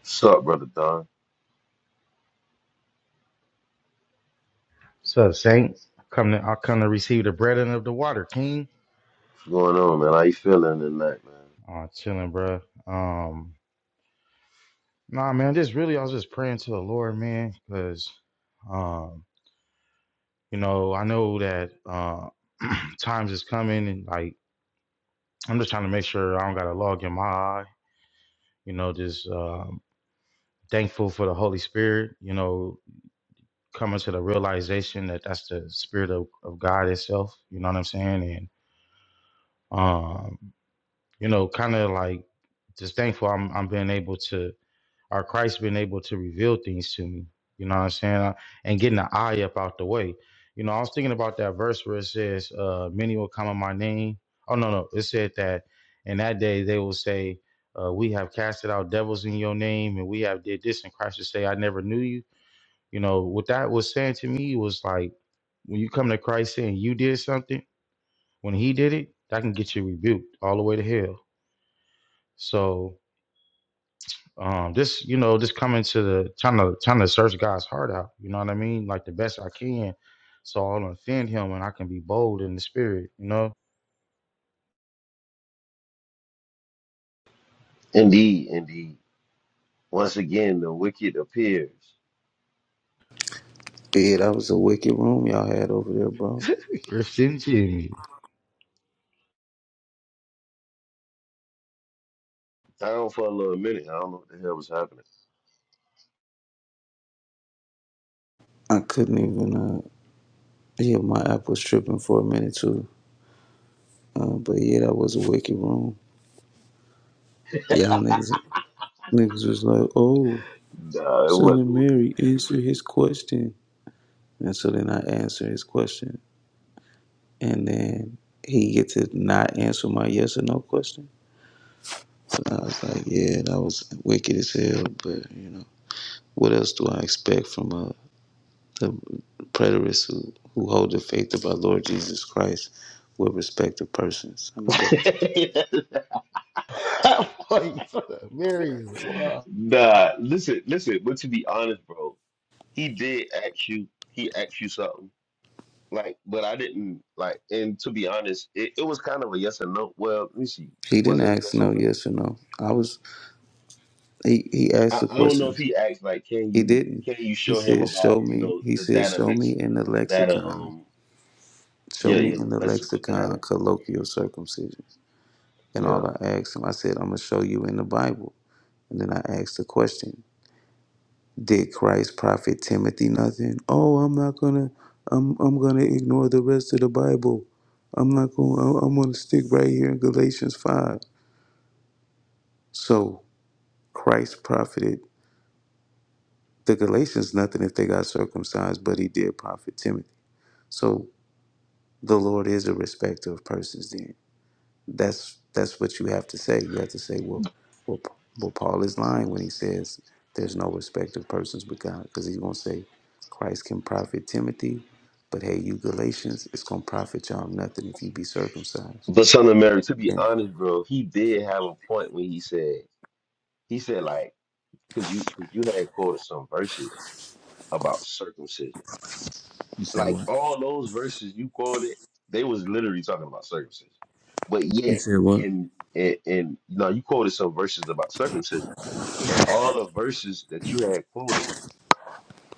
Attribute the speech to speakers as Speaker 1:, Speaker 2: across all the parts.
Speaker 1: What's up, brother Don?
Speaker 2: So Saint, come to I come to receive the bread and of the water, King.
Speaker 1: What's going on, man? How you feeling tonight, man?
Speaker 2: Oh, chilling, bro. Um, nah, man, just really, I was just praying to the Lord, man, because, um, you know, I know that uh, times is coming, and like I'm just trying to make sure I don't got a log in my eye. You know, just um, thankful for the Holy Spirit. You know, coming to the realization that that's the Spirit of, of God itself. You know what I'm saying? And um. you know, kind of like just thankful I'm I'm being able to or Christ being able to reveal things to me. You know what I'm saying? Uh, And getting the eye up out the way. You know, I was thinking about that verse where it says, uh, many will come in my name. Oh no, no. It said that in that day they will say, uh, we have casted out devils in your name and we have did this and Christ will say, I never knew you. You know, what that was saying to me was like when you come to Christ saying you did something, when he did it, that can get you rebuked all the way to hell. So um this you know just coming to the trying to trying to search god's heart out you know what i mean like the best i can so i don't offend him and i can be bold in the spirit you know
Speaker 1: Indeed, indeed. Once again, the wicked appears.
Speaker 3: Yeah, that was a wicked room y'all had over there, bro.
Speaker 2: christian jimmy
Speaker 1: Down for a little minute. I don't know what the hell was happening.
Speaker 3: I couldn't even. uh Yeah, my app was tripping for a minute too. Uh, but yeah, that was a wicked room. Y'all niggas, niggas was like, "Oh,
Speaker 1: Nah,
Speaker 3: son of Mary, answer his question." And so then I answer his question, and then he get to not answer my yes or no question. And I was like, "Yeah, that was wicked as hell." But you know, what else do I expect from a The preterists who, who hold the faith of our Lord Jesus Christ with respect to persons. I mean, but
Speaker 1: it wasn't.
Speaker 2: I'm Like, mary wow
Speaker 1: nah, listen, listen. But to be honest, bro, he did ask you. He asked you something. Like, but I didn't like. And to be honest, it, it was kind of a yes or no. Well, let me see.
Speaker 3: he didn't
Speaker 1: Was it a
Speaker 3: ask
Speaker 1: yes or
Speaker 3: no
Speaker 1: no?
Speaker 3: yes or no. I was he, he asked
Speaker 1: I,
Speaker 3: the
Speaker 1: I don't know if
Speaker 3: questions.
Speaker 1: he asked like, can
Speaker 3: He
Speaker 1: you
Speaker 3: didn't.
Speaker 1: can you
Speaker 3: He
Speaker 1: show him
Speaker 3: said, Show
Speaker 1: about you
Speaker 3: me
Speaker 1: know
Speaker 3: he
Speaker 1: the
Speaker 3: said,
Speaker 1: data
Speaker 3: Show me
Speaker 1: lex
Speaker 3: in
Speaker 1: the,
Speaker 3: the
Speaker 1: the data
Speaker 3: lexicon.
Speaker 1: um
Speaker 3: Show
Speaker 1: yeah yeah
Speaker 3: me in
Speaker 1: the
Speaker 3: the
Speaker 1: lexical data
Speaker 3: lexicon colloquial circumcision. And
Speaker 1: yeah.
Speaker 3: all I asked him, I said, I'm gonna show you in the Bible. And then I asked the question. Did Christ prophet Timothy nothing? Oh, I'm not gonna, I'm I'm gonna ignore the rest of the Bible. I'm not going. to I'm gonna stick right here in Galatians five. So Christ profited the Galatians nothing if they got circumcised, but he did profit Timothy. So the Lord is a respecter of persons. Then. that's that's what you have to say. You have to say, well, well, well Paul is lying when he says there's no respect of persons with God, because he's gonna say Christ can profit Timothy, but hey, you Galatians, it's gonna profit y'all nothing if you be circumcised.
Speaker 1: But son of Mary, to be
Speaker 3: And
Speaker 1: honest, bro, he did have a point when he said he said like because you because you had quoted some verses about circumcision,
Speaker 3: you said
Speaker 1: like
Speaker 3: what?
Speaker 1: all those verses you quoted, they was literally talking about circumcision, but
Speaker 3: You
Speaker 1: yet
Speaker 3: said what?
Speaker 1: and and, and you know you quoted some verses about circumcision, and all the verses that you had quoted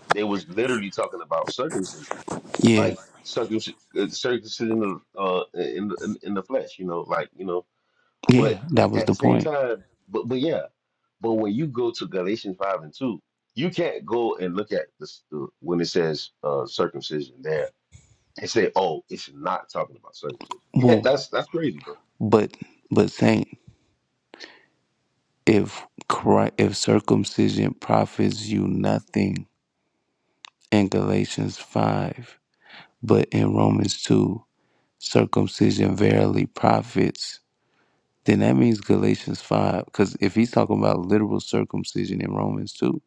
Speaker 1: They was literally talking about circumcision,
Speaker 3: Yeah,
Speaker 1: like circumcision, circumcision of, uh, in, the- in in the flesh. You know, like you know. But
Speaker 3: yeah, that was
Speaker 1: at the
Speaker 3: the
Speaker 1: same
Speaker 3: point.
Speaker 1: time, but but yeah, but when you go to Galatians five and two, you can't go and look at this uh, when it says uh, circumcision there and say, oh, it's not talking about circumcision. You can't.
Speaker 3: Well,
Speaker 1: That's that's crazy, bro.
Speaker 3: but but Saint, if Christ, if circumcision profits you nothing in Galatians five, but in Romans two. circumcision verily profits, then that means Galatians 5. Because if he's talking about literal circumcision in Romans 2,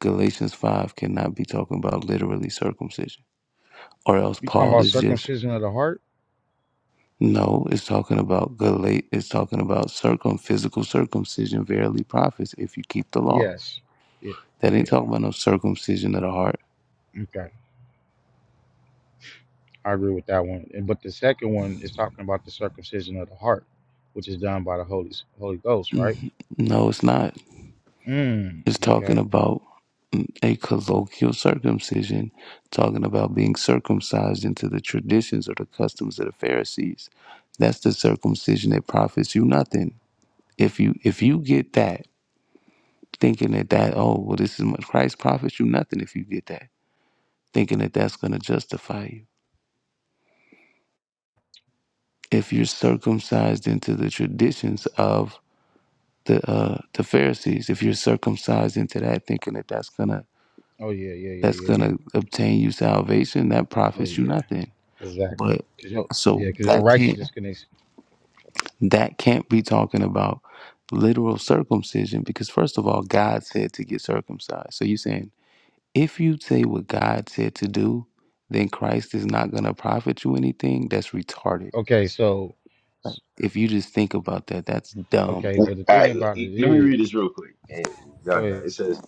Speaker 3: Galatians 5 cannot be talking about literally circumcision. Or else
Speaker 2: you talking
Speaker 3: Paul
Speaker 2: about
Speaker 3: is just,
Speaker 2: circumcision of the heart
Speaker 3: no, it's talking about Galate, it's talking about circum, physical circumcision verily profits if you keep the law.
Speaker 2: yes yeah
Speaker 3: That ain't
Speaker 2: yeah
Speaker 3: talking about no circumcision of the heart.
Speaker 2: okay i agree with that one And- but the second one is talking about the circumcision of the heart which is done by the holy holy ghost
Speaker 3: Mm,
Speaker 2: right
Speaker 3: No, it's not.
Speaker 2: mm
Speaker 3: is
Speaker 2: okay
Speaker 3: talking about a colloquial circumcision, talking about being circumcised into the traditions or the customs of the Pharisees. That's the circumcision that profits you nothing. If you if you get that, thinking that that oh well this is what Christ profits you nothing if you get that, thinking that that's going to justify you. If you're circumcised into the traditions of the uh, the Pharisees, if you're circumcised into that, thinking that that's going to
Speaker 2: oh yeah yeah
Speaker 3: that's
Speaker 2: yeah
Speaker 3: going
Speaker 2: yeah Yeah.
Speaker 3: to obtain you salvation that
Speaker 2: Oh
Speaker 3: profits you
Speaker 2: yeah
Speaker 3: nothing
Speaker 2: Exactly.
Speaker 3: but
Speaker 2: Cause your
Speaker 3: so
Speaker 2: yeah, cause your
Speaker 3: that can't
Speaker 2: righteousness can. Ex-
Speaker 3: that can't be talking about literal circumcision because first of all god said to get circumcised so you're saying if you say what god said to do then christ is not going to profit you anything that's retarded
Speaker 2: okay, so s-
Speaker 3: if you just think about that that's dumb
Speaker 2: okay,
Speaker 1: All
Speaker 2: but the thing
Speaker 1: right, l-
Speaker 2: about
Speaker 1: l-
Speaker 2: it
Speaker 1: let me
Speaker 2: is,
Speaker 1: read this real quick. And
Speaker 2: go
Speaker 1: y'all got it.
Speaker 2: ahead.
Speaker 1: It says,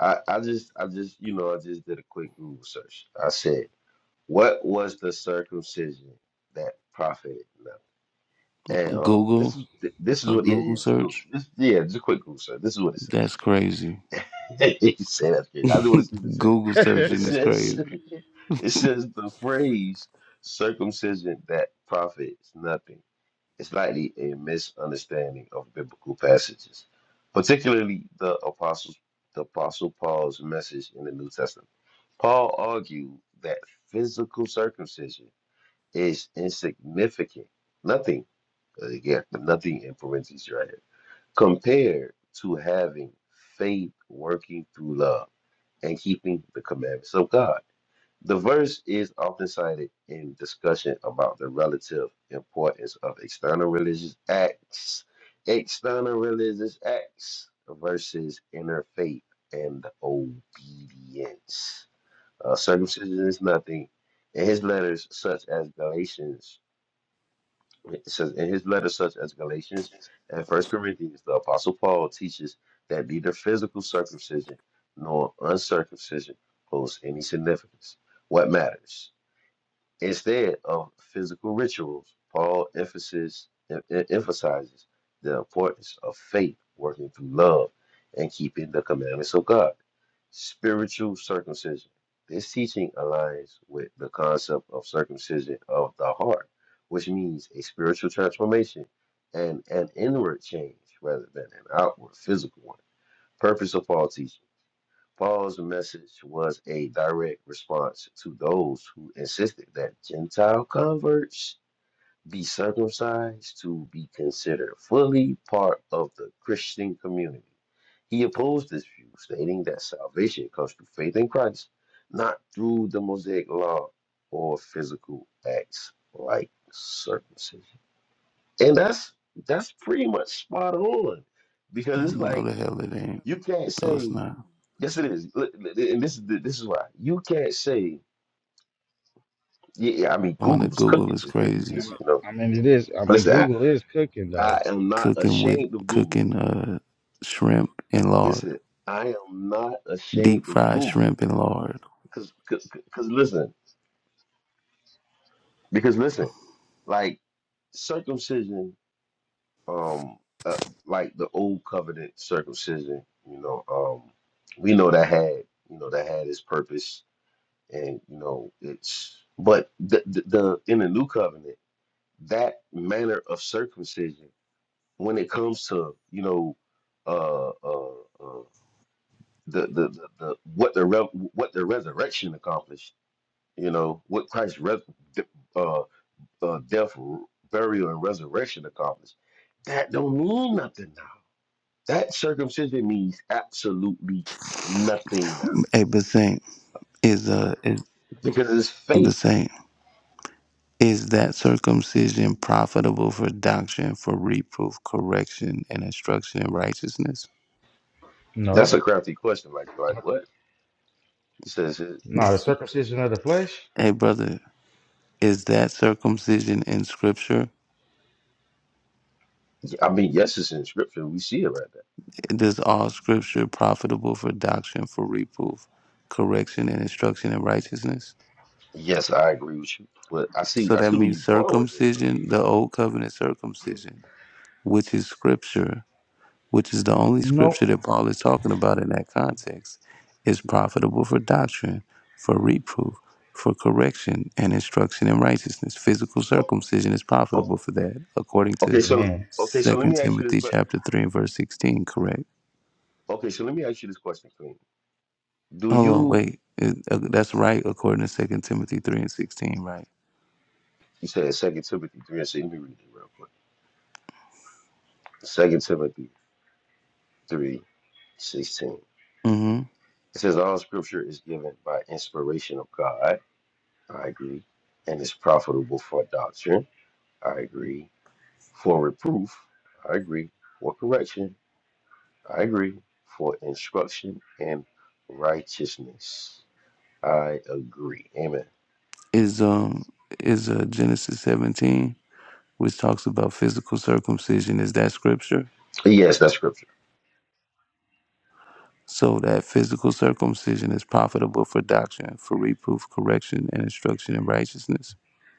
Speaker 1: I, I just I just you know I just did a quick Google search. I said. What was the circumcision that profited them? And um,
Speaker 3: google
Speaker 1: this is this is
Speaker 3: a
Speaker 1: what yeah, yeah,
Speaker 3: google
Speaker 1: it's Google.
Speaker 3: search
Speaker 1: This, yeah, just a quick Google search. This is what it says.
Speaker 3: that's crazy
Speaker 1: He said that's crazy. I just want to see what it says.
Speaker 3: google
Speaker 1: It
Speaker 3: searching is
Speaker 1: says
Speaker 3: crazy
Speaker 1: it says the phrase circumcision that profits nothing. is likely a misunderstanding of biblical passages, particularly the apostles the apostle Paul's message in the New Testament. Paul argued that physical circumcision is insignificant. Nothing, again? nothing in parentheses right here, compared to having faith working through love and keeping the commandments of God. The verse is often cited in discussion about the relative importance of external religious acts, external religious acts versus inner faith and obedience. Uh, circumcision is nothing, and his letters, such as Galatians it says in his letters such as Galatians and First Corinthians, the Apostle Paul teaches that neither physical circumcision nor uncircumcision holds any significance. What matters? instead of physical rituals. Paul emphasis, emphasizes the importance of faith working through love and keeping the commandments of God. Spiritual circumcision. This teaching aligns with the concept of circumcision of the heart, which means a spiritual transformation and an inward change rather than an outward physical one. Purpose of Paul's teaching Paul's message was a direct response to those who insisted that Gentile converts be circumcised to be considered fully part of the Christian community. He opposed this view, stating that salvation comes through faith in Christ, not through the Mosaic law or physical acts like circumcision. And that's that's pretty much spot on because it's
Speaker 3: no
Speaker 1: like
Speaker 3: the hell it ain't
Speaker 1: you can't
Speaker 3: no it's
Speaker 1: say
Speaker 3: not
Speaker 1: Yes, it is. Look, And this is this is why you can't say. Yeah, yeah, I mean,
Speaker 3: on
Speaker 1: Google
Speaker 3: the
Speaker 1: was
Speaker 3: Google
Speaker 1: cooking
Speaker 3: is
Speaker 1: just then. You
Speaker 3: crazy.
Speaker 2: I
Speaker 1: just,
Speaker 2: mean,
Speaker 1: you know,
Speaker 2: I mean, it is. I mean,
Speaker 1: listen. I,
Speaker 2: Google is cooking though.
Speaker 1: I am not
Speaker 3: Cooking with
Speaker 1: ashamed of Google.
Speaker 3: cooking uh shrimp and lard,
Speaker 1: Listen, I am not
Speaker 3: deep
Speaker 1: ashamed of
Speaker 3: fried
Speaker 1: Google
Speaker 3: shrimp and lard.
Speaker 1: because, because, listen, because listen, like circumcision, um, uh, like the old covenant circumcision. You know, um, we know that had, you know, that had its purpose, and you know, it's but the the, the in the new covenant. that manner of circumcision when it comes to you know uh, uh, uh, the, the the the what the re- what the resurrection accomplished you know what Christ's res- uh, uh, death burial and resurrection accomplished that don't mean nothing now that circumcision means absolutely nothing now
Speaker 3: Hey, Basim, is uh is
Speaker 1: because it's faith
Speaker 3: Basim, is that circumcision profitable for doctrine, for reproof, correction, and instruction in righteousness?
Speaker 1: that's
Speaker 2: No,
Speaker 1: a crafty question like like what he says it,
Speaker 2: no, the circumcision of the flesh.
Speaker 3: Hey, brother. Is that circumcision in scripture?
Speaker 1: I mean yes it's in scripture we see it right
Speaker 3: Does all scripture profitable for doctrine, for reproof, correction, and instruction in righteousness?
Speaker 1: Yes, I agree with you. But I see
Speaker 3: So
Speaker 1: I
Speaker 3: that
Speaker 1: see where you're
Speaker 3: means
Speaker 1: going with this though.
Speaker 3: circumcision, the old covenant circumcision, which is scripture, which is the only scripture
Speaker 2: Nope.
Speaker 3: that Paul is talking about in that context, is profitable for doctrine, for reproof, for correction, and instruction in righteousness. Physical
Speaker 1: Oh,
Speaker 3: circumcision is
Speaker 1: oh,
Speaker 3: profitable for that, according
Speaker 1: okay,
Speaker 3: to
Speaker 1: so
Speaker 2: Amen.
Speaker 1: okay, so let
Speaker 3: Second
Speaker 1: me ask you this
Speaker 3: Timothy
Speaker 1: question.
Speaker 3: chapter 3 and verse 16, correct?
Speaker 1: Okay, so let me ask you this question, Queen. Do
Speaker 3: Hold on,
Speaker 1: you
Speaker 3: wait. Is- uh, that's right, according to Second Timothy 3 and 16, right?
Speaker 1: you said Second Timothy three and six, let me read it real quick. Second Timothy three, sixteen.
Speaker 3: Mm-hmm.
Speaker 1: It says all scripture is given by inspiration of God. I agree. And is profitable for doctrine. I agree. For reproof, I agree. For correction, I agree. For instruction in righteousness. I agree. Amen.
Speaker 3: Is um is uh, Genesis 17? which talks about physical circumcision. Is that scripture?
Speaker 1: Yes, that's scripture.
Speaker 3: So that physical circumcision is profitable for doctrine, for reproof, correction, and instruction in righteousness.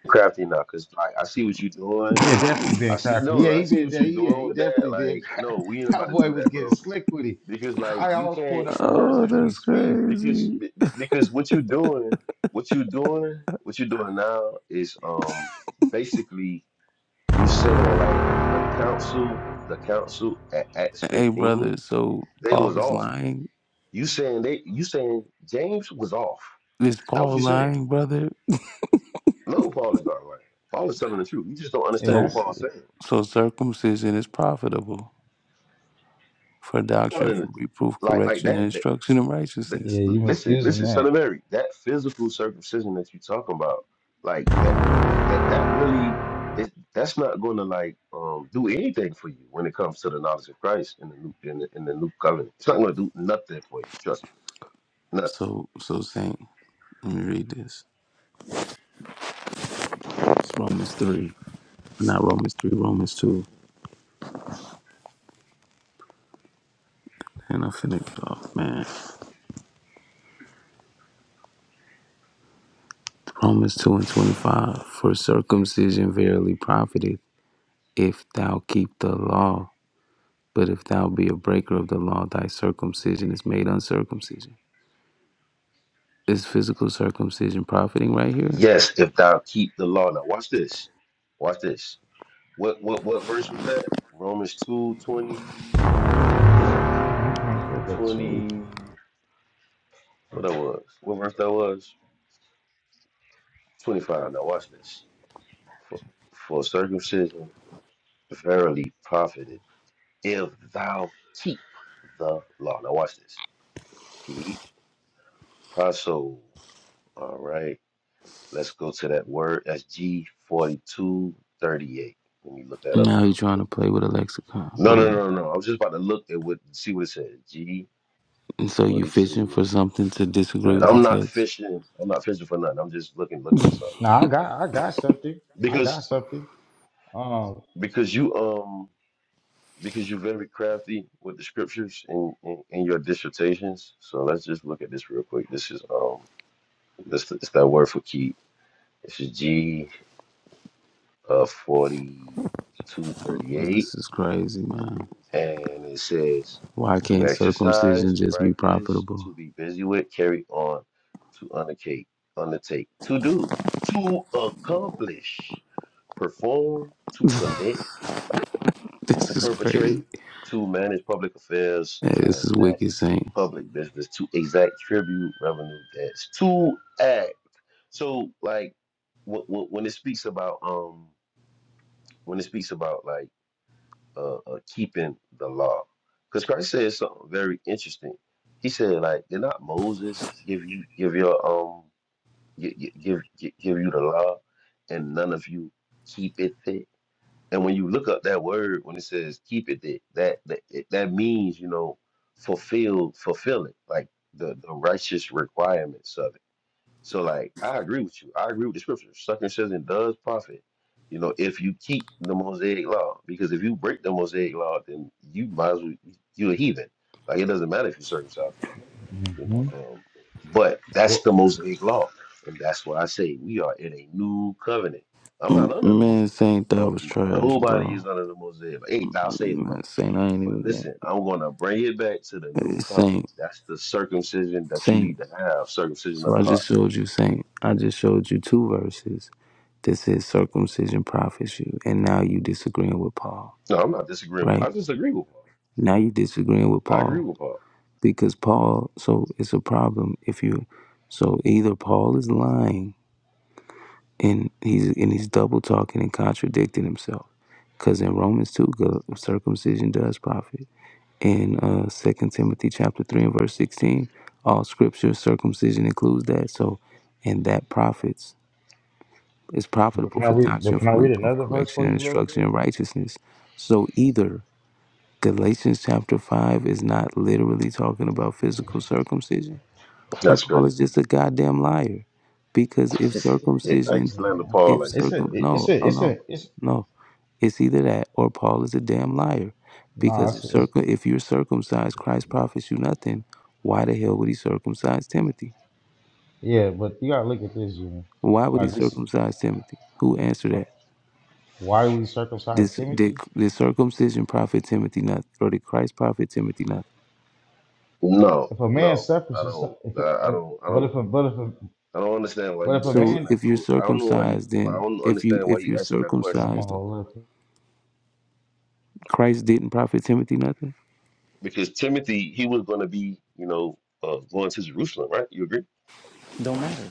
Speaker 1: Crafty now, cause like I see what you're doing.
Speaker 2: Yeah, definitely
Speaker 1: I
Speaker 2: being
Speaker 1: see
Speaker 2: crafty. Yeah,
Speaker 1: no, I
Speaker 2: he
Speaker 1: see
Speaker 2: been.
Speaker 1: what you're
Speaker 2: Yeah,
Speaker 1: doing
Speaker 2: he
Speaker 1: with that.
Speaker 2: definitely being.
Speaker 1: Like,
Speaker 2: crafty.
Speaker 1: no, we ain't about
Speaker 2: That
Speaker 1: to
Speaker 2: boy
Speaker 1: do
Speaker 2: was
Speaker 1: that,
Speaker 2: getting
Speaker 1: bro.
Speaker 2: slick with it.
Speaker 1: Because like
Speaker 2: I
Speaker 1: you
Speaker 2: almost pulled
Speaker 1: can't
Speaker 2: up a verse
Speaker 3: Oh,
Speaker 2: as we
Speaker 3: that's
Speaker 2: speak.
Speaker 1: because
Speaker 3: crazy.
Speaker 1: be- be- because what you doing, what you doing, what you're doing now is um basically you saying like the council, the council at Acts
Speaker 3: Hey,
Speaker 1: 15,
Speaker 3: brother, so
Speaker 1: they was
Speaker 3: Paul is
Speaker 1: off.
Speaker 3: lying.
Speaker 1: You saying they you saying James was off.
Speaker 3: Is
Speaker 1: That was
Speaker 3: Paul
Speaker 1: you saying.
Speaker 3: lying, brother?
Speaker 1: No, Paul is not right. Paul is telling the truth. You just don't understand
Speaker 2: Yeah,
Speaker 1: what
Speaker 3: So,
Speaker 2: that's
Speaker 1: Paul's
Speaker 2: it.
Speaker 1: saying.
Speaker 3: so circumcision is profitable for
Speaker 1: Not
Speaker 3: doctrine,
Speaker 1: in
Speaker 3: for reproof,
Speaker 1: like like
Speaker 3: correction,
Speaker 1: that.
Speaker 3: and
Speaker 1: That,
Speaker 3: instruction in
Speaker 1: that
Speaker 2: Yeah,
Speaker 3: righteousness.
Speaker 2: you
Speaker 1: listen,
Speaker 2: misusing
Speaker 1: listen, son of
Speaker 2: that.
Speaker 1: Mary. That physical circumcision that you talking about, like that, that that really, it, that's not going to like um do anything for you when it comes to the knowledge of Christ in the new in the, in the new covenant. It's not going to do nothing for you. Trust me, nothing.
Speaker 3: So, so Saint, let me read this. It's Romans 3, not Romans 3, Romans 2. And I'm finna get off, man. Romans 2 and 25. For circumcision verily profiteth if thou keep the law. But if thou be a breaker of the law, thy circumcision is made uncircumcision. Is physical circumcision profiting right here?
Speaker 1: Yes, if thou keep the law. Now watch this. Watch this. What what what verse was that? Romans two twenty
Speaker 2: Yeah, I'm going to go to too.
Speaker 1: twenty. What that was? What verse that was? Twenty five. Now watch this. For, for circumcision verily profited if thou keep the law. Now watch this. Keep proso. All right. Let's go to that word. That's G forty two thirty eight. Let me look that up
Speaker 3: Now you're
Speaker 1: real
Speaker 3: trying
Speaker 1: quick.
Speaker 3: to play with a lexicon. Go
Speaker 1: No, no,
Speaker 3: ahead.
Speaker 1: no, no. I was just about to look at what see what it says. G
Speaker 3: And so you
Speaker 1: forty
Speaker 3: fishing
Speaker 1: two.
Speaker 3: for something to disagree with the
Speaker 1: I'm not
Speaker 3: text?
Speaker 1: fishing. I'm not fishing for nothing. I'm just looking, looking at something
Speaker 2: No,
Speaker 1: real
Speaker 2: I
Speaker 1: quick.
Speaker 2: got I got something. I got
Speaker 1: Because
Speaker 2: something. Um,
Speaker 1: because you um because you're very crafty with the scriptures and in, in, in your dissertations. So let's just look at this real quick. This is um, this it's that word for keep. This is G uh forty two thirty eight,
Speaker 3: This is crazy, man.
Speaker 1: and it says
Speaker 3: Why
Speaker 1: to
Speaker 3: can't circumcision
Speaker 1: exercise,
Speaker 3: just be
Speaker 1: practice,
Speaker 3: profitable?
Speaker 1: to be busy with, carry on, to undertake, undertake, to do, to accomplish, perform, to commit,
Speaker 3: This is crazy.
Speaker 1: perpetrate, to manage public affairs,
Speaker 3: Yeah, this is
Speaker 1: transact.
Speaker 3: wicked saying.
Speaker 1: public business to exact tribute revenue that's to act. So like wh- wh- when it speaks about um when it speaks about like uh, uh keeping the law, because Christ says something very interesting. He said like did not Moses give you give your um give give give, give you the law and none of you keep it and when you look up that word, when it says keep it, that that that, it- that means you know fulfill, fulfill it, like the the righteous requirements of it. So like I agree with you. I agree with the scripture. Circumcision does profit, you know, if you keep the Mosaic law. Because if you break the Mosaic law, then you might as well you're a heathen. Like it doesn't matter if you're circumcised or not. You know,
Speaker 2: mhm.
Speaker 1: um, but that's
Speaker 2: what
Speaker 1: the Mosaic law, and that's why I say we are in a new covenant. I'm
Speaker 3: M-
Speaker 1: not under the
Speaker 3: Man,
Speaker 1: Mosaic
Speaker 3: Saint, that
Speaker 1: law.
Speaker 3: was
Speaker 1: No,
Speaker 3: trash,
Speaker 1: nobody is
Speaker 3: bro.
Speaker 1: under the Mosaic. law. Hey, thou sayest,
Speaker 3: Man,
Speaker 1: brother.
Speaker 3: Saint, I ain't
Speaker 1: But
Speaker 3: even going.
Speaker 1: listen, I'm gonna bring it back to the new
Speaker 3: to Saint,
Speaker 1: covenant. That's the circumcision that you
Speaker 3: Saint.
Speaker 1: need to have, circumcision of
Speaker 3: So
Speaker 1: the
Speaker 3: I
Speaker 1: heart.
Speaker 3: just showed you, Saint. I just showed you two verses that says circumcision profits you, and now you disagreeing with Paul,
Speaker 1: No, I'm not disagreeing. With, I
Speaker 3: right?
Speaker 1: disagree with Paul.
Speaker 3: Now you disagreeing with
Speaker 1: I agree
Speaker 3: Paul
Speaker 1: with Paul.
Speaker 3: because Paul. So it's a problem if you. So either Paul is lying and he's and he's double talking and contradicting himself because in romans 2 go- circumcision does profit in uh second timothy chapter 3 and verse 16 all scripture circumcision includes that so and that profits is
Speaker 2: what
Speaker 3: profitable
Speaker 2: can I
Speaker 3: for
Speaker 2: read? What
Speaker 3: doctrine
Speaker 2: can I
Speaker 3: for
Speaker 2: read
Speaker 3: reproof
Speaker 2: another verse
Speaker 3: correction
Speaker 2: for
Speaker 3: and
Speaker 2: you real
Speaker 3: instruction
Speaker 2: quick?
Speaker 3: in righteousness so either galatians chapter 5 is not literally talking about physical circumcision or
Speaker 1: That's
Speaker 3: Paul
Speaker 1: crazy.
Speaker 3: is just a goddamn liar. Because if
Speaker 1: I
Speaker 3: circumcision,
Speaker 1: used to land Paul
Speaker 3: if
Speaker 1: like
Speaker 2: It's
Speaker 1: that,
Speaker 2: a
Speaker 1: man.
Speaker 3: circum,
Speaker 2: it's
Speaker 3: no,
Speaker 2: a
Speaker 3: oh
Speaker 2: it's
Speaker 3: no,
Speaker 2: a it's
Speaker 3: no, it's either that or Paul is a damn liar.
Speaker 2: nah.
Speaker 3: Because if
Speaker 2: It's, it's
Speaker 3: circum, if you're circumcised, Christ profits you nothing. Why the hell would he circumcise Timothy?
Speaker 2: yeah, but you gotta look at this. Junior.
Speaker 3: Why would he
Speaker 2: Like we, s-
Speaker 3: circumcise Timothy? Who answered
Speaker 2: uh,
Speaker 3: that?
Speaker 2: why do we circumcise
Speaker 3: This did,
Speaker 2: Timothy?
Speaker 3: did circumcision profit Timothy nothing, or did Christ profit Timothy nothing?
Speaker 1: No,
Speaker 2: If a man
Speaker 1: no,
Speaker 2: suffers,
Speaker 1: I
Speaker 2: he su-
Speaker 1: don't.
Speaker 2: if,
Speaker 1: I, I
Speaker 2: if
Speaker 1: don't. I
Speaker 2: but
Speaker 1: don't.
Speaker 2: if a but if a
Speaker 1: I don't understand why
Speaker 2: but if
Speaker 1: you
Speaker 2: a
Speaker 3: So
Speaker 1: asking
Speaker 2: man
Speaker 1: that
Speaker 3: if you're
Speaker 1: quote. I don't know why you.
Speaker 3: circumcised,
Speaker 1: I
Speaker 3: then
Speaker 1: don't
Speaker 3: if you
Speaker 1: understand why
Speaker 3: if
Speaker 1: you
Speaker 3: you're
Speaker 1: asking that
Speaker 2: okay,
Speaker 1: question.
Speaker 2: I'm gonna
Speaker 3: circumcised,
Speaker 2: hold up.
Speaker 3: Christ didn't profit Timothy nothing.
Speaker 1: Because Timothy, he was going to be, you know, uh, going to Jerusalem, right? You agree?
Speaker 3: Don't matter.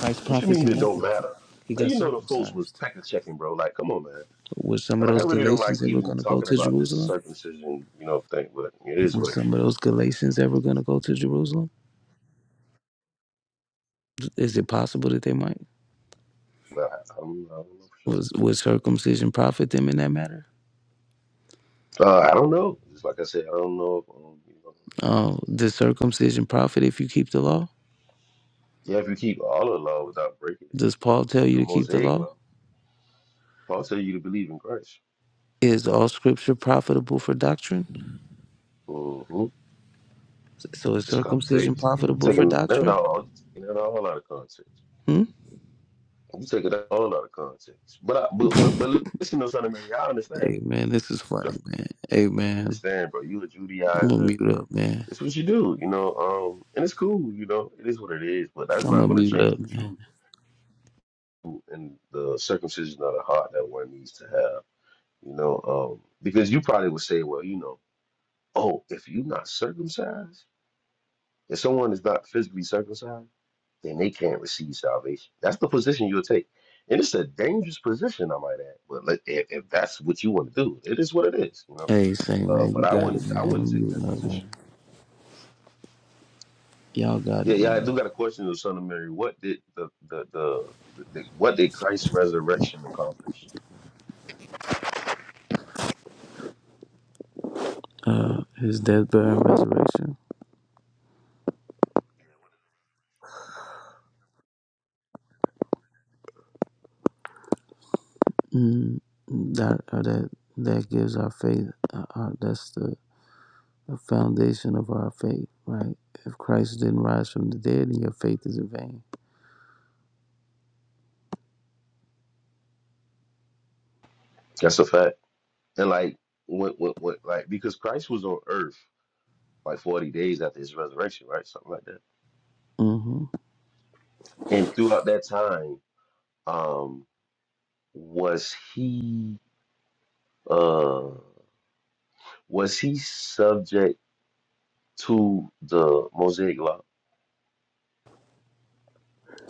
Speaker 3: Christ
Speaker 1: What you
Speaker 3: profits
Speaker 1: mean
Speaker 3: in
Speaker 1: it don't
Speaker 3: nothing.
Speaker 1: matter?
Speaker 3: He
Speaker 1: Like
Speaker 3: got
Speaker 1: you know, the folks was
Speaker 3: circumcised.
Speaker 1: pecker checking, bro. Like, come on, man.
Speaker 3: Were some of
Speaker 1: Like I
Speaker 3: those
Speaker 1: really don't like
Speaker 3: Galatians ever
Speaker 1: even
Speaker 3: going to go
Speaker 1: talking
Speaker 3: to
Speaker 1: about this
Speaker 3: Jerusalem?
Speaker 1: circumcision, you know, thing. But it is
Speaker 3: Were
Speaker 1: what it
Speaker 3: some of
Speaker 1: is.
Speaker 3: those Galatians ever going to go to Jerusalem? Is it possible that they might?
Speaker 1: But I, I, don't, I don't know for
Speaker 3: Was would circumcision profit them in that matter?
Speaker 1: sure. Uh, I don't know. Just like I said, I don't know. If, um, you know,
Speaker 3: Uh, does circumcision profit if you keep the law?
Speaker 1: yeah, if you keep all the law without breaking it,
Speaker 3: Does Paul tell you
Speaker 1: the
Speaker 3: to keep the
Speaker 1: Mosaic
Speaker 3: law?
Speaker 1: law, Paul tell you to believe in Christ.
Speaker 3: Is all Scripture profitable for doctrine?
Speaker 1: Mhm.
Speaker 3: So is
Speaker 1: this
Speaker 3: circumcision
Speaker 1: context. You
Speaker 3: profitable for
Speaker 1: taking it
Speaker 3: doctrine?
Speaker 1: all, you taking it all out of context.
Speaker 3: Hmm?
Speaker 1: You taking it all out of context. But I, but but but listen to something, Mary. I understand.
Speaker 3: Hey man, this is funny,
Speaker 1: Just
Speaker 3: man. Hey man,
Speaker 1: understand, bro. You a
Speaker 3: I'm gonna
Speaker 1: Judaizer.
Speaker 3: mute up, man.
Speaker 1: It's what you do, you know. Um, and it's cool, you know. It is what it is. But that's
Speaker 3: I'm
Speaker 1: not
Speaker 3: gonna
Speaker 1: going to
Speaker 3: mute
Speaker 1: change
Speaker 3: up,
Speaker 1: the
Speaker 3: man.
Speaker 1: truth and the circumcision of the heart that one needs to have, you know. Um, because you probably would say, well, you know, oh, if you're not circumcised, if someone is not physically circumcised. then they can't receive salvation. That's the position you'll take. And it's a dangerous position, I might add. But let, if, if that's what you want to do, it is what it is, you know.
Speaker 3: Hey, say
Speaker 1: Uh,
Speaker 3: man,
Speaker 1: but
Speaker 3: you
Speaker 1: I
Speaker 3: got
Speaker 1: wouldn't,
Speaker 3: it,
Speaker 1: I
Speaker 3: man.
Speaker 1: wouldn't
Speaker 3: I'm
Speaker 1: take
Speaker 3: you
Speaker 1: that
Speaker 3: know,
Speaker 1: position.
Speaker 3: man. Y'all got
Speaker 1: Yeah,
Speaker 3: it,
Speaker 1: yeah, I
Speaker 3: man.
Speaker 1: do got a question to Son of Mary. What did the the, the the what did Christ's resurrection accomplish?
Speaker 3: Uh, his death, burial, and resurrection. Mm, that uh, that that gives our faith. Uh, uh, that's the, the foundation of our faith, right? If Christ didn't rise from the dead, then your faith is in vain.
Speaker 1: That's a fact. And like what what what like because Christ was on earth like forty days after his resurrection, right? Something like that.
Speaker 3: hmm
Speaker 1: And throughout that time, um, was he? uh Was he subject to the Mosaic law?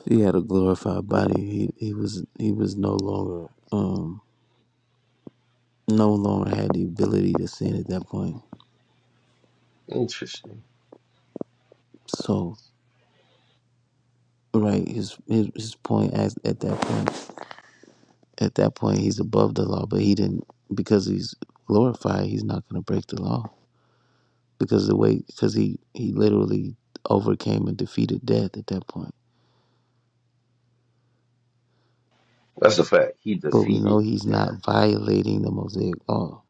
Speaker 3: He had a glorified body. He he was he was no longer um no longer had the ability to sin at that point.
Speaker 1: Interesting.
Speaker 3: So right, his his, his point at at that point At that point, he's above the law, but he didn't because he's glorified. He's not going to break the law because the way because he he literally overcame and defeated death at that point.
Speaker 1: That's a fact. He
Speaker 3: But we know
Speaker 1: defeated
Speaker 3: he's
Speaker 1: death.
Speaker 3: not violating the Mosaic law.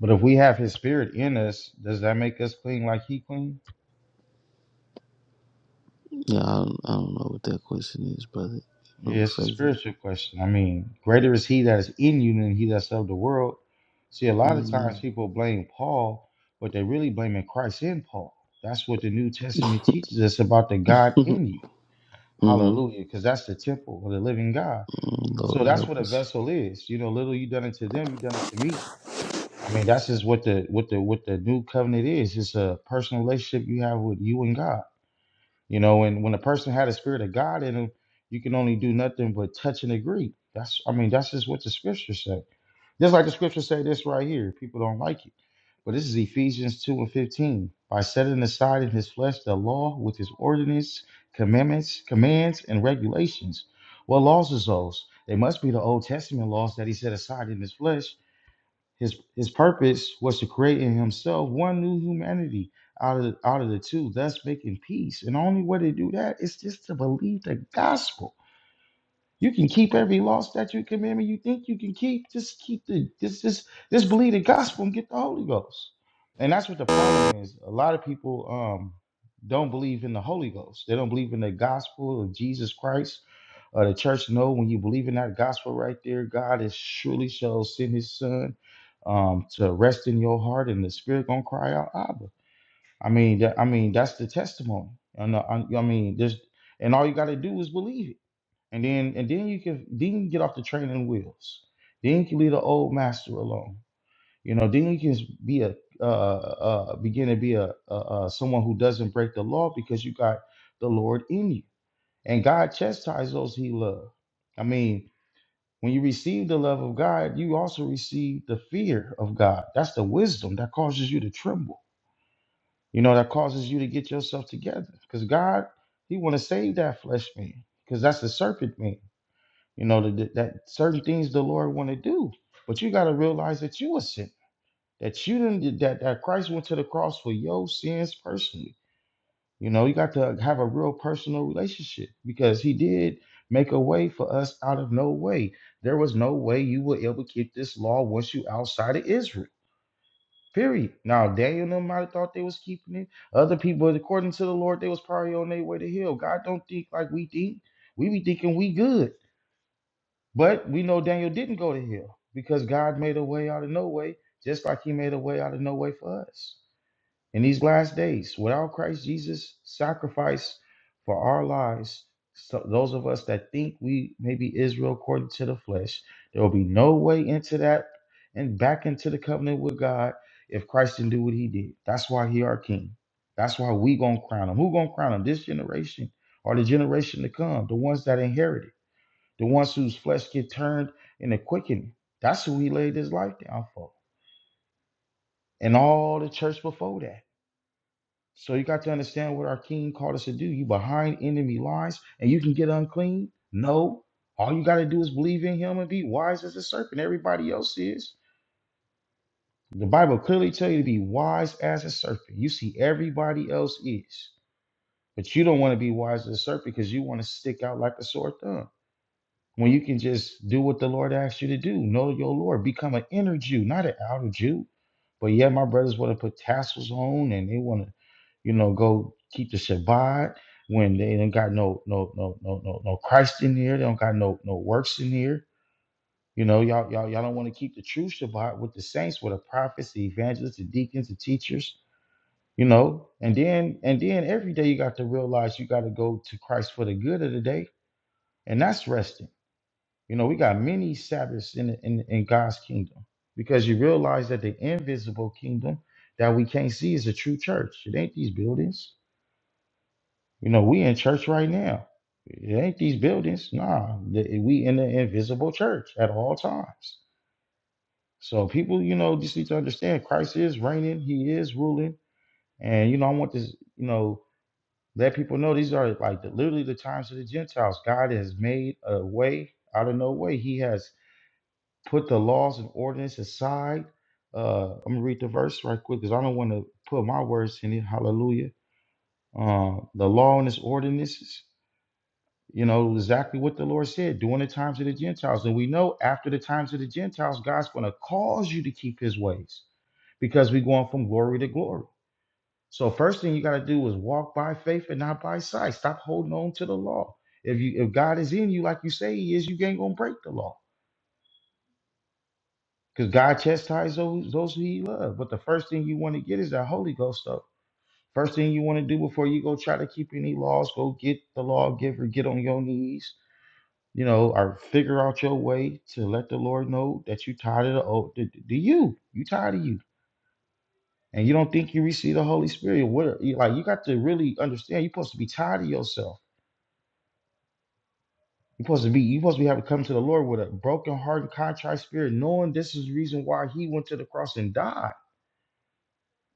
Speaker 2: But if we have his spirit in us, does that make us clean like he clean?
Speaker 3: Yeah, I don't, I don't know what that question is, brother. Let
Speaker 2: Yeah,
Speaker 3: me
Speaker 2: it's a
Speaker 3: rephrase it.
Speaker 2: spiritual question. I mean, greater is he that is in you than he that's of the world. See, a lot of
Speaker 3: Mm-hmm.
Speaker 2: times people blame Paul, but they're really blaming Christ in Paul. That's what the New Testament teaches us about the God in you.
Speaker 3: mm-hmm.
Speaker 2: Hallelujah. Because that's the temple of the living God. So
Speaker 3: Lord
Speaker 2: that's
Speaker 3: help
Speaker 2: what a
Speaker 3: us.
Speaker 2: vessel is. You know, little you done it to them, you done it to me. I mean, that's just what the what the what the new covenant is. It's a personal relationship you have with you and God. You know, and when a person had the spirit of God in him, you can only do nothing but touch and agree. That's I mean, that's just what the scriptures say. Just like the scriptures say this right here. People don't like it. But this is Ephesians 2 and 15. By setting aside in his flesh the law with his ordinance, commandments, commands, and regulations. What laws is those? They must be the Old Testament laws that he set aside in his flesh his his purpose was to create in himself one new humanity out of the, out of the two, thus making peace. And the only way to do that is just to believe the gospel. You can keep every law, statute, commandment you think you can keep. Just keep the just just just believe the gospel and get the Holy Ghost. And that's what the problem is. A lot of people um don't believe in the Holy Ghost. They don't believe in the gospel of Jesus Christ. Uh, the church know when you believe in that gospel right there, God is surely shall send His Son um, to rest in your heart, and the Spirit gonna cry out, Abba. I mean, that, I mean that's the testimony. And uh, I, I mean, there's and all you got to do is believe it. And then and then you can then you can get off the training wheels. Then you can leave the old master alone. You know, then you can be a uh, uh, uh, begin to be a, a, a someone who doesn't break the law because you got the Lord in you. And God chastises those He loves. I mean, when you receive the love of God, you also receive the fear of God. That's the wisdom that causes you to tremble. You know, that causes you to get yourself together because God, He want to save that flesh man because that's the serpent man you know that, that certain things the Lord want to do, but you got to realize that you a sinner. That you didn't that that Christ went to the cross for your sins personally. You know you got to have a real personal relationship because He did make a way for us out of no way. There was no way you would ever keep this law once you outside of Israel. Period. Now Daniel and them might have thought they was keeping it. Other people, according to the Lord, they was probably on their way to hell. God don't think like we think. We be thinking we good. But we know Daniel didn't go to hell because God made a way out of no way, just like He made a way out of no way for us. In these last days, without Christ Jesus' sacrifice for our lives, so those of us that think we may be Israel according to the flesh, there will be no way into that and back into the covenant with God if Christ didn't do what He did. That's why He our King. That's why we gonna crown Him. Who gonna crown Him? This generation or the generation to come, the ones that inherit it. The ones whose flesh get turned in the quickening. That's who he laid his life down for. And all the church before that. So you got to understand what our king called us to do. You behind enemy lines and you can get unclean? No. All you got to do is believe in him and be wise as a serpent. Everybody else is. The Bible clearly tells you to be wise as a serpent. You see, everybody else is. But you don't want to be wise as a serpent because you want to stick out like a sore thumb. when you can just do what the Lord asks you to do, know your Lord, become an inner Jew, not an outer Jew. But yeah, my brothers want to put tassels on and they want to, you know, go keep the Shabbat when they don't got no no no no no no Christ in here. They don't got no no works in here. You know, y'all y'all y'all don't want to keep the true Shabbat with the saints, with the prophets, the evangelists, the deacons, the teachers. You know, and then and then every day you got to realize you got to go to Christ for the good of the day, and that's resting. You know, we got many Sabbaths in, in, in God's kingdom because you realize that the invisible kingdom that we can't see is a true church. It ain't these buildings. You know, we in church right now. It ain't these buildings. Nah, the- we in the invisible church at all times. So people, you know, just need to understand Christ is reigning. He is ruling. And, you know, I want to, you know, let people know these are like the, literally the times of the Gentiles. God has made a way out of no way. He has put the laws and ordinance aside. Uh, I'm gonna read the verse right quick because I don't want to put my words in it. Hallelujah. Uh, the law and its ordinances, you know, exactly what the Lord said during the times of the Gentiles. And we know after the times of the Gentiles, God's gonna cause you to keep his ways because we're going from glory to glory. So first thing you got to do is walk by faith and not by sight. Stop holding on to the law. If you if God is in you, like you say he is, you ain't gonna break the law. Because God chastises those, those who he loves. But the first thing you want to get is that Holy Ghost stuff. First thing you want to do before you go try to keep any laws, go get the lawgiver, get on your knees, you know, or figure out your way to let the Lord know that you tired of the old, the, the you, you tired of you. And you don't think you receive the Holy Spirit. What are, you, like you got to really understand you're supposed to be tired of yourself. You're supposed to be you're supposed to be having to come to the Lord with a broken heart and contrite spirit, knowing this is the reason why he went to the cross and died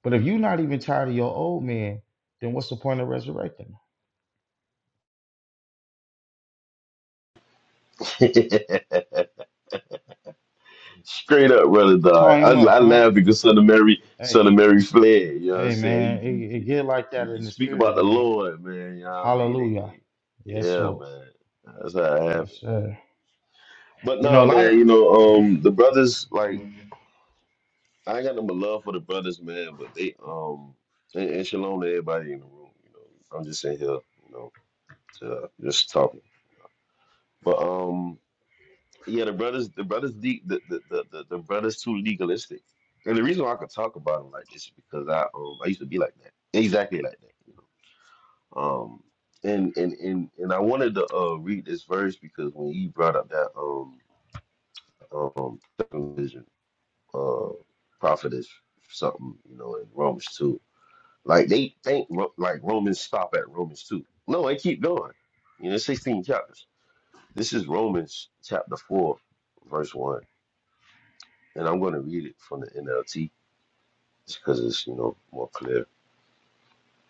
Speaker 2: But if you're not even tired of your old man, then what's the point of resurrecting? him?
Speaker 1: Straight up, brother Dodd.
Speaker 2: Tie
Speaker 1: I,
Speaker 2: him up,
Speaker 1: I
Speaker 2: huh?
Speaker 1: laugh because Son of Mary, Son of
Speaker 2: Hey,
Speaker 1: Mary fled. You know what I'm
Speaker 2: hey,
Speaker 1: saying?
Speaker 2: man,
Speaker 1: You, you,
Speaker 2: it, it
Speaker 1: you, you-
Speaker 2: get like that in the
Speaker 1: speak
Speaker 2: spirit,
Speaker 1: about the
Speaker 2: man.
Speaker 1: Lord, man. You know what I mean? They,
Speaker 2: Hallelujah.
Speaker 1: they-
Speaker 2: Yes,
Speaker 1: yeah,
Speaker 2: Lord.
Speaker 1: man. That's how it
Speaker 2: Yes,
Speaker 1: happened.
Speaker 2: sir.
Speaker 1: But
Speaker 2: You know,
Speaker 1: nah,
Speaker 2: a lot
Speaker 1: man.
Speaker 2: of
Speaker 1: You know, um, the brothers like I got no love for the brothers, man. But they um and, and shalom to everybody in the room. You know, I'm just in here. You know. uh, just talking. But um, yeah, the brothers, the brothers, the the, the the the brothers too legalistic. And the reason why I could talk about them like this is because I um I used to be like that, exactly like that, you know. Um, and and and and I wanted to uh read this verse because when you brought up that um um circumcision uh prophetess something you know in Romans two, like they think Ro- like Romans stop at Romans two. No, they keep going. You know, sixteen chapters. This is Romans chapter 4, verse 1. And I'm going to read it from the NLT just because it's, you know, more clear.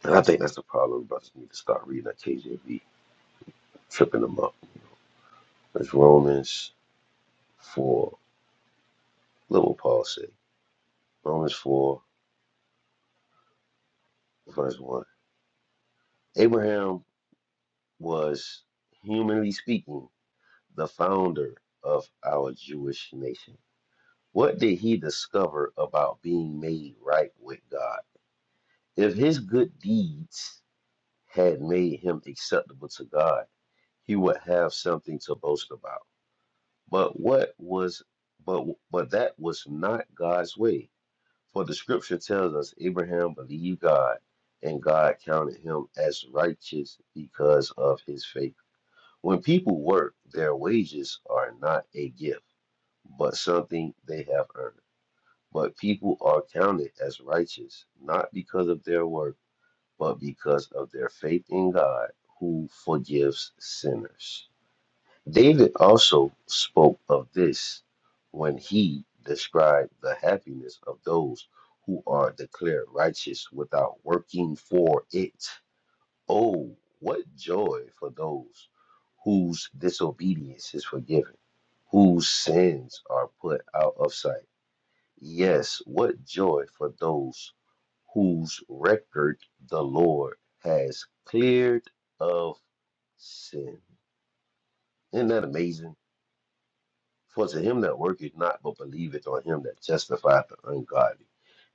Speaker 1: And I think that's the problem. Brothers need to start reading that KJV, tripping them up. It's Romans 4. Look what Paul said. Romans 4, verse 1. Abraham was, humanly speaking, the founder of our Jewish nation. What did he discover about being made right with God? If his good deeds had made him acceptable to God, he would have something to boast about. But what was but but that was not God's way. For the scripture tells us Abraham believed God and God counted him as righteous because of his faith. When people work, their wages are not a gift, but something they have earned. But people are counted as righteous not because of their work but because of their faith in God who forgives sinners. David also spoke of this when he described the happiness of those who are declared righteous without working for it. Oh, what joy for those whose disobedience is forgiven, whose sins are put out of sight. Yes, what joy for those whose record the Lord has cleared of sin. Isn't that amazing? For to him that worketh not, but believeth on him that justifieth the ungodly,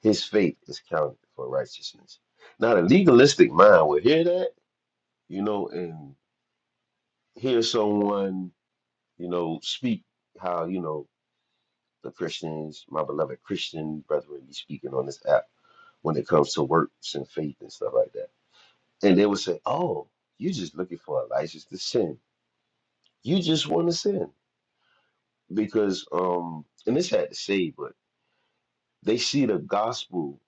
Speaker 1: his faith is counted for righteousness. Now, the legalistic mind will hear that, you know, and hear someone, you know, speak how, you know, the Christians, my beloved Christian brethren, be speaking on this app when it comes to works and faith and stuff like that. And they would say, "Oh, you just looking for a license to sin. You just want to sin because um." And this had to say, but they see the gospel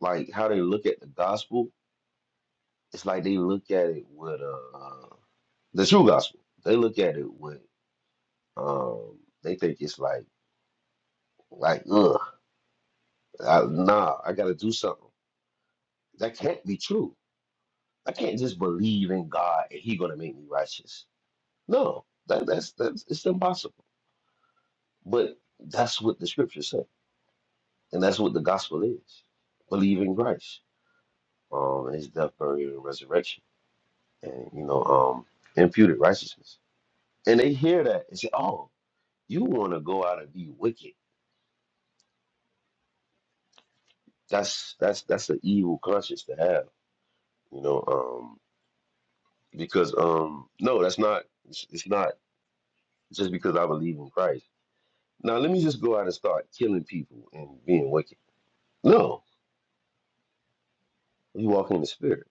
Speaker 1: like how they look at the gospel. It's like they look at it with uh the true gospel. They look at it with um. They think it's like like ugh, I, nah. I got to do something. That can't be true. I can't just believe in God and He gonna make me righteous No, that, that's that's it's impossible. But that's what the scriptures say, and that's what the gospel is: believe in Christ, um, His death, burial, and resurrection, and you know, um, imputed righteousness. And they hear that and say, "Oh, you want to go out and be wicked? That's that's that's an evil conscience to have, you know." Um, because um, no, that's not. It's, it's not just because I believe in Christ. Now let me just go out and start killing people and being wicked. No, you walk in the spirit.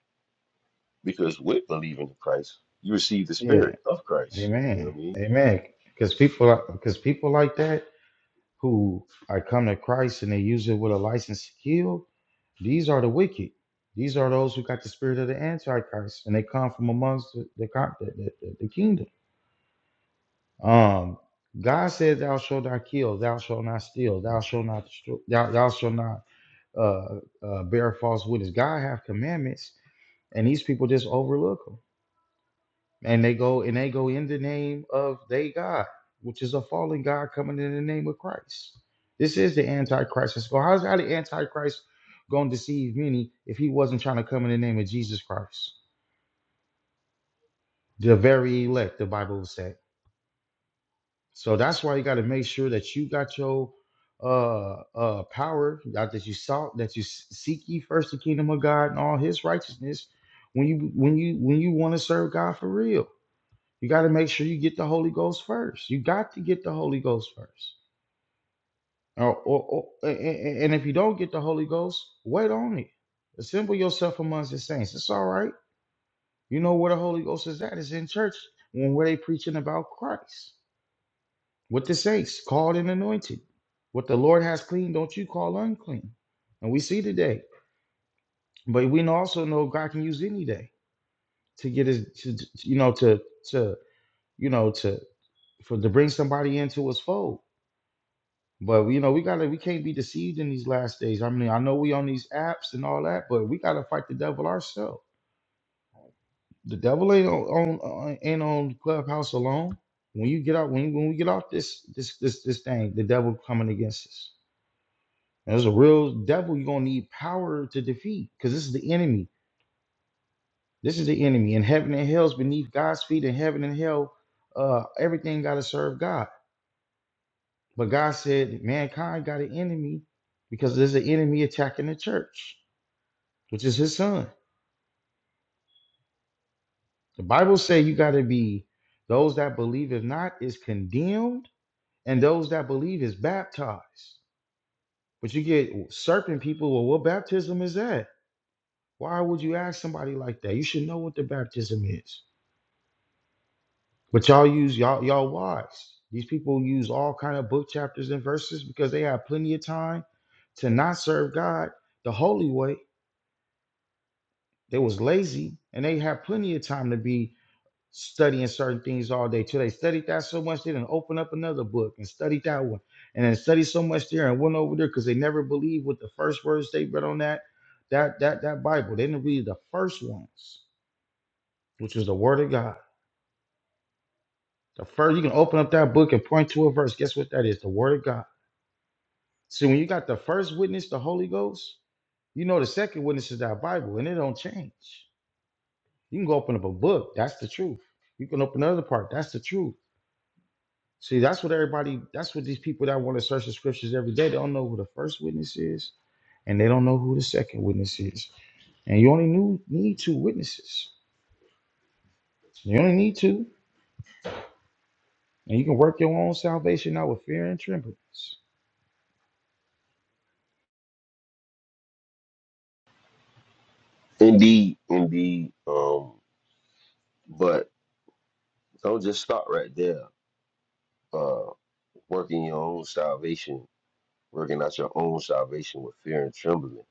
Speaker 1: Because with believing in Christ, you receive the
Speaker 2: yeah.
Speaker 1: spirit of Christ. You know what
Speaker 2: Amen.
Speaker 1: I mean?
Speaker 2: Amen. Because people, because people like that who are come to Christ and they use it with a license to kill, these are the wicked. These are those who got the spirit of the Antichrist, and they come from amongst the the, con- the, the the kingdom. Um, God said, "Thou shalt not kill. Thou shalt not steal. Thou shalt not destroy. Thou, thou shalt not uh, uh, bear false witness." God have commandments, and these people just overlook them, and they go and they go in the name of they God, which is a fallen God coming in the name of Christ. This is the Antichrist. So how's how the Antichrist going to deceive many if he wasn't trying to come in the name of Jesus Christ, the very elect? The Bible said. So that's why you got to make sure that you got your uh uh power that that you sought that you s- seek ye first the kingdom of God and all his righteousness when you when you when you want to serve God for real you got to make sure you get the Holy Ghost first you got to get the Holy Ghost first or, or, or a- a- and if you don't get the Holy Ghost wait on it assemble yourself amongst the saints it's all right you know where the Holy Ghost is at it's in church when where they preaching about Christ What the saints called and anointed. What the Lord has clean, don't you call unclean. And we see today. But we also know God can use any day to get his to, to- you know to to you know to for to bring somebody into his fold. But you know, we gotta we can't be deceived in these last days. I mean, I know we on these apps and all that, but we gotta fight the devil ourselves. The devil ain't on, on uh, ain't on Clubhouse alone. When you get out, when, when we get off this this this this thing, the devil coming against us. There's a real devil you're gonna need power to defeat, because this is the enemy. This is the enemy, and heaven and hell's beneath God's feet, and heaven and hell, uh, everything gotta serve God. But God said mankind got an enemy because there's an enemy attacking the church, which is his son. The Bible says you gotta be those that believe is not is condemned, and those that believe is baptized. But you get serpent people, well, what baptism is that? Why would you ask somebody like that? You should know what the baptism is. But y'all use y'all y'all watch. These people use all kind of book chapters and verses because they had plenty of time to not serve God the holy way. They was lazy and they had plenty of time to be studying certain things all day. Till they studied that so much, they didn't open up another book and studied that one, and then studied so much there and went over there because they never believed what the first words they read on that that that that Bible. They didn't read the first ones, which was the Word of God. The first you can open up that book and point to a verse. Guess what that is? The Word of God. So when you got the first witness, the Holy Ghost, you know the second witness is that Bible, and it don't change. You can go open up a book, that's the truth. You can open another part, that's the truth. See, that's what everybody, that's what these people that want to search the scriptures every day, they don't know who the first witness is, and they don't know who the second witness is. And you only knew, need two witnesses. You only need two, and you can work your own salvation out with fear and trembleness.
Speaker 1: Indeed, indeed. Um, but don't just stop right there. Uh, working your own salvation, working out your own salvation with fear and trembling.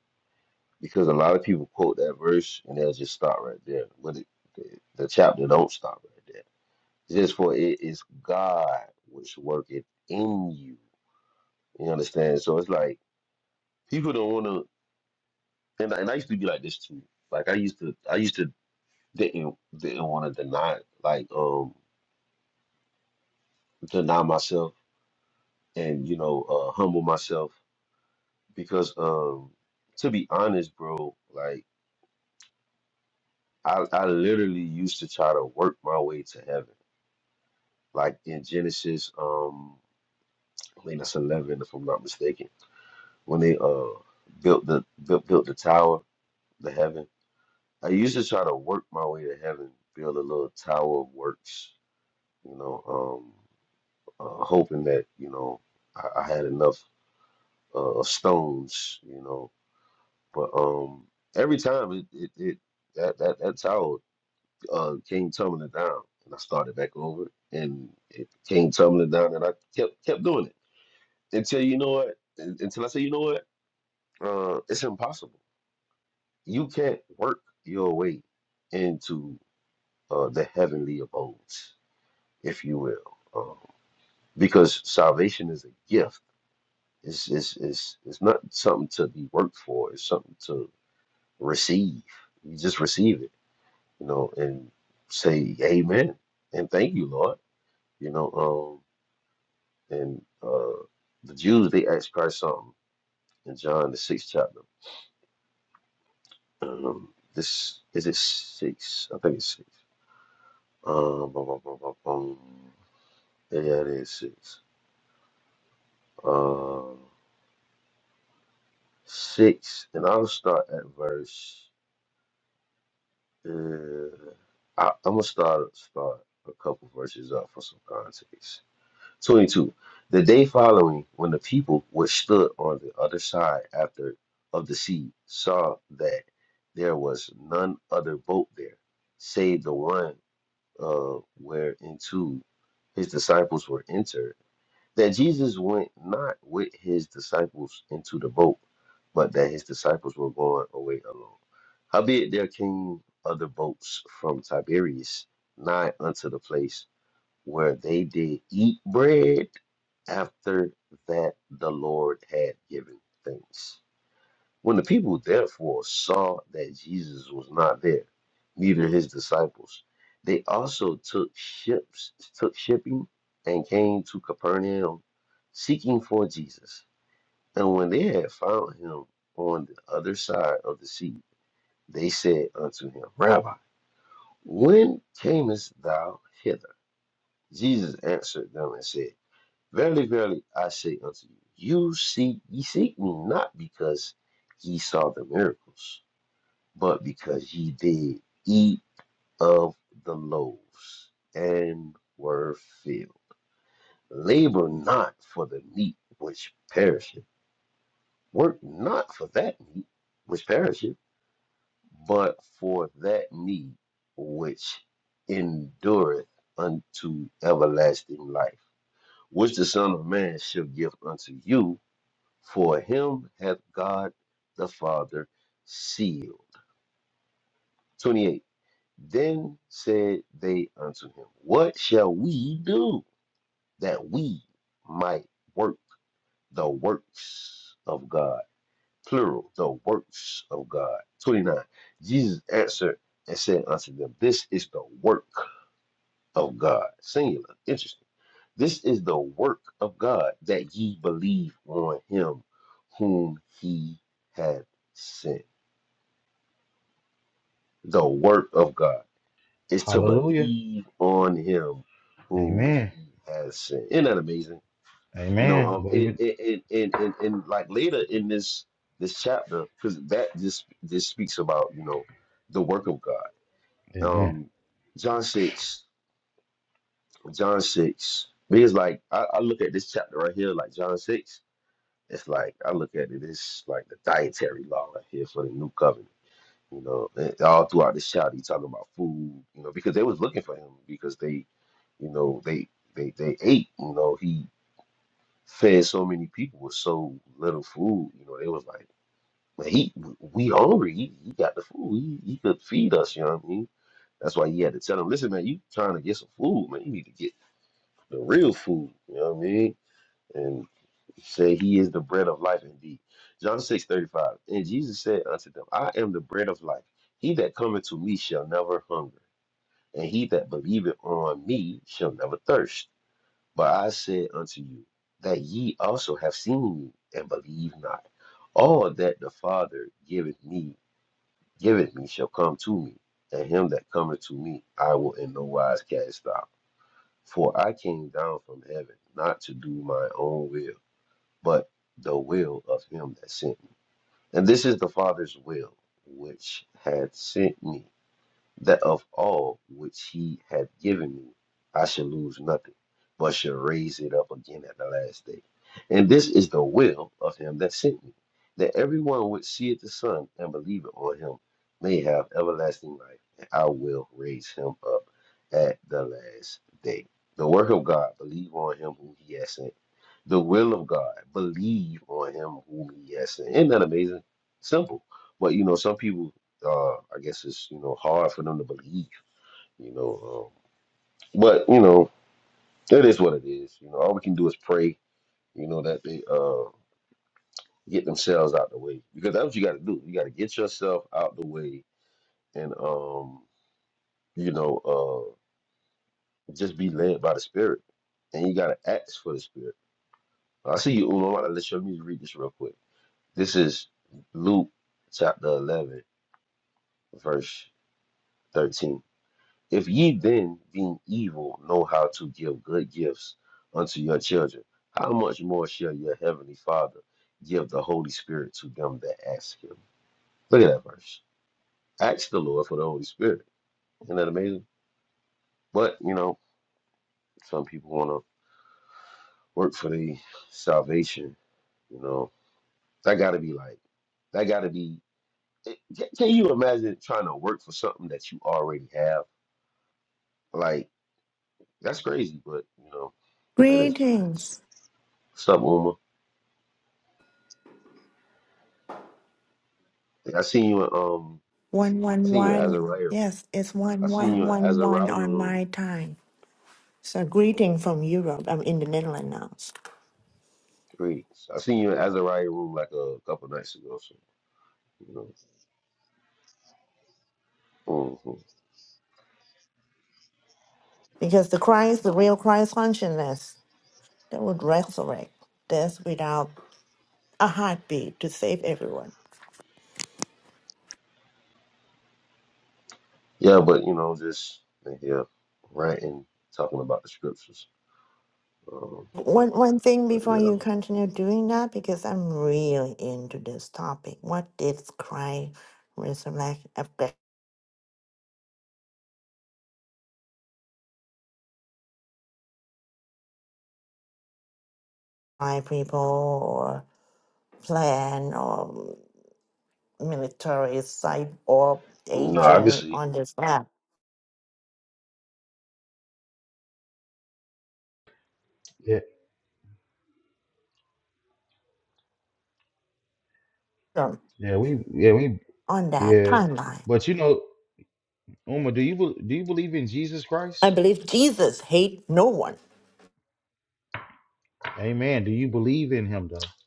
Speaker 1: Because a lot of people quote that verse and they'll just stop right there. But it, the, the chapter don't stop right there. It's Just for it is God which worketh in you. You understand? So it's like people don't want to and I, and I used to be like this too. Like I used to, I used to didn't didn't want to deny it, like um deny myself and you know uh humble myself because um to be honest bro like I, I literally used to try to work my way to heaven like in Genesis um I think that's 11 if I'm not mistaken when they uh built the built, built the tower the heaven I used to try to work my way to heaven build a little tower of works you know um uh, hoping that you know I, I had enough uh, stones, you know. But um, every time it, it, it that, that that towel uh, came tumbling down, and I started back over, and it came tumbling down, and I kept kept doing it until you know what, un- until I said, you know what, uh, it's impossible. You can't work your way into uh, the heavenly abodes, if you will, um, because salvation is a gift. It's, it's, it's, it's not something to be worked for. It's something to receive. You just receive it, you know, and say amen and thank you, Lord. You know, um, and uh, the Jews they asked Christ something in John the sixth chapter. Um, this is it six? I think it's six. Um, bum, bum, bum, bum, bum. Yeah, it is six. Uh, six, and I'll start at verse. Uh, I, I'm gonna start start a couple verses up for some context. 22. The day following, when the people which stood on the other side after of the sea saw that there was none other boat there, save the one uh, whereinto his disciples were entered, that Jesus went not with his disciples into the boat, but that his disciples were going away alone. Howbeit there came other boats from Tiberias nigh unto the place where they did eat bread after that the Lord had given thanks. When the people therefore saw that Jesus was not there, neither his disciples, they also took ships, took shipping, and came to Capernaum, seeking for Jesus. And when they had found him on the other side of the sea, they said unto him, Rabbi, when camest thou hither? Jesus answered them and said, Verily, verily, I say unto you, you seek ye seek me not because ye saw the miracles, but because ye did eat of the loaves and were filled. Labor not for the meat which perisheth, work not for that meat which perisheth, but for that meat which endureth unto everlasting life, which the Son of Man shall give unto you for him hath God the Father sealed. 28. Then said they unto him, What shall we do that we might work the works of God? Plural, the works of God. 29. Jesus answered and said unto them, This is the work of God. Singular. Interesting. This is the work of God that ye believe on him whom he hath sent. the work of God is to
Speaker 2: Hallelujah.
Speaker 1: believe on him whom
Speaker 2: Amen.
Speaker 1: he has sent. Isn't that amazing? You know,
Speaker 2: Amen.
Speaker 1: um,
Speaker 2: Believe
Speaker 1: and
Speaker 2: it.
Speaker 1: and and and, and like later in this this chapter, because that this this speaks about you know the work of God.
Speaker 2: Amen.
Speaker 1: Um, John six, John six, because like I, I look at this chapter right here, like John six. It's like I look at it, it's like the dietary law right here for the new covenant you know, and all throughout the shot, he talking about food, you know, because they was looking for him because they, you know, they they they ate, you know, he fed so many people with so little food, you know, they was like, man, he we hungry, he, he got the food, he, he could feed us, you know what I mean? That's why he had to tell them, listen, man, you trying to get some food, man, you need to get the real food, you know what I mean? And said, He is the bread of life indeed. John six thirty five. And Jesus said unto them, I am the bread of life. He that cometh to me shall never hunger, and he that believeth on me shall never thirst. But I said unto you, that ye also have seen me, and believe not. All that the Father giveth me, giveth me shall come to me, and him that cometh to me I will in no wise cast out. For I came down from heaven, not to do my own will but the will of him that sent me. And this is the Father's will, which hath sent me, that of all which he hath given me, I shall lose nothing, but shall raise it up again at the last day. And this is the will of him that sent me, that everyone which seeth the Son and believeth on him may have everlasting life, and I will raise him up at the last day. The work of God, believe on him whom he has sent. The will of God, believe on him whom he has sent. Isn't that amazing? Simple. But you know, some people uh, I guess it's you know hard for them to believe, you know. Um, but you know, it is what it is. You know, all we can do is pray. You know that they uh, get themselves out the way because that's what you got to do. You got to get yourself out the way and um, you know uh, just be led by the Spirit, and you got to ask for the Spirit. I see you, Uno. I'm about to let you let me read this real quick. This is Luke chapter 11, verse 13. If ye then, being evil, know how to give good gifts unto your children, how much more shall your heavenly Father give the Holy Spirit to them that ask him? Look at that verse. Ask the Lord for the Holy Spirit. Isn't that amazing? But, you know, some people want to work for their salvation. You know, that got to be like, that got to be. Can can you imagine trying to work for something that you already have? Like, that's crazy, but, you know, that is what it is.
Speaker 4: Greetings.
Speaker 1: What's up, Uma? Like, I seen you in um I seen you in
Speaker 4: 111.
Speaker 1: Azariah.
Speaker 4: Yes, it's
Speaker 1: I seen you in
Speaker 4: 1111
Speaker 1: Azariah
Speaker 4: on
Speaker 1: room
Speaker 4: my time. So, greeting from Europe. I'm in the Netherlands now.
Speaker 1: three. so, I seen you in Azariah room like a couple nights ago. So you know, hmm
Speaker 4: Because the Christ, the real Christ consciousness that would resurrect death without a heartbeat to save everyone.
Speaker 1: yeah, but you know, just yeah, ranting, talking about the scriptures. Um,
Speaker 4: One, one thing
Speaker 1: but
Speaker 4: before
Speaker 1: yeah,
Speaker 4: you continue doing that, because I'm really into this topic. What did Christ resurrect affect my people or plan or? military site or
Speaker 1: no, I can
Speaker 4: agent
Speaker 1: see.
Speaker 4: on this map
Speaker 2: Yeah,
Speaker 4: um,
Speaker 2: yeah, we yeah we
Speaker 4: on that
Speaker 2: Yeah,
Speaker 4: timeline.
Speaker 2: but you know, Uma, do you bel- do you believe in Jesus
Speaker 4: I
Speaker 2: Christ?
Speaker 4: believe Jesus hate no one.
Speaker 2: Amen. Do you believe in Him though?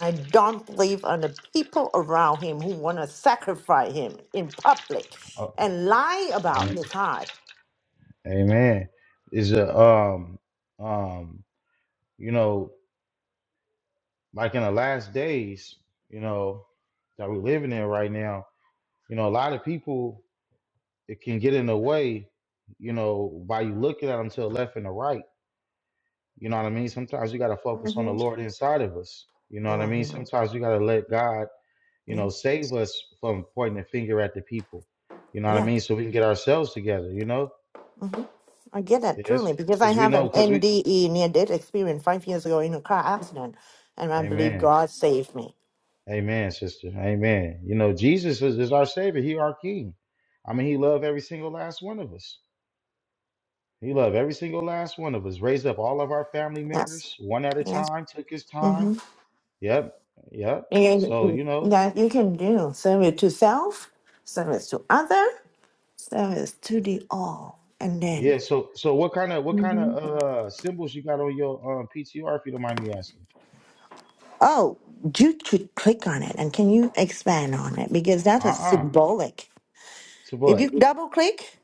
Speaker 4: I don't believe on the people around him who want to sacrifice him in public
Speaker 2: Oh,
Speaker 4: and lie about
Speaker 2: amen.
Speaker 4: his heart.
Speaker 2: Amen. Is a um um you know like in the last days you know that we're living in right now you know a lot of people it can get in the way you know by you looking at them to the left and the right you know what I mean sometimes you got to focus on the
Speaker 4: hmm
Speaker 2: Lord inside of us you know what I mean
Speaker 4: hmm
Speaker 2: sometimes you got to let God You
Speaker 4: Yeah.
Speaker 2: know, save us from pointing the finger at the people. You know what I
Speaker 4: yeah.
Speaker 2: mean? So we can get ourselves together. You know,
Speaker 4: hmm I get that
Speaker 2: yes,
Speaker 4: truly because I
Speaker 2: because we
Speaker 4: have an
Speaker 2: know, because we,
Speaker 4: NDE near death experience five years ago in a car accident, and I believe
Speaker 2: Amen,
Speaker 4: God saved me.
Speaker 2: Amen, sister, Amen. You know, Jesus is, is our Savior. He our King. I mean, He loved every single last one of us. He loved every single last one of us. Raised up all of our family
Speaker 4: Yes,
Speaker 2: members one at a
Speaker 4: yes.
Speaker 2: time. Took His time.
Speaker 4: Mm-hmm.
Speaker 2: Yep, yep. So
Speaker 4: And
Speaker 2: you know,
Speaker 4: that you can do service to self, service to other, service to the all, and
Speaker 2: yeah,
Speaker 4: then.
Speaker 2: so so what kind of what kind
Speaker 4: Mhm.
Speaker 2: of uh symbols you got on your um PTR if you don't mind me asking?
Speaker 4: Oh, you should click on it, and can you expand on it because that is
Speaker 2: Uh-uh.
Speaker 4: symbolic.
Speaker 2: To
Speaker 4: If
Speaker 2: what?
Speaker 4: you double click,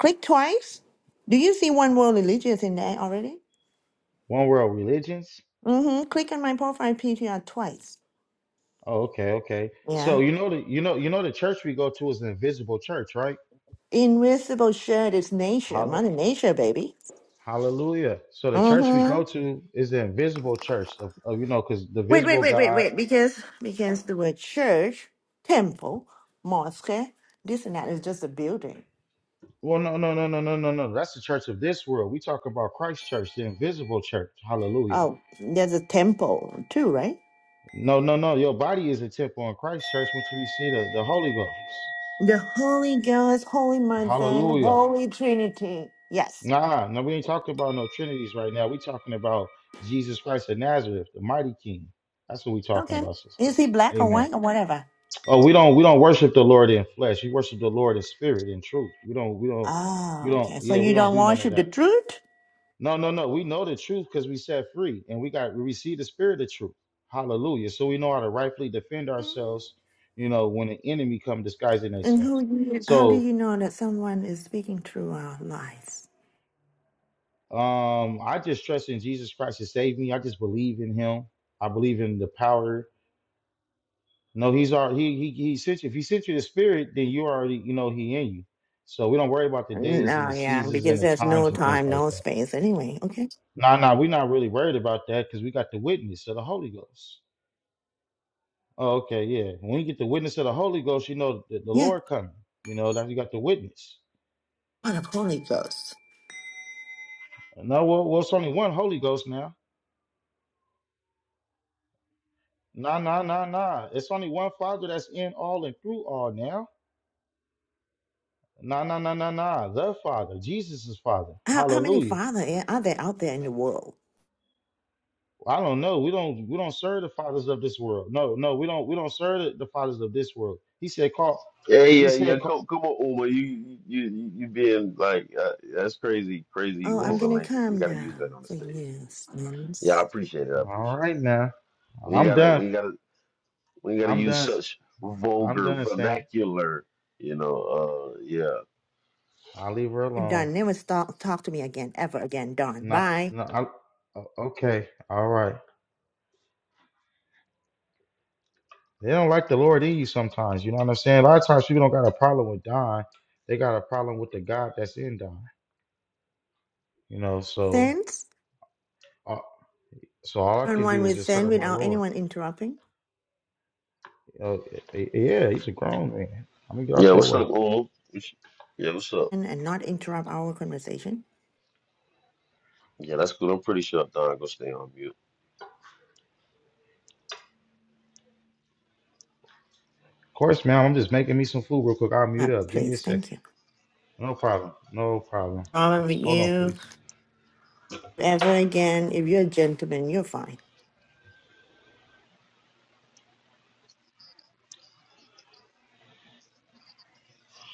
Speaker 4: click twice. Do you see one world religious in there already?
Speaker 2: One world religions?
Speaker 4: Mm-hmm. Click on my profile picture twice.
Speaker 2: Oh, okay, okay. So
Speaker 4: Yeah.
Speaker 2: you know the you know you know the church we go to is an invisible church, right?
Speaker 4: Invisible shirt is nature. Mother
Speaker 2: Hall-
Speaker 4: nature, baby.
Speaker 2: Hallelujah. So the church we
Speaker 4: Mm-hmm.
Speaker 2: go to is the invisible church of, of you know, because the
Speaker 4: Wait, wait,
Speaker 2: visible
Speaker 4: wait, wait,
Speaker 2: God.
Speaker 4: wait. Because because the word church, temple, mosque, this and that is just a building.
Speaker 2: Well, no, no, no, no, no, no, no. That's the church of this world. We talk about Christ Church, the invisible church. Hallelujah.
Speaker 4: Oh, there's a temple too, right?
Speaker 2: No, no, no. Your body is a temple in Christ Church, which we see the, the Holy Ghost.
Speaker 4: The Holy Ghost, Holy Mother,
Speaker 2: Hallelujah.
Speaker 4: Holy Trinity. Yes.
Speaker 2: Nah, no, we ain't talking about no trinities right now. We talking about Jesus Christ of Nazareth, the mighty King. That's what we talking
Speaker 4: Okay.
Speaker 2: about, sister.
Speaker 4: Is he black or
Speaker 2: Amen.
Speaker 4: white or whatever?
Speaker 2: Oh, we don't we don't worship the Lord in flesh. We worship the Lord in spirit and truth. We don't we don't we
Speaker 4: Oh,
Speaker 2: don't
Speaker 4: okay. So
Speaker 2: yeah we
Speaker 4: you
Speaker 2: don't
Speaker 4: don't
Speaker 2: do none of
Speaker 4: worship the
Speaker 2: that.
Speaker 4: truth?
Speaker 2: No no no. We know the truth because we set free and we got we receive the spirit of truth. Hallelujah. So we know how to rightfully defend
Speaker 4: Mm-hmm.
Speaker 2: ourselves. You know when the enemy come disguising
Speaker 4: And who
Speaker 2: themselves.
Speaker 4: you, how do
Speaker 2: So.
Speaker 4: you know that someone is speaking through our lives?
Speaker 2: Um, I just trust in Jesus Christ to save me. I just believe in Him. I believe in the power. No, He's already He He, he sent you. If He sent you the Spirit, then you already you know He in you. So we don't worry about the days and
Speaker 4: No,
Speaker 2: the
Speaker 4: yeah,
Speaker 2: seasons
Speaker 4: because
Speaker 2: and the
Speaker 4: there's no
Speaker 2: times and things
Speaker 4: time,
Speaker 2: like
Speaker 4: no
Speaker 2: that.
Speaker 4: space. Anyway, okay,
Speaker 2: nah, nah, we're not really worried about that because we got the witness of the Holy Ghost. Oh, okay, yeah. When you get the witness of the Holy Ghost, you know the, the
Speaker 4: yeah.
Speaker 2: Lord coming. You know that you got the witness.
Speaker 4: What a Holy Ghost!
Speaker 2: No, well, well, it's only one Holy Ghost now. Nah, nah, nah, nah. It's only one Father that's in all and through all now. Nah, nah, nah, nah, nah. The Father, Jesus' Father.
Speaker 4: How how many
Speaker 2: Hallelujah.
Speaker 4: father a- are there out there in the world?
Speaker 2: I don't know. We don't we don't serve the fathers of this world. No, no, we don't we don't serve the the fathers of this world. He said, call.
Speaker 1: Yeah,
Speaker 2: He
Speaker 1: yeah, yeah.
Speaker 2: said, call.
Speaker 1: Come, come on, Uma. You, you, you you being like uh, that's crazy, crazy
Speaker 4: Oh, I'm
Speaker 2: Yes.
Speaker 1: vulgar
Speaker 4: gonna
Speaker 1: language. You
Speaker 4: calm
Speaker 1: got to use that
Speaker 4: down
Speaker 1: on the
Speaker 4: for
Speaker 1: stage. You
Speaker 4: you,
Speaker 1: know? Yeah, I
Speaker 4: Sense.
Speaker 1: appreciate it. I
Speaker 2: All
Speaker 1: appreciate
Speaker 2: right now.
Speaker 1: it. We
Speaker 2: I'm
Speaker 1: gotta,
Speaker 2: done.
Speaker 1: we gotta. We ain't gotta
Speaker 2: I'm
Speaker 1: use
Speaker 2: done. s-
Speaker 1: such
Speaker 2: I'm
Speaker 1: vulgar
Speaker 2: done saying.
Speaker 1: vernacular, you know. Uh, yeah,
Speaker 2: I'll leave her
Speaker 4: You're
Speaker 2: alone.
Speaker 4: done. Never talk talk to me again, ever again. Done.
Speaker 2: Nah,
Speaker 4: Bye,
Speaker 2: no, I, o- okay. All right. They don't like the Lord in you sometimes. You know what I'm saying? A lot of times people don't got a problem with dying. They got a problem with the God that's in dying. You know, so.
Speaker 4: Sense.
Speaker 2: uh, So all I
Speaker 4: On
Speaker 2: can
Speaker 4: one
Speaker 2: do is
Speaker 4: with
Speaker 2: just
Speaker 4: Sense
Speaker 2: serve my
Speaker 4: without
Speaker 2: Lord.
Speaker 4: anyone interrupting
Speaker 2: Uh, y- yeah, he's a grown man. I'm gonna get
Speaker 1: yeah.
Speaker 2: out your
Speaker 1: What's
Speaker 2: way.
Speaker 1: up,
Speaker 2: Of
Speaker 1: Um? Yeah, what's up?
Speaker 4: and, and not interrupt our conversation.
Speaker 1: Yeah, that's good. I'm pretty sure Don gonna stay on mute.
Speaker 2: course, ma'am. I'm just making me some food real quick. I'll mute
Speaker 4: Uh,
Speaker 2: up. Give me a
Speaker 4: please,
Speaker 2: second.
Speaker 4: thank you.
Speaker 2: No problem. No problem.
Speaker 4: Problem with
Speaker 2: Hold on,
Speaker 4: you.
Speaker 2: please.
Speaker 4: ever again. If you're a gentleman, you're fine.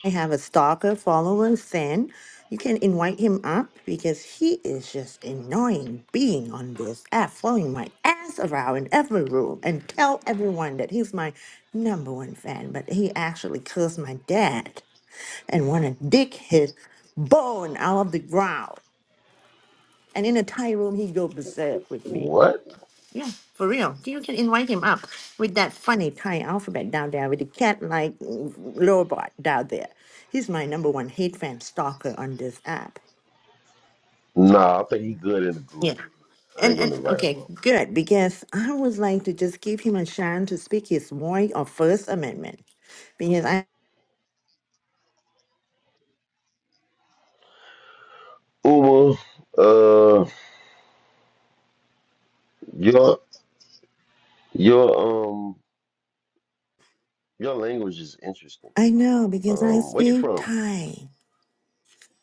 Speaker 4: I have a stalker follower, San. You can invite him up because he is just annoying being on this app, following my ass around in every room and tell everyone that he's my number one fan. But he actually cursed my dad and want to dig his bone out of the ground. And in a Thai room, he go berserk with me.
Speaker 1: What?
Speaker 4: Yeah, for real. You can invite him up with that funny Thai alphabet down there with the cat like robot down there. He's my number one hate fan stalker on this app.
Speaker 1: Nah, I think he good in the group.
Speaker 4: Yeah.
Speaker 1: I ain't
Speaker 4: And and
Speaker 1: gonna invite him
Speaker 4: okay,
Speaker 1: up.
Speaker 4: good, because I would like to just give him a chance to speak his voice of First Amendment. Because I
Speaker 1: Uma, uh, your your um your language is interesting.
Speaker 4: I know because I
Speaker 1: Um, where you
Speaker 4: speak
Speaker 1: from?
Speaker 4: Thai.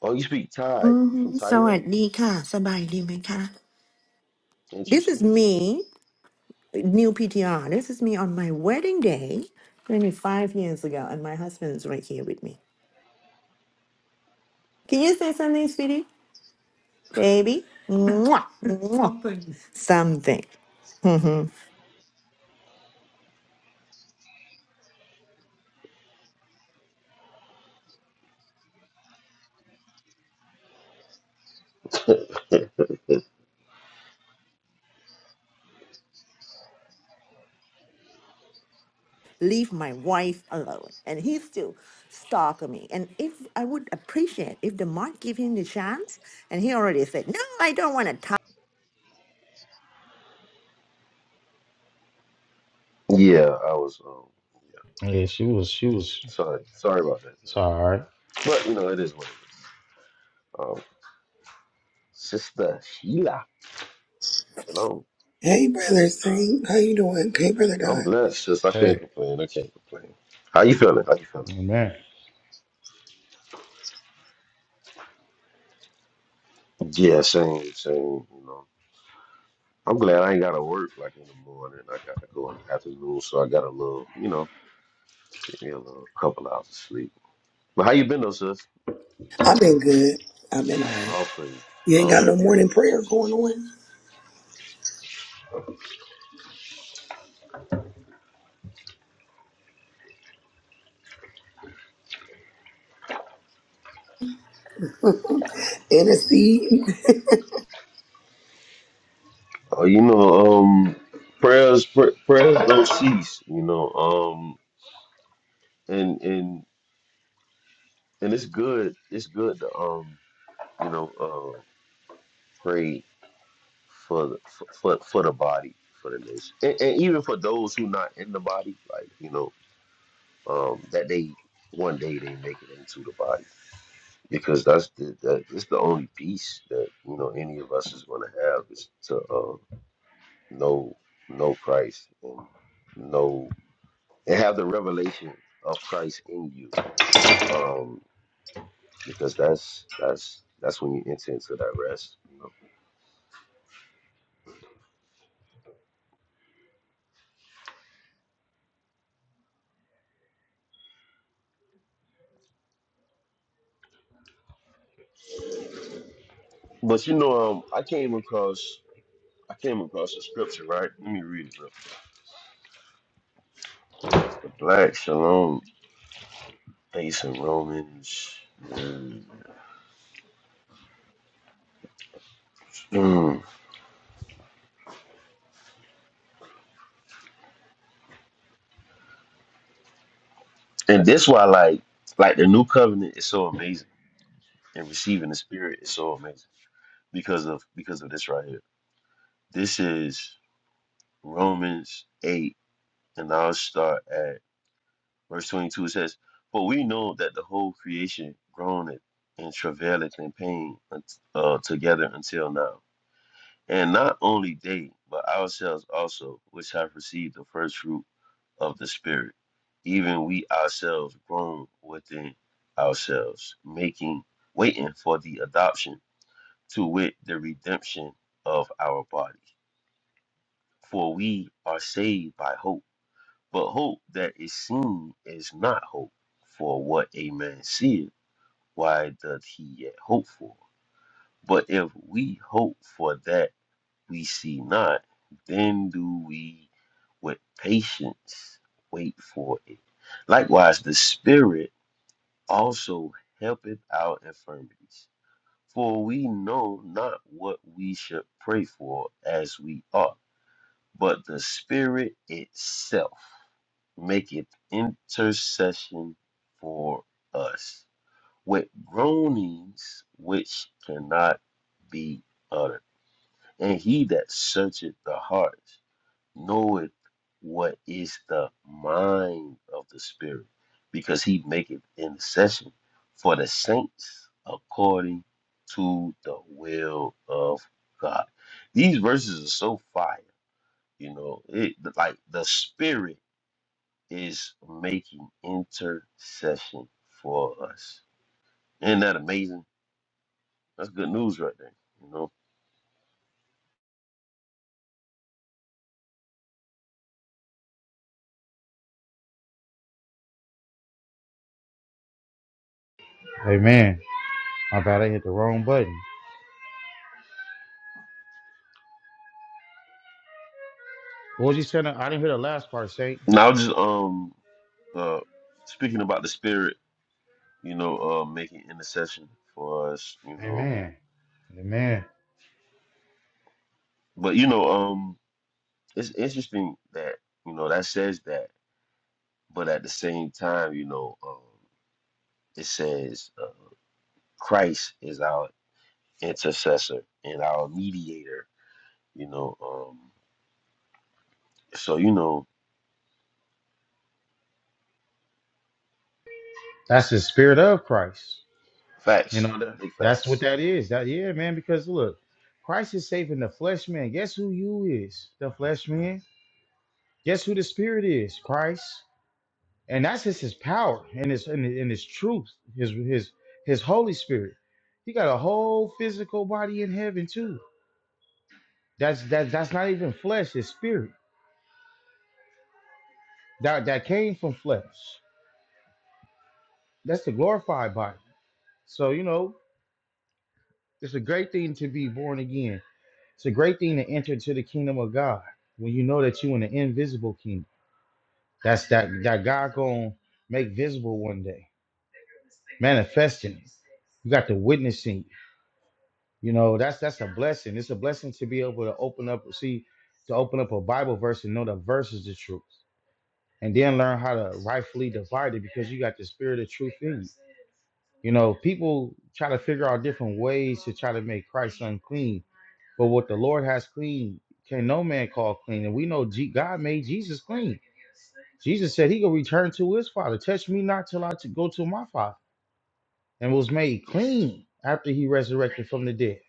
Speaker 1: Oh, you speak Thai. You from
Speaker 4: Mm-hmm.
Speaker 1: Thailand?
Speaker 4: สวัสดีค่ะสบายดีไหมคะ? This is
Speaker 1: Interesting, interesting.
Speaker 4: me. new PTR. This is me on my wedding day, 25 years ago, and my husband is right here with me. Can you say something, sweetie? Baby? Mwah, mwah. Something. Mhm. Leave my wife alone. And he still stalking me. And if I would appreciate if the mod give him the chance, and he already said, no, I don't want to
Speaker 1: yeah, I was um
Speaker 2: Yeah, she was. She was.
Speaker 1: sorry, sorry about that,
Speaker 2: It's
Speaker 1: John.
Speaker 2: all right.
Speaker 1: But you know, it is what it is. Um, Sister Sheila. Hello.
Speaker 5: Hey, brother Saint, how you doing? Hey, brother
Speaker 1: I'm
Speaker 5: Don,
Speaker 1: blessed. Just I can't
Speaker 2: Hey,
Speaker 1: complain. I can't complain. How you feeling? How you feeling?
Speaker 2: amen.
Speaker 1: Yeah, same, same. You know, I'm glad I ain't gotta work like in the morning. I gotta go in the afternoon, so I got a little, you know, give me a little couple hours of sleep. But how you been though, sis?
Speaker 5: I've been good. I've been alright.
Speaker 1: All praises.
Speaker 5: You ain't
Speaker 1: All
Speaker 5: got no
Speaker 1: praises.
Speaker 5: morning prayer going on. Intercede.
Speaker 1: Oh, you know, um, prayers, pr prayers don't cease. You know, um, and and and it's good. It's good to um, you know, uh, pray for the, for for for the body, for the nation, and, and even for those who not in the body, like you know, um, that they one day they make it into the body because that's the that it's the only peace that you know any of us is going to have is to uh, know know Christ and know and have the revelation of Christ in you, um, because that's that's that's when you enter into that rest. You know? But you know, um, I came across. I came across a scripture, right? Let me read it real quick. The black shalom based in Romans. uh, mm. And this why like like the new covenant is so amazing and receiving the spirit is so amazing because of because of this right here. This is Romans eight, and I'll start at verse twenty two. It says, For we know that the whole creation groaneth and travaileth in pain uh, together until now. and not only they, but ourselves also, which have received the first fruit of the Spirit, even we ourselves grown within ourselves, making waiting for the adoption to wit the redemption of our body. For we are saved by hope, but hope that is seen is not hope. For what a man seeth, why doth he yet hope for? But if we hope for that we see not, then do we with patience wait for it. Likewise, the Spirit also helpeth our infirmities, for we know not what we should pray for as we ought, but the Spirit itself maketh intercession for us with groanings which cannot be uttered. And he that searcheth the hearts knoweth what is the mind of the Spirit, because he maketh intercession for the saints according to the will of God. These verses are so fire, you know, it like the Spirit is making intercession for us. Isn't that amazing? That's good news right there, you know.
Speaker 2: Amen. I thought I hit the wrong button. What was you saying? I didn't hear the last part, Saint.
Speaker 1: Now just um uh speaking about the Spirit you know, uh, making intercession for us, you know.
Speaker 2: Amen. Amen.
Speaker 1: But you know, um, it's interesting that you know that says that, but at the same time, you know, um, it says uh, Christ is our intercessor and our mediator, you know. Um, so you know,
Speaker 2: That's the spirit of Christ. You
Speaker 1: facts,
Speaker 2: know, that,
Speaker 1: big
Speaker 2: that's what
Speaker 1: facts,
Speaker 2: that is. That yeah, man. Because look, Christ is saving the flesh man. Guess who you is? The flesh man. Guess who the spirit is? Christ. And that's just his power and his and, his- and his truth. His his his Holy Spirit. He got a whole physical body in heaven too. That's that that's not even flesh. It's spirit. That that came from flesh. That's the glorified body. So you know, it's a great thing to be born again. It's a great thing to enter into the kingdom of God when you know that you in the invisible kingdom. That's that that God gonna make visible one day, manifesting it. You got the witnessing. You know that's that's a blessing. It's a blessing to be able to open up, see, to open up a Bible verse and know the verse is the truth, and then learn how to rightfully divide it because you got the spirit of truth in you. You know, people try to figure out different ways to try to make Christ unclean But what the Lord has clean, can no man call clean. And we know G- God made Jesus clean. Jesus said he could return to his father. Touch me not till I to go to my father. And was made clean after he resurrected from the dead.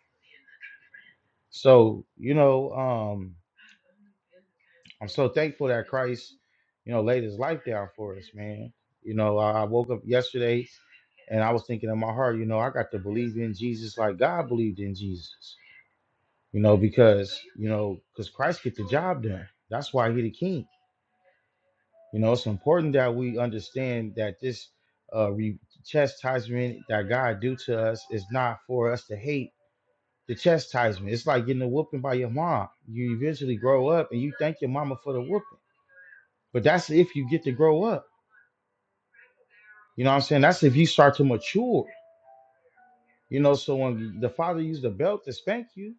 Speaker 2: So, you know, um, I'm so thankful that Christ, you know, laid his life down for us, man. You know, I I woke up yesterday and I was thinking in my heart, you know, I got to believe in Jesus like God believed in Jesus. You know, because, you know, because Christ get the job done. That's why he the king. You know, it's important that we understand that this uh, re- chastisement that God do to us is not for us to hate the chastisement. It's like getting a whooping by your mom. You eventually grow up and you thank your mama for the whooping. But that's if you get to grow up. You know what I'm saying? That's if you start to mature. You know, so when the father used the belt to spank you,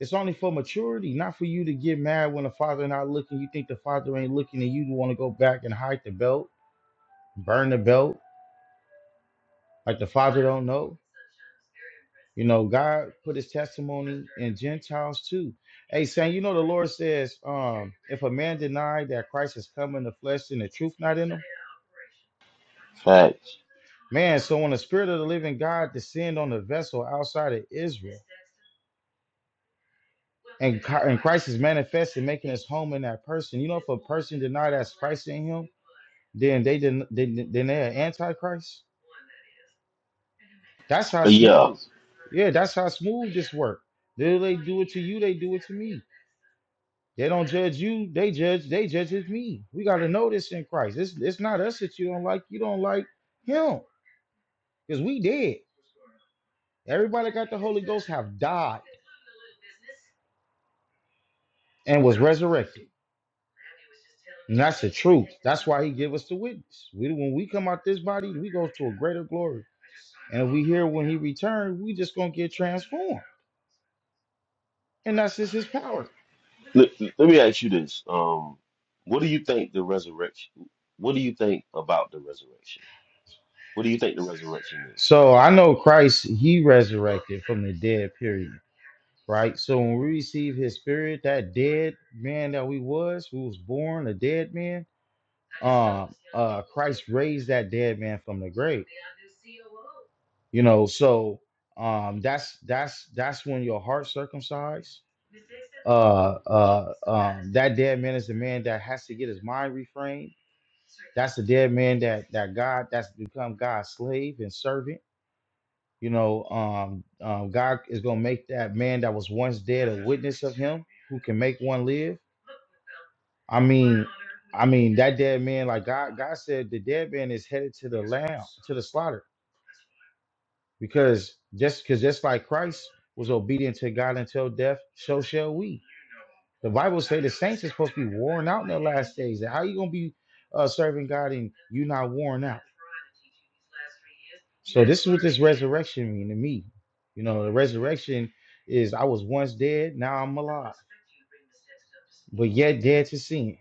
Speaker 2: it's only for maturity, not for you to get mad when the father not looking. You think the father ain't looking and you want to go back and hide the belt, burn the belt, like the father don't know. You know, God put his testimony in Gentiles too. Hey, saying, you know, the Lord says, um, if a man deny that Christ has come in the flesh and the truth not in him,
Speaker 1: facts.
Speaker 2: man, so when the spirit of the living God descend on the vessel outside of Israel, and, Chi- and Christ is manifest and making his home in that person, you know, if a person deny that's Christ in him, then they den- then, then they're antichrist. That's how
Speaker 1: But yeah,
Speaker 2: smooth. Yeah, that's how smooth this work. They, they do it to you, they do it to me. They don't judge you. They judge. They judges me. We got to know this in Christ. It's it's not us that you don't like. You don't like him because we dead. Everybody that got the Holy Ghost have died and was resurrected. And that's the truth. That's why He give us the witness. We when we come out this body, we go to a greater glory. And if we hear when He returns, we just gonna get transformed. And that's just His power.
Speaker 1: let, let me ask you this: um, what do you think the resurrection? What do you think about the resurrection? What do you think the resurrection is?
Speaker 2: So I know Christ. He resurrected from the dead. Period. right? So when we receive his spirit, that dead man that we was, who was born a dead man, um, uh, Christ raised that dead man from the grave. You know, so um, that's that's that's when your heart circumcised. Uh, uh, um, that dead man is the man that has to get his mind reframed. That's the dead man that that God that's become God's slave and servant. You know, um, um, God is gonna make that man that was once dead a witness of Him, who can make one live I mean, I mean that dead man, like God, God said, the dead man is headed to the lamb, to the slaughter, because just because just like Christ was obedient to God until death, so shall we. The Bible say the saints is supposed to be worn out in the last days. How you gonna be uh, serving God and you not worn out? So this is what this resurrection mean to me. You know, the resurrection is I was once dead, now I'm alive, but yet dead to sin.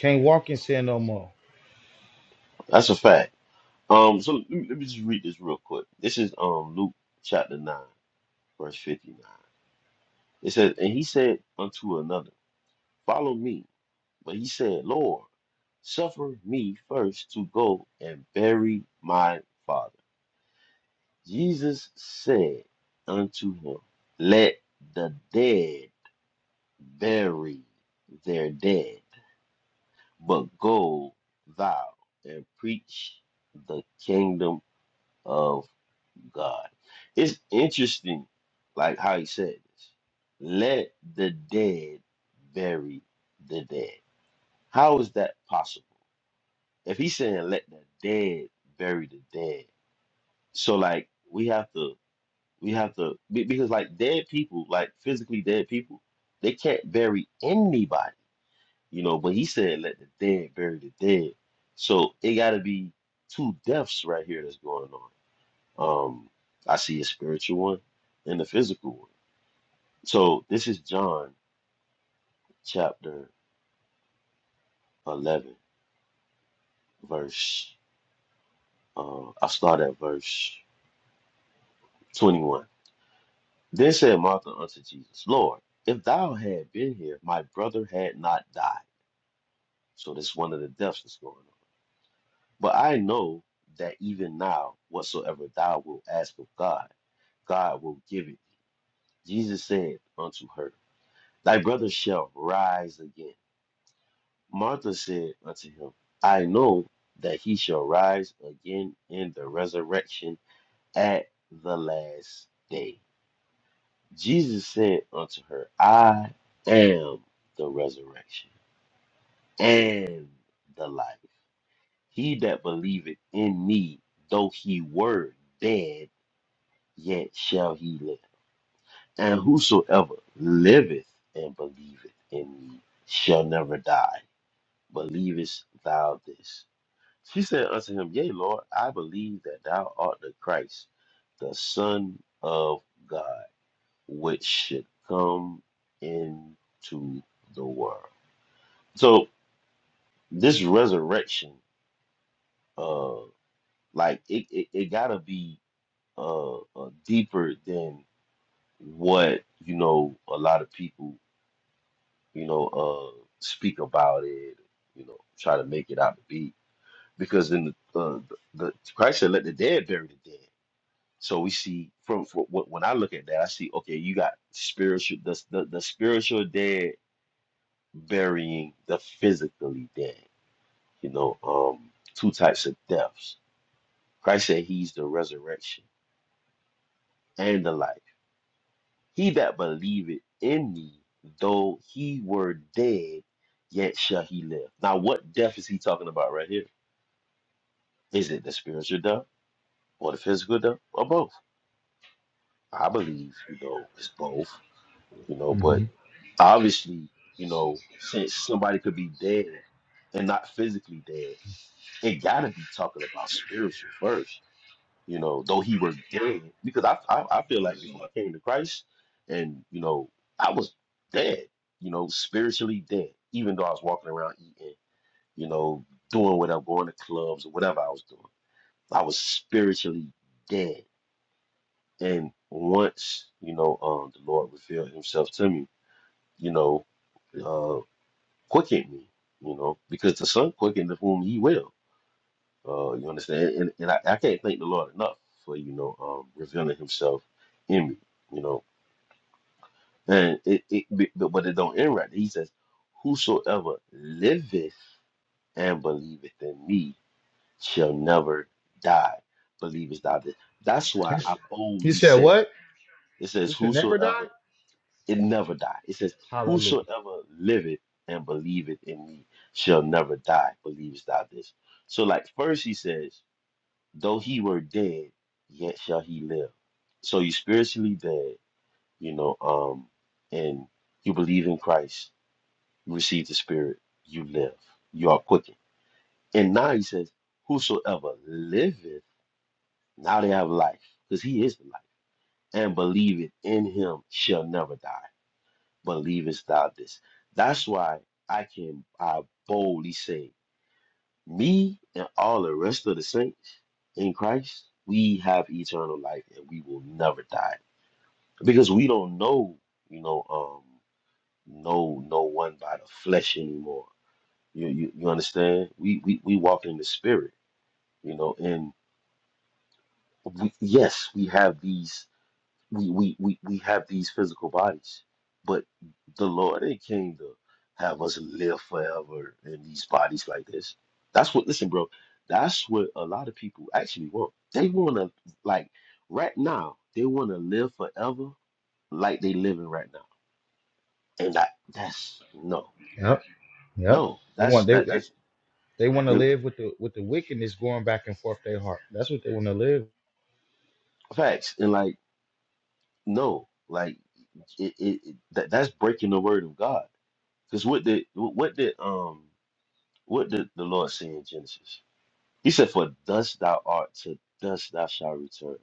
Speaker 2: Can't walk in sin no more.
Speaker 1: That's a fact. Um, so let me, let me just read this real quick. This is um Luke chapter nine, verse fifty-nine. It says, "And he said unto another, Follow me. But he said, Lord, suffer me first to go and bury my father." Jesus said unto him, Let the dead bury their dead, but go thou and preach the kingdom of God. It's interesting, like how he said this. Let the dead bury the dead. How is that possible? If he's saying let the dead bury the dead, so like we have to, we have to, be- because like dead people, like physically dead people, they can't bury anybody, you know. But he said let the dead bury the dead, so it got to be two deaths right here that's going on. Um, I see a spiritual one and a physical one. So this is John chapter 11, verse, uh, I start at verse 21. Then said Martha unto Jesus, Lord, if thou had been here, my brother had not died. So this is one of the deaths that's going on. But I know that even now, whatsoever thou wilt ask of God, God will give it. thee. Jesus said unto her, Thy brother shall rise again. Martha said unto him, I know that he shall rise again in the resurrection at the last day. Jesus said unto her, I am the resurrection and the life. He that believeth in me, though he were dead, yet shall he live. And whosoever liveth and believeth in me shall never die. Believest thou this? She said unto him, Yea, Lord, I believe that thou art the Christ, the Son of God, which should come into the world. So this resurrection, uh, like it, it, it gotta be uh, uh deeper than what you know a lot of people you know uh speak about it, you know, try to make it out to be. Because then the uh, the, the Christ said, "Let the dead bury the dead." So we see from, from what when I look at that, I see okay, you got spiritual the the, the spiritual dead burying the physically dead. You know, um, two types of deaths. Christ said He's the resurrection and the life. He that believeth in me, though he were dead, yet shall he live. Now, what death is he talking about right here? Is it the spiritual death or the physical death or both? I believe you know it's both. You know, but
Speaker 2: hmm
Speaker 1: obviously, you know, since somebody could be dead and not physically dead, it gotta be talking about spiritual first, you know, though he were dead. Because I, I I feel like before I came to Christ and, you know, I was dead, you know, spiritually dead, even though I was walking around eating, you know, doing whatever, going to clubs or whatever I was doing. I was spiritually dead. And once, you know, um the Lord revealed himself to me, you know, uh, quicken me, you know, because the Son quickeneth whom He will. Uh, you understand? And, and I, I can't thank the Lord enough for you know um, revealing Himself in me, you know. And it, it but, but it don't end right. there. He says, "Whosoever liveth and believeth in me shall never die." Believest thou this? That's why I
Speaker 2: He
Speaker 1: boldly
Speaker 2: said,
Speaker 1: say,
Speaker 2: "What?
Speaker 1: "It says,
Speaker 2: We should never
Speaker 1: whosoever
Speaker 2: die."
Speaker 1: It never die. It says,
Speaker 2: Hallelujah.
Speaker 1: Whosoever liveth and believeth in me shall never die. Believest thou this? So, like first he says, Though he were dead, yet shall he live. So you spiritually dead, you know, um, and you believe in Christ, you receive the spirit, you live, you are quickened. And now he says, Whosoever liveth, now they have life, because he is the life, and believeth in him shall never die. believest thou this? That's why I can I boldly say, me and all the rest of the saints in Christ, we have eternal life and we will never die. Because we don't know, you know, um, no no one by the flesh anymore. You you, you understand? We, we we walk in the spirit, you know, and we, yes, we have these we we we we have these physical bodies, but the Lord ain't came to have us live forever in these bodies like this. That's what listen, bro. That's what a lot of people actually want. They want to like right now. They want to live forever like they living right now, and that that's no,
Speaker 2: Yep, yep.
Speaker 1: no.
Speaker 2: They
Speaker 1: That's
Speaker 2: want they
Speaker 1: that
Speaker 2: they,
Speaker 1: that's
Speaker 2: they want to
Speaker 1: the
Speaker 2: live with the with the wickedness going back and forth their heart. That's what they want to live.
Speaker 1: facts, and like no, like it, it, it that that's breaking the word of God. Because what did what did um What did the Lord say in Genesis? He said, "For dust thou art, to dust thou shalt return."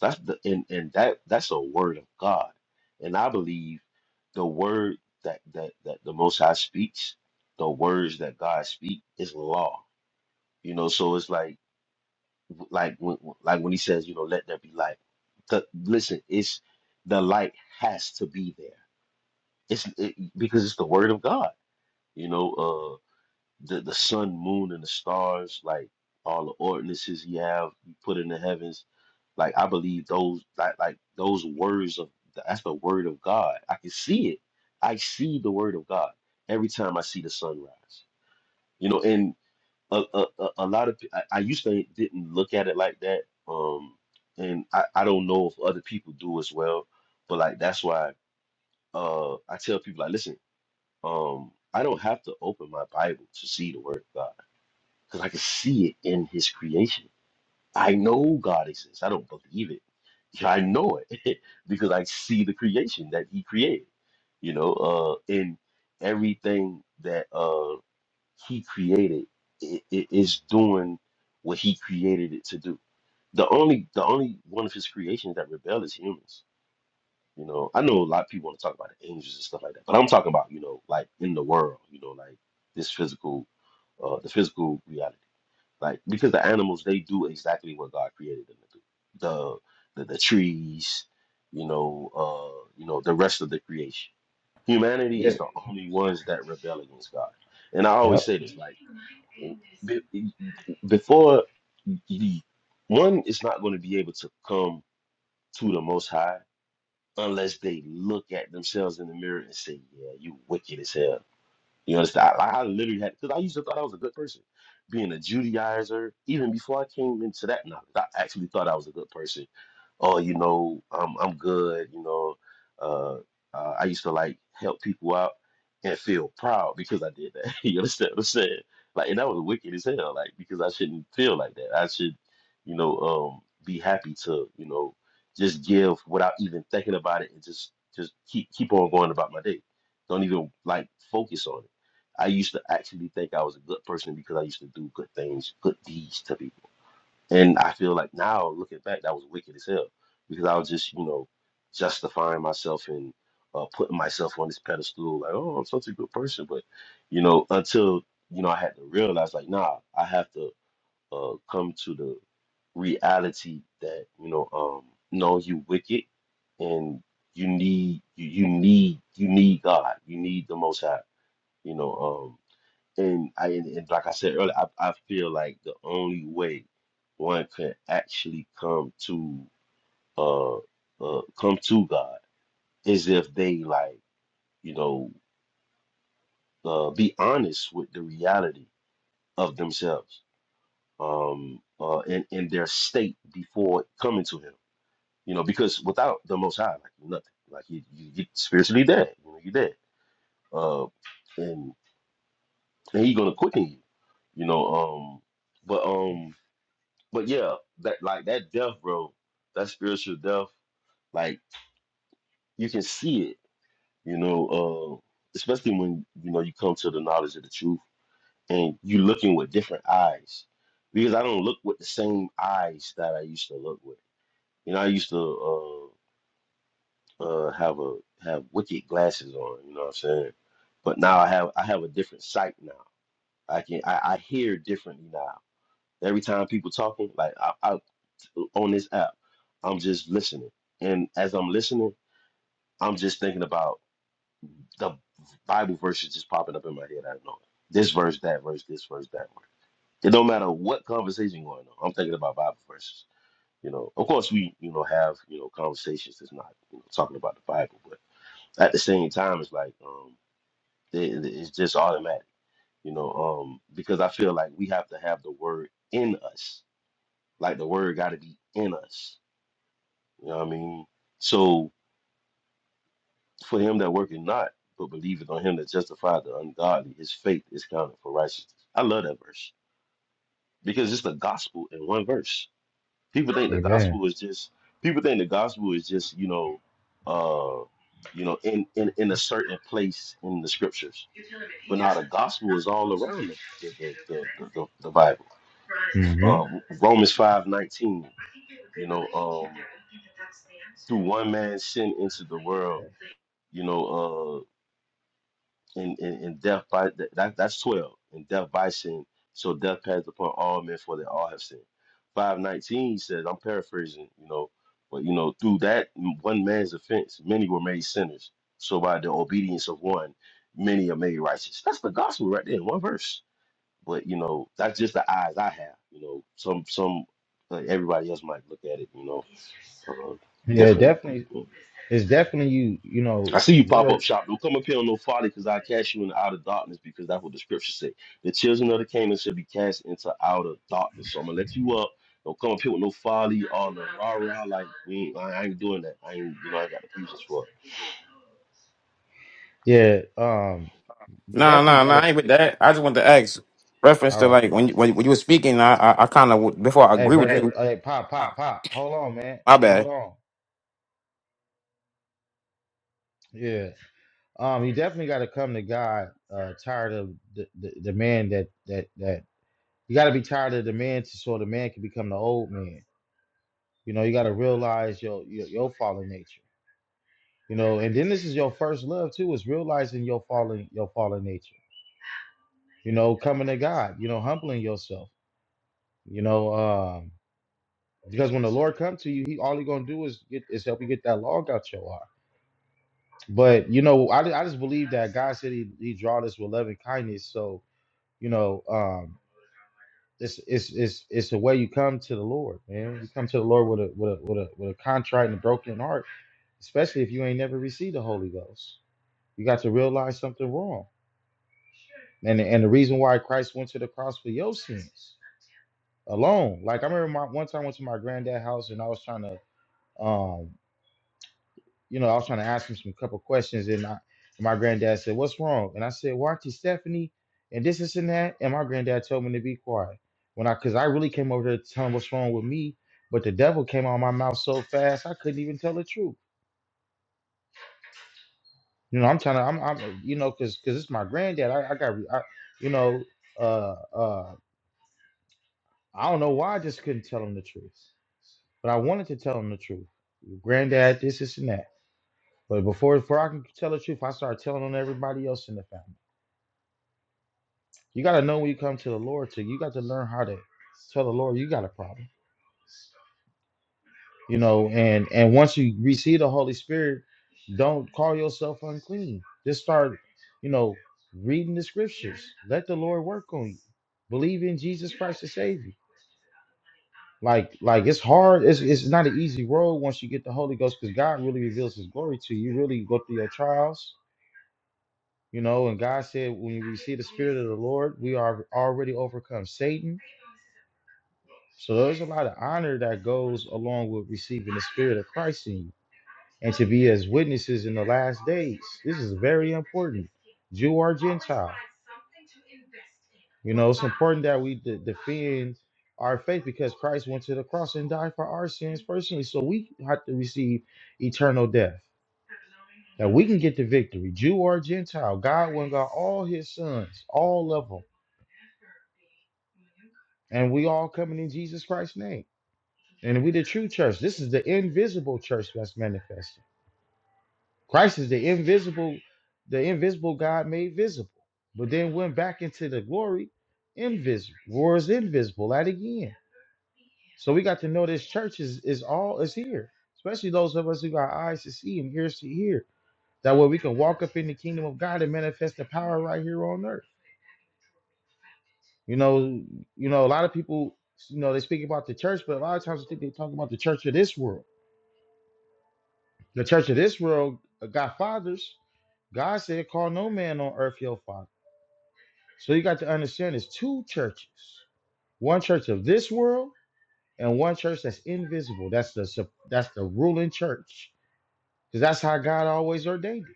Speaker 1: That's the and, and that that's a word of God, and I believe the word that that that the Most High speaks, the words that God speak is law. You know, so it's like like when like when He says, you know, let there be light. The, listen, it's the light has to be there. It's it, because it's the word of God. You know, uh, the the sun, moon, and the stars, like all the ordinances he have he put in the heavens. Like I believe those like like those words of that's the word of God. I can see it. I see the word of God every time I see the sunrise. You know, and a a, a, a lot of pe- I, I used to didn't look at it like that. Um, and I I don't know if other people do as well, but like that's why uh I tell people like listen um I don't have to open my Bible to see the word of God because I can see it in his creation. I know God exists. I don't believe it. Yeah, I know it because I see the creation that he created. You know, uh and everything that uh he created it, it is doing what he created it to do. The only the only one of his creations that rebel is humans. You know, I know a lot of people want to talk about the angels and stuff like that, but I'm talking about, you know, like in the world, you know, like this physical uh the physical reality like because the animals they do exactly what God created them to do. The the, the trees, you know, uh, you know, the rest of the creation. Humanity is
Speaker 2: Yeah.
Speaker 1: the only ones that rebel against God. And I always
Speaker 2: Yep.
Speaker 1: say this, like be- e, before the one is not going to be able to come to the Most High unless they look at themselves in the mirror and say, "Yeah, you wicked as hell." You understand? I, I literally had because I used to thought I was a good person, being a Judaizer. Even before I came into that knowledge, I actually thought I was a good person. Oh, you know, I'm I'm good. You know, uh, uh, I used to like help people out and feel proud because I did that. you understand what I'm saying? Like, and that was wicked as hell. Like, because I shouldn't feel like that. I should, you know, um, be happy to, you know, just give without even thinking about it and just just keep keep on going about my day don't even like focus on it I used to actually think I was a good person because I used to do good things, good deeds to people. And I feel like now, looking back, that was wicked as hell because I was just, you know, justifying myself and uh, putting myself on this pedestal, like, oh, I'm such a good person. But, you know, until, you know, I had to realize, like, nah, I have to uh, come to the reality that, you know, um, no, you wicked and you need, you, you need, you need God. You need the Most High, you know. um, and I and, and like I said earlier, I, I feel like the only way one can actually come to uh, uh come to God is if they like you know uh, be honest with the reality of themselves um uh and, and their state before coming to Him. You know, because without the Most High, like you're nothing, like you you you spiritually dead. You know, you're dead. Uh, and and He's gonna quicken you. You know, um, but um. But yeah, that like that death, bro, that spiritual death, like you can see it, you know, uh, especially when you know you come to the knowledge of the truth and you looking with different eyes. Because I don't look with the same eyes that I used to look with. You know, I used to uh, uh, have a have wicked glasses on. You know what I'm saying? But now I have I have a different sight now. I can I, I hear differently now. Every time people talking, like I, I on this app. I'm just listening. And as I'm listening, I'm just thinking about the Bible verses just popping up in my head. I don't know. This verse, that verse, this verse, that verse. It don't matter what conversation going on. I'm thinking about Bible verses. You know, of course we, you know, have, you know, conversations that's not, you know, talking about the Bible, but at the same time it's like um it, it- it's just automatic, you know, um because I feel like we have to have the word in us. Like the word got to be in us. You know what I mean? So For him that worketh not, but believeth on him that justified the ungodly, his faith is counted for righteousness. I love that verse because it's the gospel in one verse. People think the
Speaker 2: Amen.
Speaker 1: gospel is just people think the gospel is just you know, uh, you know, in in in a certain place in the scriptures. But now the gospel is all around them. The the the the, the, the Bible.
Speaker 2: hmm
Speaker 1: Uh, Romans five nineteen. You know, um, through one man's sin into the world. You know, uh, and, and, and death by that, that's 12 and death by sin so death passed upon all men for they all have sinned 519 says i'm paraphrasing you know but you know through that one man's offense many were made sinners so by the obedience of one many are made righteous that's the gospel right there in one verse but you know that's just the eyes i have you know some some like everybody else might look at it you know uh,
Speaker 2: Yeah,
Speaker 1: differently
Speaker 2: definitely. It's definitely you. You
Speaker 1: I
Speaker 2: know,
Speaker 1: see you pop
Speaker 2: real.
Speaker 1: up shop. Don't come up here on no folly, because I cast you in outer darkness, because that's what the scripture say. The children of the Canaan shall be cast into outer darkness. So I'm gonna let you up. Don't come up here with no folly or the rah rah. Like we, ain't, I ain't doing that. I ain't, you know, I ain't got the patience for it.
Speaker 2: Yeah. Um. You
Speaker 6: Nah,
Speaker 2: definitely
Speaker 6: nah,
Speaker 2: got
Speaker 6: nah.
Speaker 2: to.
Speaker 6: I ain't with that. I just want to ask reference
Speaker 2: All
Speaker 6: to
Speaker 2: right.
Speaker 6: like when you, when, when you were speaking. I I, I kind of before I
Speaker 2: Hey,
Speaker 6: agree with
Speaker 2: brother.
Speaker 6: you.
Speaker 2: Hey, pop, pop, pop. Hold on, man.
Speaker 6: My
Speaker 2: Hold
Speaker 6: bad.
Speaker 2: on. Yeah. Um, you definitely got to come to God. Uh, tired of the, the the man that that that you got to be tired of the man, to, so the man can become the old man. You know, you got to realize your, your your fallen nature. You know, and then this is your first love too. Is realizing your fallen your fallen nature. You know, coming to God. You know, humbling yourself. You know, um, because when the Lord comes to you, he all he gonna do is get is help you get that log out your eye. But you know, I, I just believe that God said he, he draw us with love and kindness. So you know, um, it's it's it's it's the way you come to the Lord, man. You come to the Lord with a with a with a with a contrite and a broken heart, especially if you ain't never received the Holy Ghost. You got to realize something wrong, and and the reason why Christ went to the cross for your sins alone. Like I remember my, one time I went to my granddad's house and I was trying to. um you know, I was trying to ask him some couple questions, and I, and my granddad said, "What's wrong?" And I said, "Well, Auntie Stephanie, and this, this, and that." And my granddad told me to be quiet when I, because I really came over there to tell him what's wrong with me, but the devil came out of my mouth so fast I couldn't even tell the truth. You know, I'm trying to, I'm, I'm, you know, because, because it's my granddad. I, I got, re- I, you know, uh, uh, I don't know why I just couldn't tell him the truth, but I wanted to tell him the truth. Granddad, this, this, and that. But before, before I can tell the truth, I started telling on everybody else in the family. You got to know when you come to the Lord to. You got to learn how to tell the Lord you got a problem. You know, and and once you receive the Holy Spirit, don't call yourself unclean. Just start, you know, reading the scriptures. Let the Lord work on you. Believe in Jesus Christ to save you. Like like it's hard. It's it's not an easy road once you get the Holy Ghost because God really reveals His glory to you. You really go through your trials. You know, and God said, when you receive the Spirit of the Lord, we are already overcome Satan So there's a lot of honor that goes along with receiving the spirit of Christ in you and to be as witnesses in the last days. This is very important, Jew or Gentile. You know, it's important that we de- defend our faith because Christ went to the cross and died for our sins personally. So we have to receive eternal death. That we can get the victory, Jew or Gentile. God went got all his sons, all of them. And we all coming in Jesus Christ's name. And we the true church. This is the invisible church that's manifested. Christ is the invisible, the invisible God made visible, but then went back into the glory, invisible, or is invisible at again. So we got to know this church is is all is here, especially those of us who got eyes to see and ears to hear. That way we can walk up in the kingdom of God and manifest the power right here on earth. You know, you know, a lot of people, you know, they speak about the church, but a lot of times I think they talk about the church of this world The church of this world got fathers. God said, call no man on earth your father. So you got to understand there's two churches. One church of this world and one church that's invisible. That's the sup- that's the ruling church. Because that's how God always ordained it.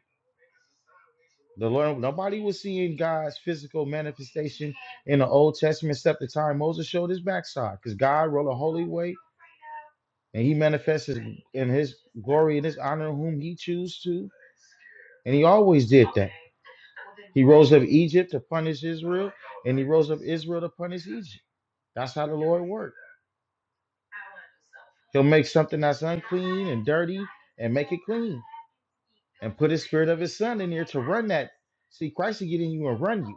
Speaker 2: The Lord, nobody was seeing God's physical manifestation in the Old Testament except the time Moses showed his backside. Because God rolled a holy way and he manifests his- in his glory and his honor whom he chooses to. And he always did that. He rose up Egypt to punish Israel, and he rose up Israel to punish Egypt. That's how the Lord worked. He'll make something that's unclean and dirty and make it clean and put his spirit of his son in there to run that. See, Christ will get in you and run you.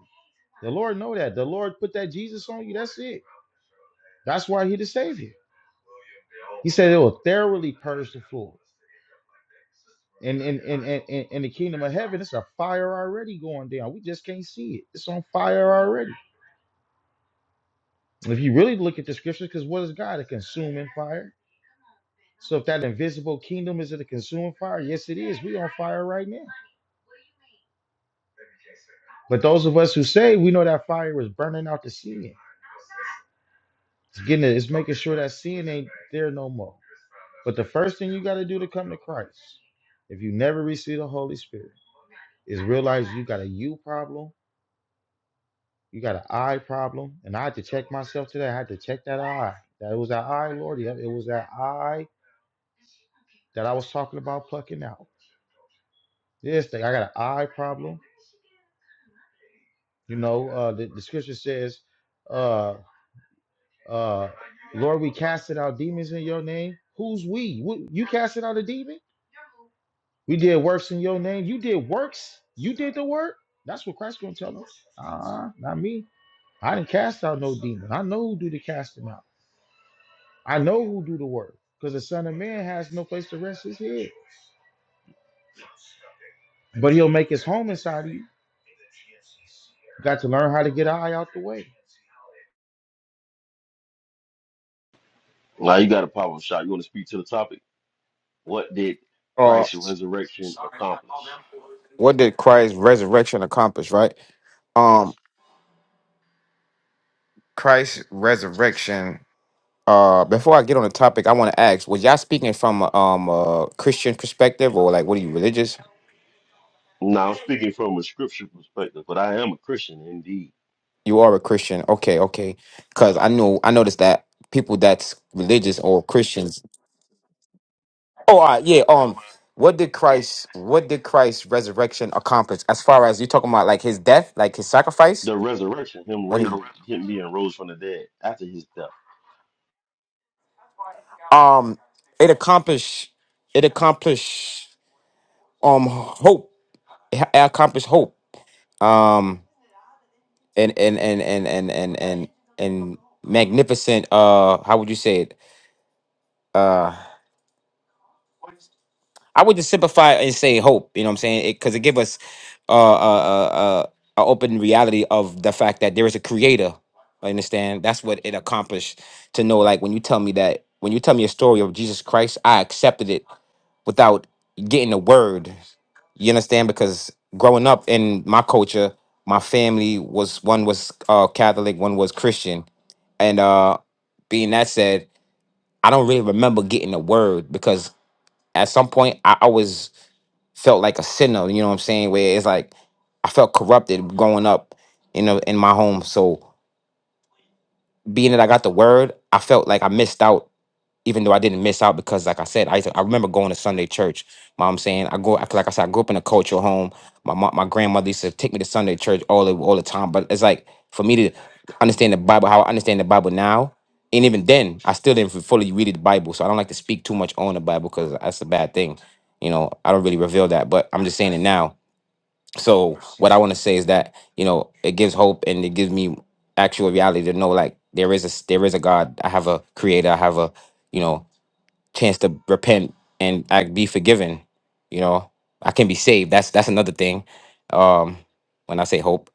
Speaker 2: The Lord know that. The Lord put that Jesus on you. That's it. That's why he the savior. He said it will thoroughly purge the floor. And in, in, in, in in the kingdom of heaven, it's a fire already going down. We just can't see it. It's on fire already. If you really look at the scriptures, because what is God? A consuming fire. So if that invisible kingdom is it a consuming fire? Yes, it is. We on fire right now. But those of us who say we know that fire is burning out the sin. It's getting it, it's making sure that sin ain't there no more. But the first thing you got to do to come to Christ, if you never receive the Holy Spirit, is realize you got a you problem, you got an I problem. And I had to check myself today. I had to check that I. That it was that I, Lord. Yep, it was that I that I was talking about plucking out. This thing, I got an eye problem. You know, uh, the, the scripture says, uh, uh, Lord, we casted out demons in your name. Who's we? Wh- You casted out a demon? We did works in your name. You did works. You did the work. That's what Christ gonna tell us. Uh, not me. I didn't cast out no demon. I know who do the casting out. I know who do the work. Because the Son of Man has no place to rest his head. But he'll make his home inside of you. Got to learn how to get an eye out the way.
Speaker 1: Now you got a pop up shop. You want to speak to the topic? What did
Speaker 6: Uh,
Speaker 1: Christ's resurrection accomplish?
Speaker 6: what did Christ's resurrection accomplish? Right. Um, Christ's resurrection. Uh, before I get on the topic, I want to ask: Was y'all speaking from a, um a Christian perspective, or like what are you religious?
Speaker 1: Now I'm speaking from a scripture perspective, but I am a Christian indeed.
Speaker 6: You are a Christian. Okay, okay. Because I know I noticed that people that's religious or Christians Oh, all right, yeah. Um, what did Christ? What did Christ's resurrection accomplish? As far as you talking about, like his death, like his sacrifice,
Speaker 1: The resurrection, him
Speaker 6: when he,
Speaker 1: raising, him being rose from the dead after his death
Speaker 6: um, it accomplished, it accomplished, um, hope. It ha- it accomplished hope. Um, and and and and and and and and magnificent. Uh, how would you say it? Uh, I would just simplify and say hope. You know what I'm saying? Because it, 'cause it give us uh, uh, uh, uh, a open reality of the fact that there is a creator. I understand. That's what it accomplished to know. Like when you tell me that, when you tell me a story of Jesus Christ, I accepted it without getting a word. You understand? Because growing up in my culture, my family was one was uh, Catholic, one was Christian, and uh, being that said, I don't really remember getting a word because at some point I always felt like a sinner, you know what I'm saying? Where it's like I felt corrupted growing up in a, in my home. So being that I got the word, I felt like I missed out, even though I didn't miss out because like I said, I used to, I remember going to Sunday church. Mom I'm saying I go like I said, I grew up in a cultural home. My mom, my grandmother used to take me to Sunday church all the all the time. But it's like for me to understand the Bible, how I understand the Bible now. And even then, I still didn't fully read the Bible, so I don't like to speak too much on the Bible because that's a bad thing. You know, I don't really reveal that, but I'm just saying it now so what i want to say is that you know it gives hope and it gives me actual reality to know like there is a s- there is a god i have a creator i have a you know chance to repent and i be forgiven you know i can be saved that's that's another thing um when i say hope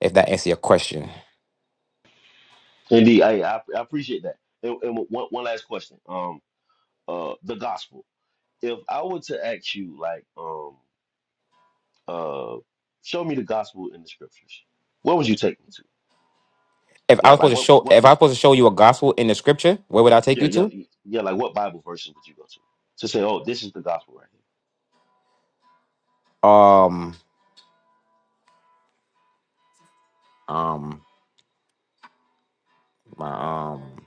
Speaker 6: if that answer your question
Speaker 1: Indeed, I, I I appreciate that. And, and one one last question. Um, uh, the gospel. If I were to ask you, like, um, uh, show me the gospel in the scriptures, what would you take me to?
Speaker 6: if i
Speaker 1: Like,
Speaker 6: was supposed
Speaker 1: like
Speaker 6: to
Speaker 1: what,
Speaker 6: show
Speaker 1: what?
Speaker 6: if i was supposed to show you a gospel in the scripture where would i take
Speaker 1: Yeah,
Speaker 6: you
Speaker 1: yeah,
Speaker 6: to
Speaker 1: yeah. Like, what Bible verses would you go to to say, oh, this is the gospel right here?
Speaker 6: um um my um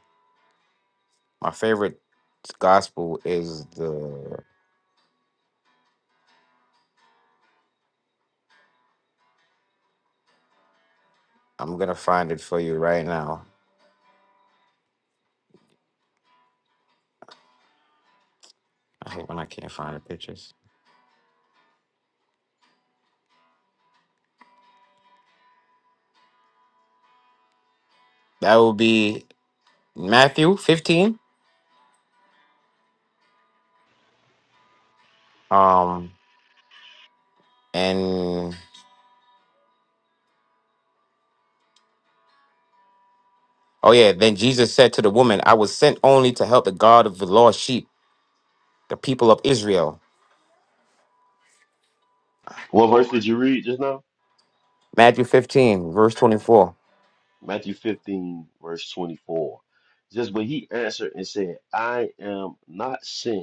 Speaker 6: my favorite gospel is the I'm gonna find it for you right now. I hate when I can't find the pictures. That will be Matthew 15. Um, and oh yeah, then Jesus said to the woman, "I was sent only to help the God of the lost sheep, the people of Israel."
Speaker 1: What verse did you read just now?
Speaker 6: Matthew 15, verse 24.
Speaker 1: Matthew fifteen, verse twenty-four. Just, but he answered and said, "I am not sent."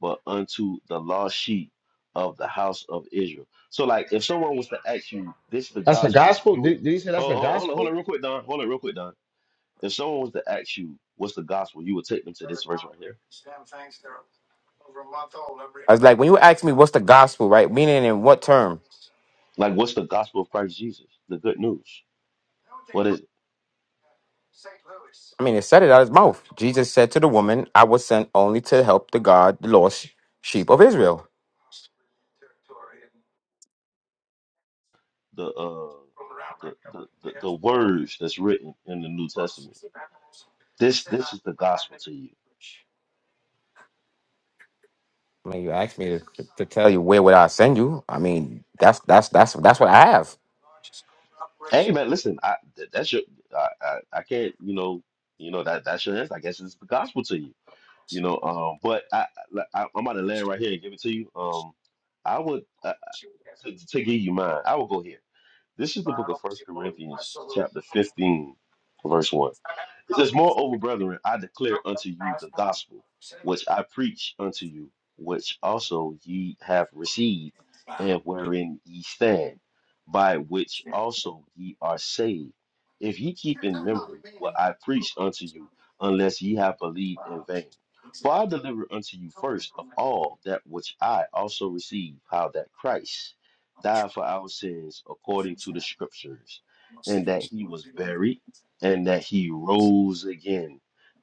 Speaker 1: but unto the lost sheep of the house of Israel. So, like, if someone was to ask you, this is the
Speaker 2: That's the
Speaker 1: gospel,
Speaker 2: gospel.
Speaker 1: you would
Speaker 2: Did, did he say that's the
Speaker 1: hold, hold, hold on, hold
Speaker 2: gospel?
Speaker 1: on, real quick, Don. Hold on, real quick, Don. If someone was to ask you, what's the gospel, you would take them to this verse right here.
Speaker 6: I was like, when you ask me what's the gospel, right? Meaning in what term?
Speaker 1: Like, what's the gospel of Christ Jesus? The good news. What is
Speaker 6: I mean, it said it out of his mouth. Jesus said to the woman, I was sent only to help the God, the lost sheep of Israel.
Speaker 1: the uh the the the, the words that's written in the New Testament? This this is the gospel to you.
Speaker 6: I mean, you asked me to, to to tell you where would I send you. I mean, that's that's that's that's what I have
Speaker 1: Hey man, listen, I that, that's your I, I I can't you know you know that that's your answer. I guess it's the gospel to you you know. Um, but I, I I'm about to land right here and give it to you. Um, I would uh, to, to give you mine. I will go here. This is the book of First Corinthians, chapter 15, verse one. It says, Moreover, brethren, I declare unto you the gospel which I preach unto you, which also ye have received, and wherein ye stand, by which also ye are saved. If ye keep in memory what I preached unto you, unless ye have believed in vain. For I delivered unto you first of all that which I also received, how that Christ died for our sins according to the Scriptures, and that he was buried and that he rose again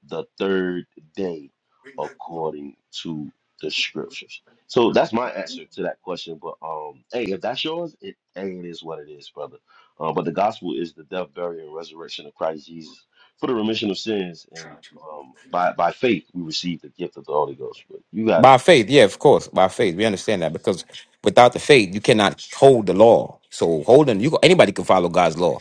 Speaker 1: the third day according to the scriptures. So that's my answer to that question. But um, hey, if that's yours, it hey, it is what it is, brother. Uh, but the gospel is the death, burial, and resurrection of Christ Jesus for the remission of sins, and um, by by faith we receive the gift of the Holy Ghost. But you got it.
Speaker 6: by faith. Yeah, of course, by faith. We understand that because without the faith, you cannot hold the law. So holding you, anybody can follow God's law,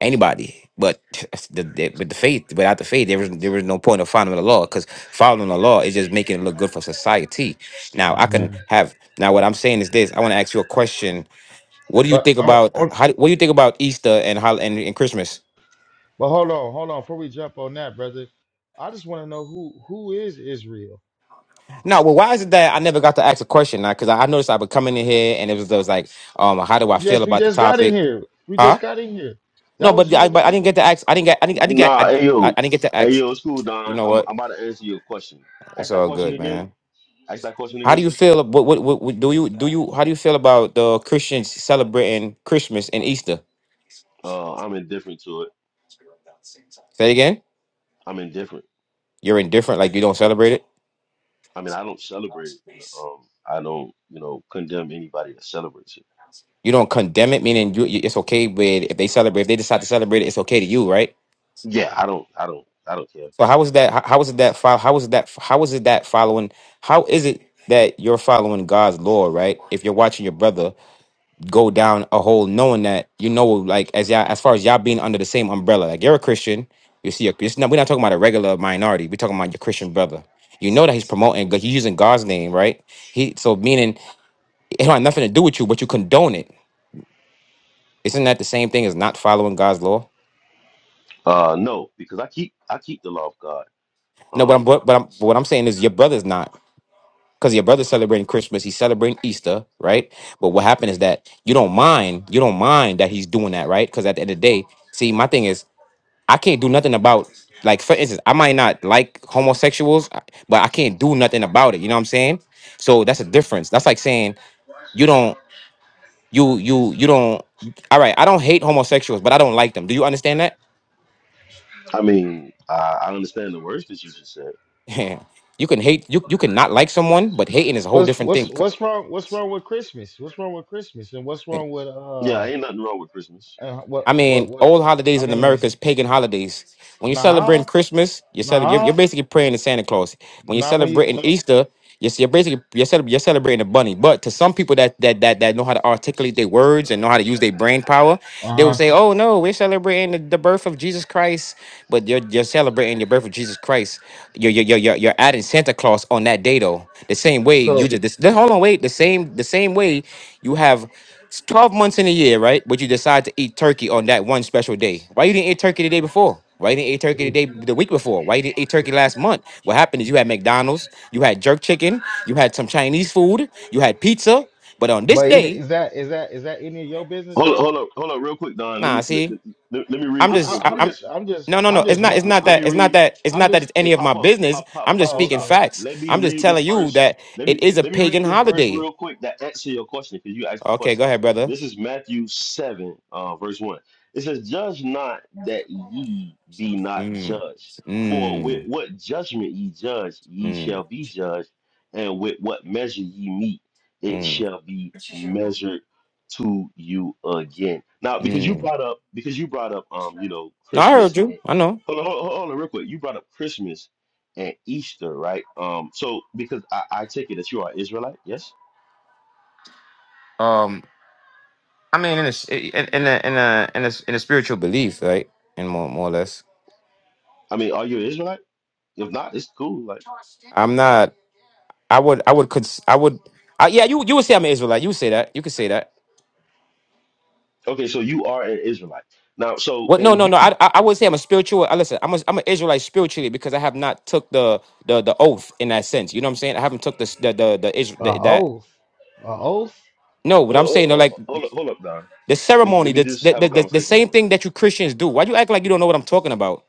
Speaker 6: anybody. But the, the, with the faith, without the faith, there is there is no point of following the law because following the law is just making it look good for society. Now I can
Speaker 2: Amen.
Speaker 6: have now what I'm saying is this: I want to ask you a question. What do you
Speaker 2: But
Speaker 6: think
Speaker 2: oh,
Speaker 6: about
Speaker 2: oh,
Speaker 6: how? What do you think about Easter and hol- and, and Christmas?
Speaker 2: but hold on, hold on. Before we jump on that, brother, I just want to know who who is Israel.
Speaker 6: No, well, why is it that I never got to ask a question now? Because I, I noticed I was coming in here and it was, it was like, um, how do
Speaker 2: We
Speaker 6: I feel
Speaker 2: just we
Speaker 6: about the
Speaker 2: just got in
Speaker 6: topic?
Speaker 2: here. We
Speaker 6: Huh?
Speaker 2: just got in here.
Speaker 6: No,
Speaker 2: That was
Speaker 6: but
Speaker 2: you
Speaker 6: I,
Speaker 2: in the
Speaker 6: but I didn't
Speaker 2: meeting.
Speaker 6: get to ask. I didn't get. I didn't. I didn't get. I,
Speaker 1: Nah, hey yo,
Speaker 6: I didn't get to
Speaker 1: hey
Speaker 6: ask.
Speaker 1: yo, it's cool,
Speaker 6: You
Speaker 1: Don.
Speaker 6: know
Speaker 1: I'm
Speaker 6: what?
Speaker 1: I'm about to answer your question. Ask
Speaker 6: It's
Speaker 1: that
Speaker 6: all
Speaker 1: question
Speaker 6: good,
Speaker 1: again.
Speaker 6: man.
Speaker 1: Ask that question
Speaker 6: How do
Speaker 1: again.
Speaker 6: you feel? What, what, what, what do you do? You how do you feel about the Christians celebrating Christmas and Easter?
Speaker 1: Uh, I'm indifferent to it.
Speaker 6: Say it again.
Speaker 1: I'm indifferent.
Speaker 6: You're indifferent, like you don't celebrate it.
Speaker 1: I mean, I don't celebrate it. But, um, I don't, you know, condemn anybody that celebrates it.
Speaker 6: You don't condemn it, meaning you, you, it's okay. But if they celebrate, if they decide to celebrate it, it's okay to you, right?
Speaker 1: Yeah, Yeah. I don't, I don't, I don't care.
Speaker 6: So how is that? how is it that? fol- How is it that? How is it that following? How is it that you're following God's law, right? If you're watching your brother go down a hole, knowing that you know, like as y'all, as far as y'all being under the same umbrella, like you're a Christian, you see, a, it's not, we're not talking about a regular minority. We're talking about your Christian brother. You know that he's promoting, he's using God's name, right? He so meaning it don't have nothing to do with you, but you condone it. Isn't that the same thing as not following God's law?
Speaker 1: Uh, no, because I keep, I keep the law of God.
Speaker 6: No, but I'm
Speaker 1: Um,
Speaker 6: but, but I'm but what I'm saying is your brother's not. because your brother's celebrating Christmas, he's celebrating Easter, right? But what happened is that you don't mind, you don't mind that he's doing that, right? Because at the end of the day, see, my thing is, I can't do nothing about, like, for instance, I might not like homosexuals, I- but I can't do nothing about it. You know what I'm saying? So that's a difference. That's like saying you don't, you, you, you don't. All right, I don't hate homosexuals, but I don't like them. Do you understand that?
Speaker 1: I mean, I, I understand the words that you just said.
Speaker 6: you can hate, you, you can not like someone, but hating is a whole
Speaker 2: What's
Speaker 6: different
Speaker 2: what's
Speaker 6: thing.
Speaker 2: what's wrong? What's wrong with Christmas? What's wrong with Christmas? And what's wrong with
Speaker 1: Yeah,
Speaker 2: uh
Speaker 1: ain't nothing wrong with Christmas.
Speaker 2: and what
Speaker 6: I
Speaker 2: what
Speaker 6: mean,
Speaker 2: what?
Speaker 6: old
Speaker 2: I
Speaker 6: holidays in
Speaker 2: mean,
Speaker 6: America is pagan holidays. When you're celebrating
Speaker 2: nah,
Speaker 6: Christmas, you're, cele- you're, you're
Speaker 2: nah,
Speaker 6: basically praying to Santa Claus. When you're
Speaker 2: not When you
Speaker 6: celebrating
Speaker 2: no,
Speaker 6: Easter, you're, you're basically you're, cele- you're celebrating a bunny. But to some people that that that that know how to articulate their words and know how to use their brain power, they will
Speaker 2: uh-huh.
Speaker 6: say, "Oh no, we're celebrating the, the birth of Jesus Christ." But you're you're celebrating the birth of Jesus Christ. You're you're you're, you're you're adding Santa Claus on that day though. The same way you just this, hold on wait the same the same way you have. It's 12 months in a year, right? But you decide to eat turkey on that one special day. Why you didn't eat turkey the day before? Why you didn't eat turkey the
Speaker 2: So,
Speaker 6: day the week before? Why you didn't eat turkey last month? What happened is you had McDonald's, you had jerk chicken, you had some Chinese food, you had pizza, but on this
Speaker 2: but any,
Speaker 6: day,
Speaker 2: is that is that is that any of your business
Speaker 1: Hold up,
Speaker 2: though?
Speaker 1: hold up, hold up, real quick, Don. Let
Speaker 6: nah,
Speaker 1: me let,
Speaker 6: see,
Speaker 1: let, let me read
Speaker 6: I'm
Speaker 2: I'm
Speaker 1: this
Speaker 2: I,
Speaker 6: just
Speaker 1: real
Speaker 6: I,
Speaker 2: I'm
Speaker 1: quick.
Speaker 6: I'm
Speaker 2: just I'm just
Speaker 6: no, no, no.
Speaker 2: I'm
Speaker 6: It's
Speaker 2: just
Speaker 6: not.
Speaker 1: Let,
Speaker 2: one.
Speaker 6: It's not
Speaker 1: let
Speaker 2: I,
Speaker 1: me
Speaker 6: that. It's not
Speaker 1: read.
Speaker 6: that. It's
Speaker 2: I'm
Speaker 6: not that
Speaker 2: just.
Speaker 6: it's
Speaker 1: Hey,
Speaker 6: any of my
Speaker 1: pop up,
Speaker 6: business.
Speaker 1: pop, pop,
Speaker 6: I'm just
Speaker 1: pop
Speaker 2: Oh,
Speaker 1: up
Speaker 6: speaking
Speaker 1: shop.
Speaker 2: okay.
Speaker 6: facts.
Speaker 1: Let me
Speaker 6: I'm just
Speaker 1: read this
Speaker 6: telling you
Speaker 1: verse.
Speaker 6: that
Speaker 1: Let
Speaker 6: it
Speaker 1: me
Speaker 6: is a
Speaker 1: let me
Speaker 6: pagan
Speaker 1: read this verse
Speaker 6: holiday.
Speaker 1: real quick that answer your question because you asked the
Speaker 6: Okay, go
Speaker 1: question.
Speaker 6: ahead, brother.
Speaker 1: This is Matthew seven, uh, verse one. It says, "Judge not that ye be not
Speaker 6: Mm,
Speaker 1: judged. For
Speaker 6: mm,
Speaker 1: with what judgment ye judge, ye
Speaker 6: mm,
Speaker 1: shall be judged, and with what measure ye meet, it
Speaker 6: mm,
Speaker 1: shall be measured to you again." Now, because you
Speaker 6: mm.
Speaker 1: brought up, because you brought up, um, you know,
Speaker 6: No, I heard
Speaker 1: Christmas and
Speaker 6: you. I know.
Speaker 1: Hold on, hold on, hold on real quick. You brought up Christmas and Easter, right? Um, so because I, I take it that you are Israelite, yes?
Speaker 6: Um, I mean, in a s- in in a in a in a, s- in a spiritual belief, right? And more more or less,
Speaker 1: I mean, are you an Israelite? If not, it's cool. Like,
Speaker 6: I'm not. I would I would cons- I would. I, yeah, you you would say I'm an Israelite. You would say that. You could say that.
Speaker 1: okay, so you are an Israelite now. So
Speaker 6: What? No,
Speaker 1: and
Speaker 6: no,
Speaker 1: you
Speaker 6: no. I
Speaker 1: keep
Speaker 6: I, I would say I'm a spiritual. I listen. I'm a, I'm an Israelite spiritually because I have not took the the the oath in that sense. You know what I'm saying? I haven't took the s- the the, the, Isra-
Speaker 2: A
Speaker 6: the that.
Speaker 2: oath. A oath.
Speaker 6: No, what
Speaker 1: oh,
Speaker 6: I'm saying,
Speaker 1: oh,
Speaker 6: though,
Speaker 1: oh,
Speaker 6: like
Speaker 1: oh, hold up, hold up, Don.
Speaker 6: the
Speaker 1: Let me
Speaker 6: ceremony,
Speaker 1: let me
Speaker 6: the,
Speaker 1: just
Speaker 6: the
Speaker 1: have
Speaker 6: the
Speaker 1: a
Speaker 6: the the
Speaker 1: conversation with
Speaker 6: same
Speaker 1: him real
Speaker 6: thing
Speaker 1: quick.
Speaker 6: that you Christians do. Why you act like you don't know what I'm talking about?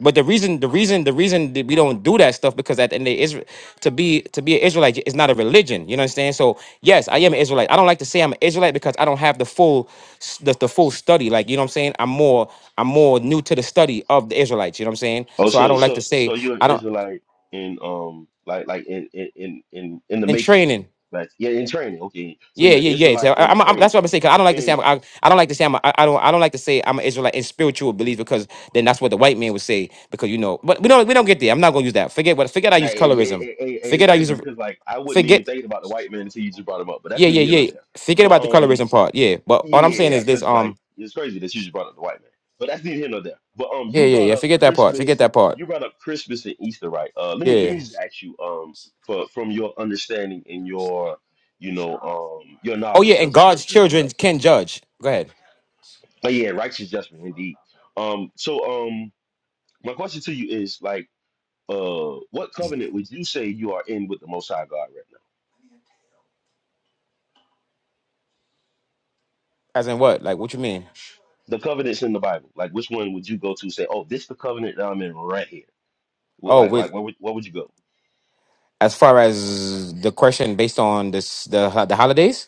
Speaker 6: But the reason, the reason, the reason that we don't do that stuff because at the end of Israel, to be to be an Israelite is not a religion. You know what I'm saying? So yes, I am an Israelite. I don't like to say I'm an Israelite because I don't have the full s- the, the full study. Like you know what I'm saying? I'm more I'm more new to the study of the Israelites. You know what I'm saying?
Speaker 1: Oh,
Speaker 6: So I
Speaker 1: so
Speaker 6: don't like to
Speaker 1: so
Speaker 6: say
Speaker 1: so you're an
Speaker 6: I don't
Speaker 1: Israelite in um like like in in in in, in the
Speaker 6: in
Speaker 1: making,
Speaker 6: training.
Speaker 1: like yeah, in training. Okay, so
Speaker 6: Yeah,
Speaker 1: you're an
Speaker 6: yeah, yeah. So
Speaker 1: Israelite
Speaker 6: I,
Speaker 1: in
Speaker 6: I'm, I'm,
Speaker 1: training,
Speaker 6: that's what I'm saying. Cause I don't like to
Speaker 1: and.
Speaker 6: say I'm, I, I don't like to say I'm, a- I, I don't I don't like to say I'm an Israelite in spiritual belief because then that's what the white man would say because you know. But we don't we don't get there. I'm not gonna use that. Forget what. Forget I use
Speaker 1: Like, it, it,
Speaker 6: colorism.
Speaker 1: it, it- it's
Speaker 6: Forget I use
Speaker 1: crazy
Speaker 6: a-
Speaker 1: because like I wasn't even
Speaker 6: forget.
Speaker 1: thinking about the white man until you just brought him up, but that's
Speaker 6: Yeah, yeah,
Speaker 1: neither here nor
Speaker 6: yeah.
Speaker 1: there.
Speaker 6: Forget
Speaker 1: But
Speaker 6: about the
Speaker 1: um,
Speaker 6: colorism part. Yeah, but
Speaker 1: yeah,
Speaker 6: all I'm
Speaker 1: yeah,
Speaker 6: saying
Speaker 1: yeah,
Speaker 6: is this.
Speaker 1: because
Speaker 6: Um.
Speaker 1: like it's crazy that you just brought up the white man, but that's neither here nor there. But um,
Speaker 6: Yeah,
Speaker 1: you
Speaker 6: yeah,
Speaker 1: brought
Speaker 6: yeah.
Speaker 1: up
Speaker 6: Forget that part. Forget
Speaker 1: Christmas,
Speaker 6: that part.
Speaker 1: you brought up Christmas and Easter, right? Uh, let me let
Speaker 6: Yeah.
Speaker 1: me just ask you um for from your understanding and your you know um your
Speaker 6: Oh yeah,
Speaker 1: knowledge
Speaker 6: and
Speaker 1: of the
Speaker 6: God's
Speaker 1: scriptures or
Speaker 6: children
Speaker 1: whatever.
Speaker 6: can judge. Go ahead.
Speaker 1: But yeah, righteous judgment indeed. Um, so um, my question to you is like uh, what covenant would you say you are in with the Most High God right now?
Speaker 6: As in what? Like what you mean?
Speaker 1: the covenants in the Bible. Like, which one would you go to? Say, oh, this the covenant that I'm in right here. Would-
Speaker 6: Oh,
Speaker 1: Like,
Speaker 6: with
Speaker 1: like, where would what would you go?
Speaker 6: as far as the question based on this the the holidays.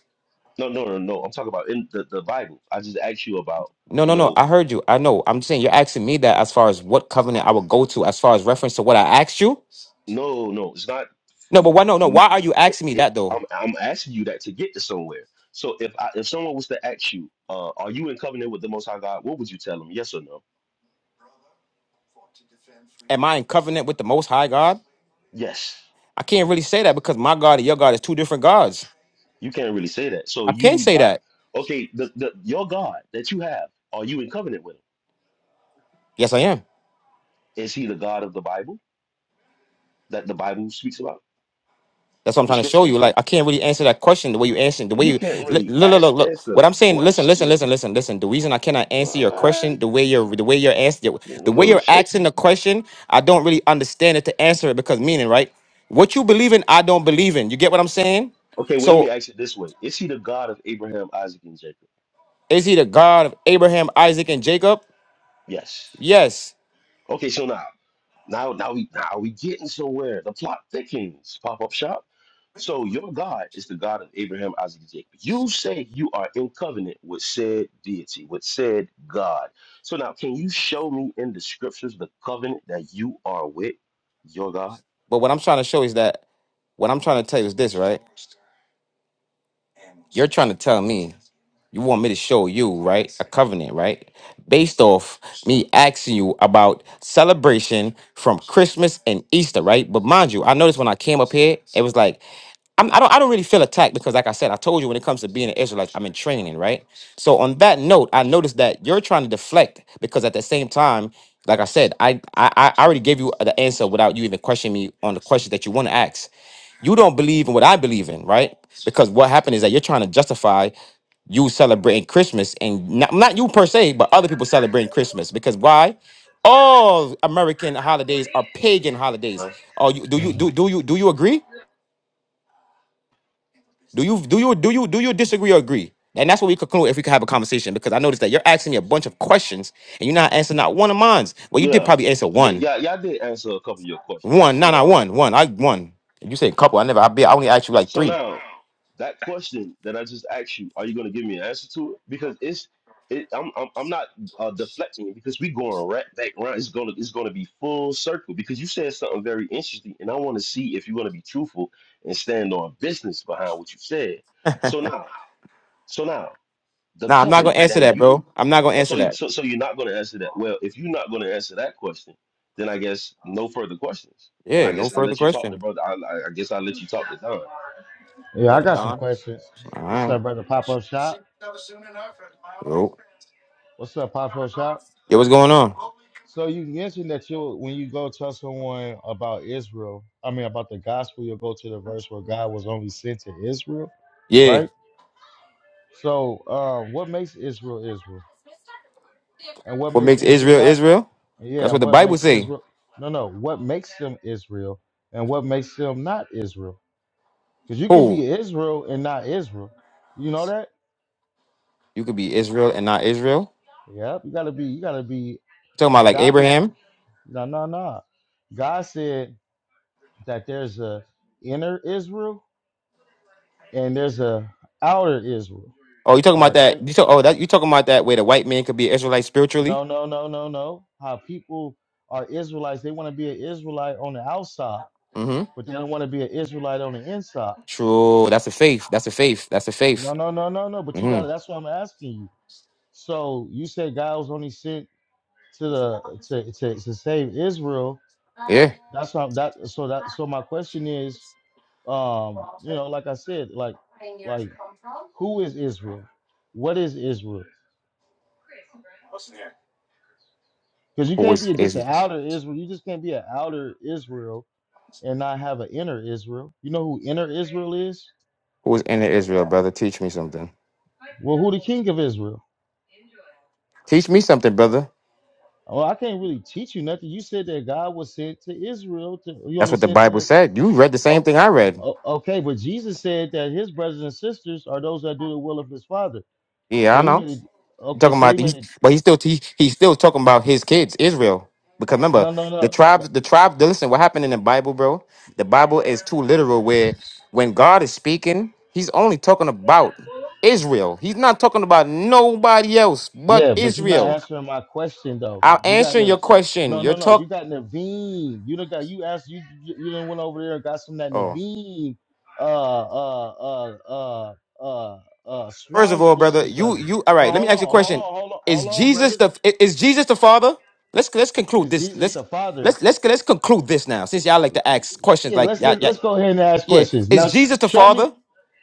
Speaker 1: No, no, no, no. I'm talking about in the, the Bible. I just asked you about,
Speaker 6: No,
Speaker 1: you
Speaker 6: no, no.
Speaker 1: know,
Speaker 6: I heard you. I know. I'm saying you're asking me that as far as what covenant I would go to, as far as reference to what I asked you.
Speaker 1: no, no. It's not.
Speaker 6: No, but why? No, no.
Speaker 1: n-
Speaker 6: Why are you
Speaker 1: It,
Speaker 6: asking me
Speaker 1: it,
Speaker 6: that though?
Speaker 1: I'm I'm asking you that to get to somewhere. So if I, if someone was to ask you, uh, are you in covenant with the Most High God? What would you tell them? Yes or no?
Speaker 6: Am I in covenant with the Most High God?
Speaker 1: Yes.
Speaker 6: I can't really say that because my God and your God is two different gods.
Speaker 1: You can't really say that. So
Speaker 6: I can't
Speaker 1: you
Speaker 6: say
Speaker 1: not
Speaker 6: that.
Speaker 1: okay. The, the your God that you have, are you in covenant with him?
Speaker 6: Yes, I am.
Speaker 1: Is he the God of the Bible? that the Bible speaks about,
Speaker 6: That's what I'm
Speaker 1: the
Speaker 6: trying to show
Speaker 1: scriptures.
Speaker 6: you. Like I can't really answer that question the way you answered. The way
Speaker 1: You
Speaker 6: you
Speaker 1: can't
Speaker 6: look,
Speaker 1: really
Speaker 6: look,
Speaker 1: ask,
Speaker 6: look, look.
Speaker 1: answer
Speaker 6: What
Speaker 1: the
Speaker 6: I'm saying, listen, listen,
Speaker 1: question.
Speaker 6: listen, listen, listen. The reason I cannot answer your
Speaker 1: What?
Speaker 6: question the way you're, the way you're asking, the
Speaker 1: A
Speaker 6: way
Speaker 1: little
Speaker 6: you're asking the
Speaker 1: shaky.
Speaker 6: question, I don't really understand it to answer it because meaning, right? What you believe in, I don't believe in. You get what I'm saying?
Speaker 1: Okay, well, let me
Speaker 6: So
Speaker 1: ask it this way: Is he the God of Abraham, Isaac, and Jacob?
Speaker 6: is he the God of Abraham, Isaac, and Jacob?
Speaker 1: Yes.
Speaker 6: Yes.
Speaker 1: Okay, so now, now, now we, now we getting somewhere. The plot thickens. Pop up shop. So your God is the God of Abraham, Isaac, and Jacob. You say you are in covenant with said deity, with said God. So now, can you show me in the scriptures the covenant that you are with your God?
Speaker 6: But what I'm trying to show is that what I'm trying to tell you is this, right? You're trying to tell me you want me to show you, right? A covenant, right? Based off me asking you about celebration from Christmas and Easter, right? But mind you, I noticed when I came up here, it was like I'm, I don't. I don't really feel attacked because, like I said, I told you when it comes to being an Israelite, I'm in training, right? So on that note, I noticed that you're trying to deflect because at the same time, like I said, I I, I I already gave you the answer without you even questioning me on the question that you want to ask. You don't believe in what I believe in, right? Because what happened is that you're trying to justify you celebrating Christmas and not, not you per se, but other people celebrating Christmas. Because why? All American holidays are pagan holidays.
Speaker 1: Right.
Speaker 6: Oh, you, do you
Speaker 2: Mhm.
Speaker 6: do do you do you agree? Do you do you do you do you disagree or agree? And that's what we conclude if we could have a conversation because I noticed that you're asking me a bunch of questions and you're not answering not one of mine. Well, you did
Speaker 1: Yeah.
Speaker 6: probably answer
Speaker 1: Yeah,
Speaker 6: one,
Speaker 1: yeah, yeah, I did answer a couple of your questions.
Speaker 6: one, no,
Speaker 1: So
Speaker 6: no, one,
Speaker 1: um
Speaker 6: one. I one. You said a couple. I never. I be. I only asked you like
Speaker 1: so
Speaker 6: three.
Speaker 1: now that question that I just asked you, are you gonna give me an answer to it? Because it's it I'm I'm, I'm not uh, deflecting it because we going right back around. It's gonna it's gonna be full circle because you said something very interesting and I wanna see if you're gonna be truthful and stand on business behind what you said. So now, so now the
Speaker 6: Nah, I'm not gonna
Speaker 1: covenant
Speaker 6: answer
Speaker 1: that
Speaker 6: that, bro.
Speaker 1: you
Speaker 6: I'm not gonna
Speaker 1: oh,
Speaker 6: answer
Speaker 1: so
Speaker 6: that.
Speaker 1: so so you're not going to answer that well if you're not going to answer that question then i guess no further questions and
Speaker 6: Yeah,
Speaker 1: i
Speaker 6: no
Speaker 1: guess i'll
Speaker 6: further
Speaker 1: let you talk to
Speaker 6: question.
Speaker 1: brother i, I I guess i'll let you talk to don
Speaker 2: Yeah,
Speaker 6: Oh,
Speaker 2: I
Speaker 6: the
Speaker 2: got some
Speaker 6: Don.
Speaker 2: questions.
Speaker 6: All
Speaker 2: What's
Speaker 6: right.
Speaker 2: up, brother? Pop up shop.
Speaker 6: Yo.
Speaker 2: What's up, Pop up shop?
Speaker 6: Yo, what's going on?
Speaker 2: So you mentioned that you when you go tell someone about Israel, I mean about the gospel, you'll go to the verse where God was only sent to Israel,
Speaker 6: Yeah.
Speaker 2: right? So um, what makes Israel Israel, and what
Speaker 6: What
Speaker 2: makes
Speaker 6: makes
Speaker 2: Israel
Speaker 6: Israel
Speaker 2: not?
Speaker 6: Israel? That's
Speaker 2: Yeah,
Speaker 6: what
Speaker 2: and
Speaker 6: the
Speaker 2: what
Speaker 6: Bible
Speaker 2: makes
Speaker 6: say.
Speaker 2: Israel? No, no. What makes them Israel, and what makes them not Israel? Because you can
Speaker 6: Who?
Speaker 2: be Israel and not Israel. You know that?
Speaker 6: You could be Israel and not Israel.
Speaker 2: Yep. You gotta be. You gotta be.
Speaker 6: talking about like
Speaker 2: God just
Speaker 6: Abraham?
Speaker 2: no, no, no. God said that there's a inner Israel and there's a outer Israel
Speaker 6: Oh, you talking about
Speaker 2: or
Speaker 6: that?
Speaker 2: in
Speaker 6: You talk. Oh, that you talking about that where the white man could be Israelite spiritually?
Speaker 2: no no no no no how people are Israelites they want to be an Israelite on the outside
Speaker 6: Mm-hmm.
Speaker 2: but they don't want to be an Israelite on the inside
Speaker 6: True. That's a faith. That's a faith. That's a faith.
Speaker 2: no no no no no but you got to
Speaker 6: Mm-hmm.
Speaker 2: that's what I'm asking you so you said God was only sent to the to to, to save Israel
Speaker 6: Yeah.
Speaker 2: that's not that so that so my question is um you know like I said like like who is Israel what is Israel Because you
Speaker 6: Who
Speaker 2: can't
Speaker 6: is
Speaker 2: be just
Speaker 6: Israel?
Speaker 2: an outer Israel. You just can't be an outer Israel and not have an inner Israel. You know who inner Israel is?
Speaker 6: Who is in Israel, brother? Teach me something.
Speaker 2: Well, who the king of Israel?
Speaker 6: Teach me something, brother.
Speaker 2: Oh, I can't really teach you nothing. You said that God was sent to Israel. To, you
Speaker 6: That's
Speaker 2: only
Speaker 6: what the
Speaker 2: sent to
Speaker 6: Bible
Speaker 2: the.
Speaker 6: said. You read the same
Speaker 2: Oh,
Speaker 6: thing I read.
Speaker 2: oh, okay, but Jesus said that his brothers and sisters are those that do the will of his father.
Speaker 6: Yeah,
Speaker 2: So
Speaker 6: I
Speaker 2: he
Speaker 6: know.
Speaker 2: made it. Okay,
Speaker 6: talking
Speaker 2: so he
Speaker 6: about
Speaker 2: made
Speaker 6: he's
Speaker 2: it.
Speaker 6: but he's still he, he's still talking about his kids israel because remember
Speaker 2: No, no,
Speaker 6: the
Speaker 2: no. no,
Speaker 6: tribes the tribe listen what happened in the bible bro the bible is too literal where when god is speaking he's only talking about israel he's not talking about nobody else but
Speaker 2: Yeah, but you're not
Speaker 6: israel
Speaker 2: answering my question though.
Speaker 6: i'm
Speaker 2: You got
Speaker 6: answering your
Speaker 2: Nav-
Speaker 6: question
Speaker 2: no,
Speaker 6: you're
Speaker 2: no, no.
Speaker 6: talk
Speaker 2: You got Naveen. You done got you asked you you you done went over there and got some of that
Speaker 6: oh
Speaker 2: Naveen uh uh uh uh uh uh
Speaker 6: first of
Speaker 2: swine's
Speaker 6: all
Speaker 2: flesh
Speaker 6: brother
Speaker 2: and
Speaker 6: you
Speaker 2: surgery.
Speaker 6: you all
Speaker 2: No,
Speaker 6: right let me
Speaker 2: hold on,
Speaker 6: ask you a
Speaker 2: hold on,
Speaker 6: question
Speaker 2: hold on,
Speaker 6: is
Speaker 2: hold on,
Speaker 6: jesus
Speaker 2: brother.
Speaker 6: the i- is jesus the father let's let's conclude
Speaker 2: Is
Speaker 6: this
Speaker 2: Jesus
Speaker 6: let's
Speaker 2: the Father?
Speaker 6: Let's let's let's conclude this now, since y'all like to ask questions
Speaker 2: Yeah,
Speaker 6: like
Speaker 2: let's
Speaker 6: y'all,
Speaker 2: let's go ahead and ask
Speaker 6: Yeah.
Speaker 2: questions
Speaker 6: Is
Speaker 2: now.
Speaker 6: Jesus the
Speaker 2: Show me
Speaker 6: Father?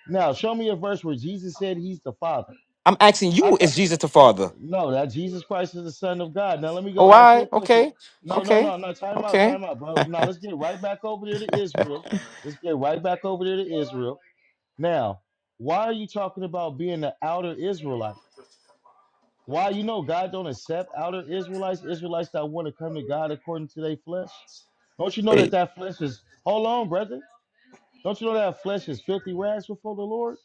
Speaker 2: now. Show me a verse where Jesus said He's the Father.
Speaker 6: I'm asking
Speaker 2: I
Speaker 6: you,
Speaker 2: thought
Speaker 6: is Jesus the Father?
Speaker 2: no, that Jesus Christ is the Son of God. Now let me
Speaker 6: Oh,
Speaker 2: go ask you
Speaker 6: I
Speaker 2: a question.
Speaker 6: okay.
Speaker 2: No, no,
Speaker 6: Okay.
Speaker 2: no, no. Time out,
Speaker 6: Okay.
Speaker 2: time out, bro. Now let's get right back over there to Israel. Let's get right back over there to Israel. Now, why are you talking about being the outer Israelite? Why you know God don't accept outer Israelites, Israelites that want to come to God according to their flesh? Don't you know that
Speaker 6: Wait.
Speaker 2: that flesh is hold on, brother? Don't you know that flesh is filthy rags before the Lord?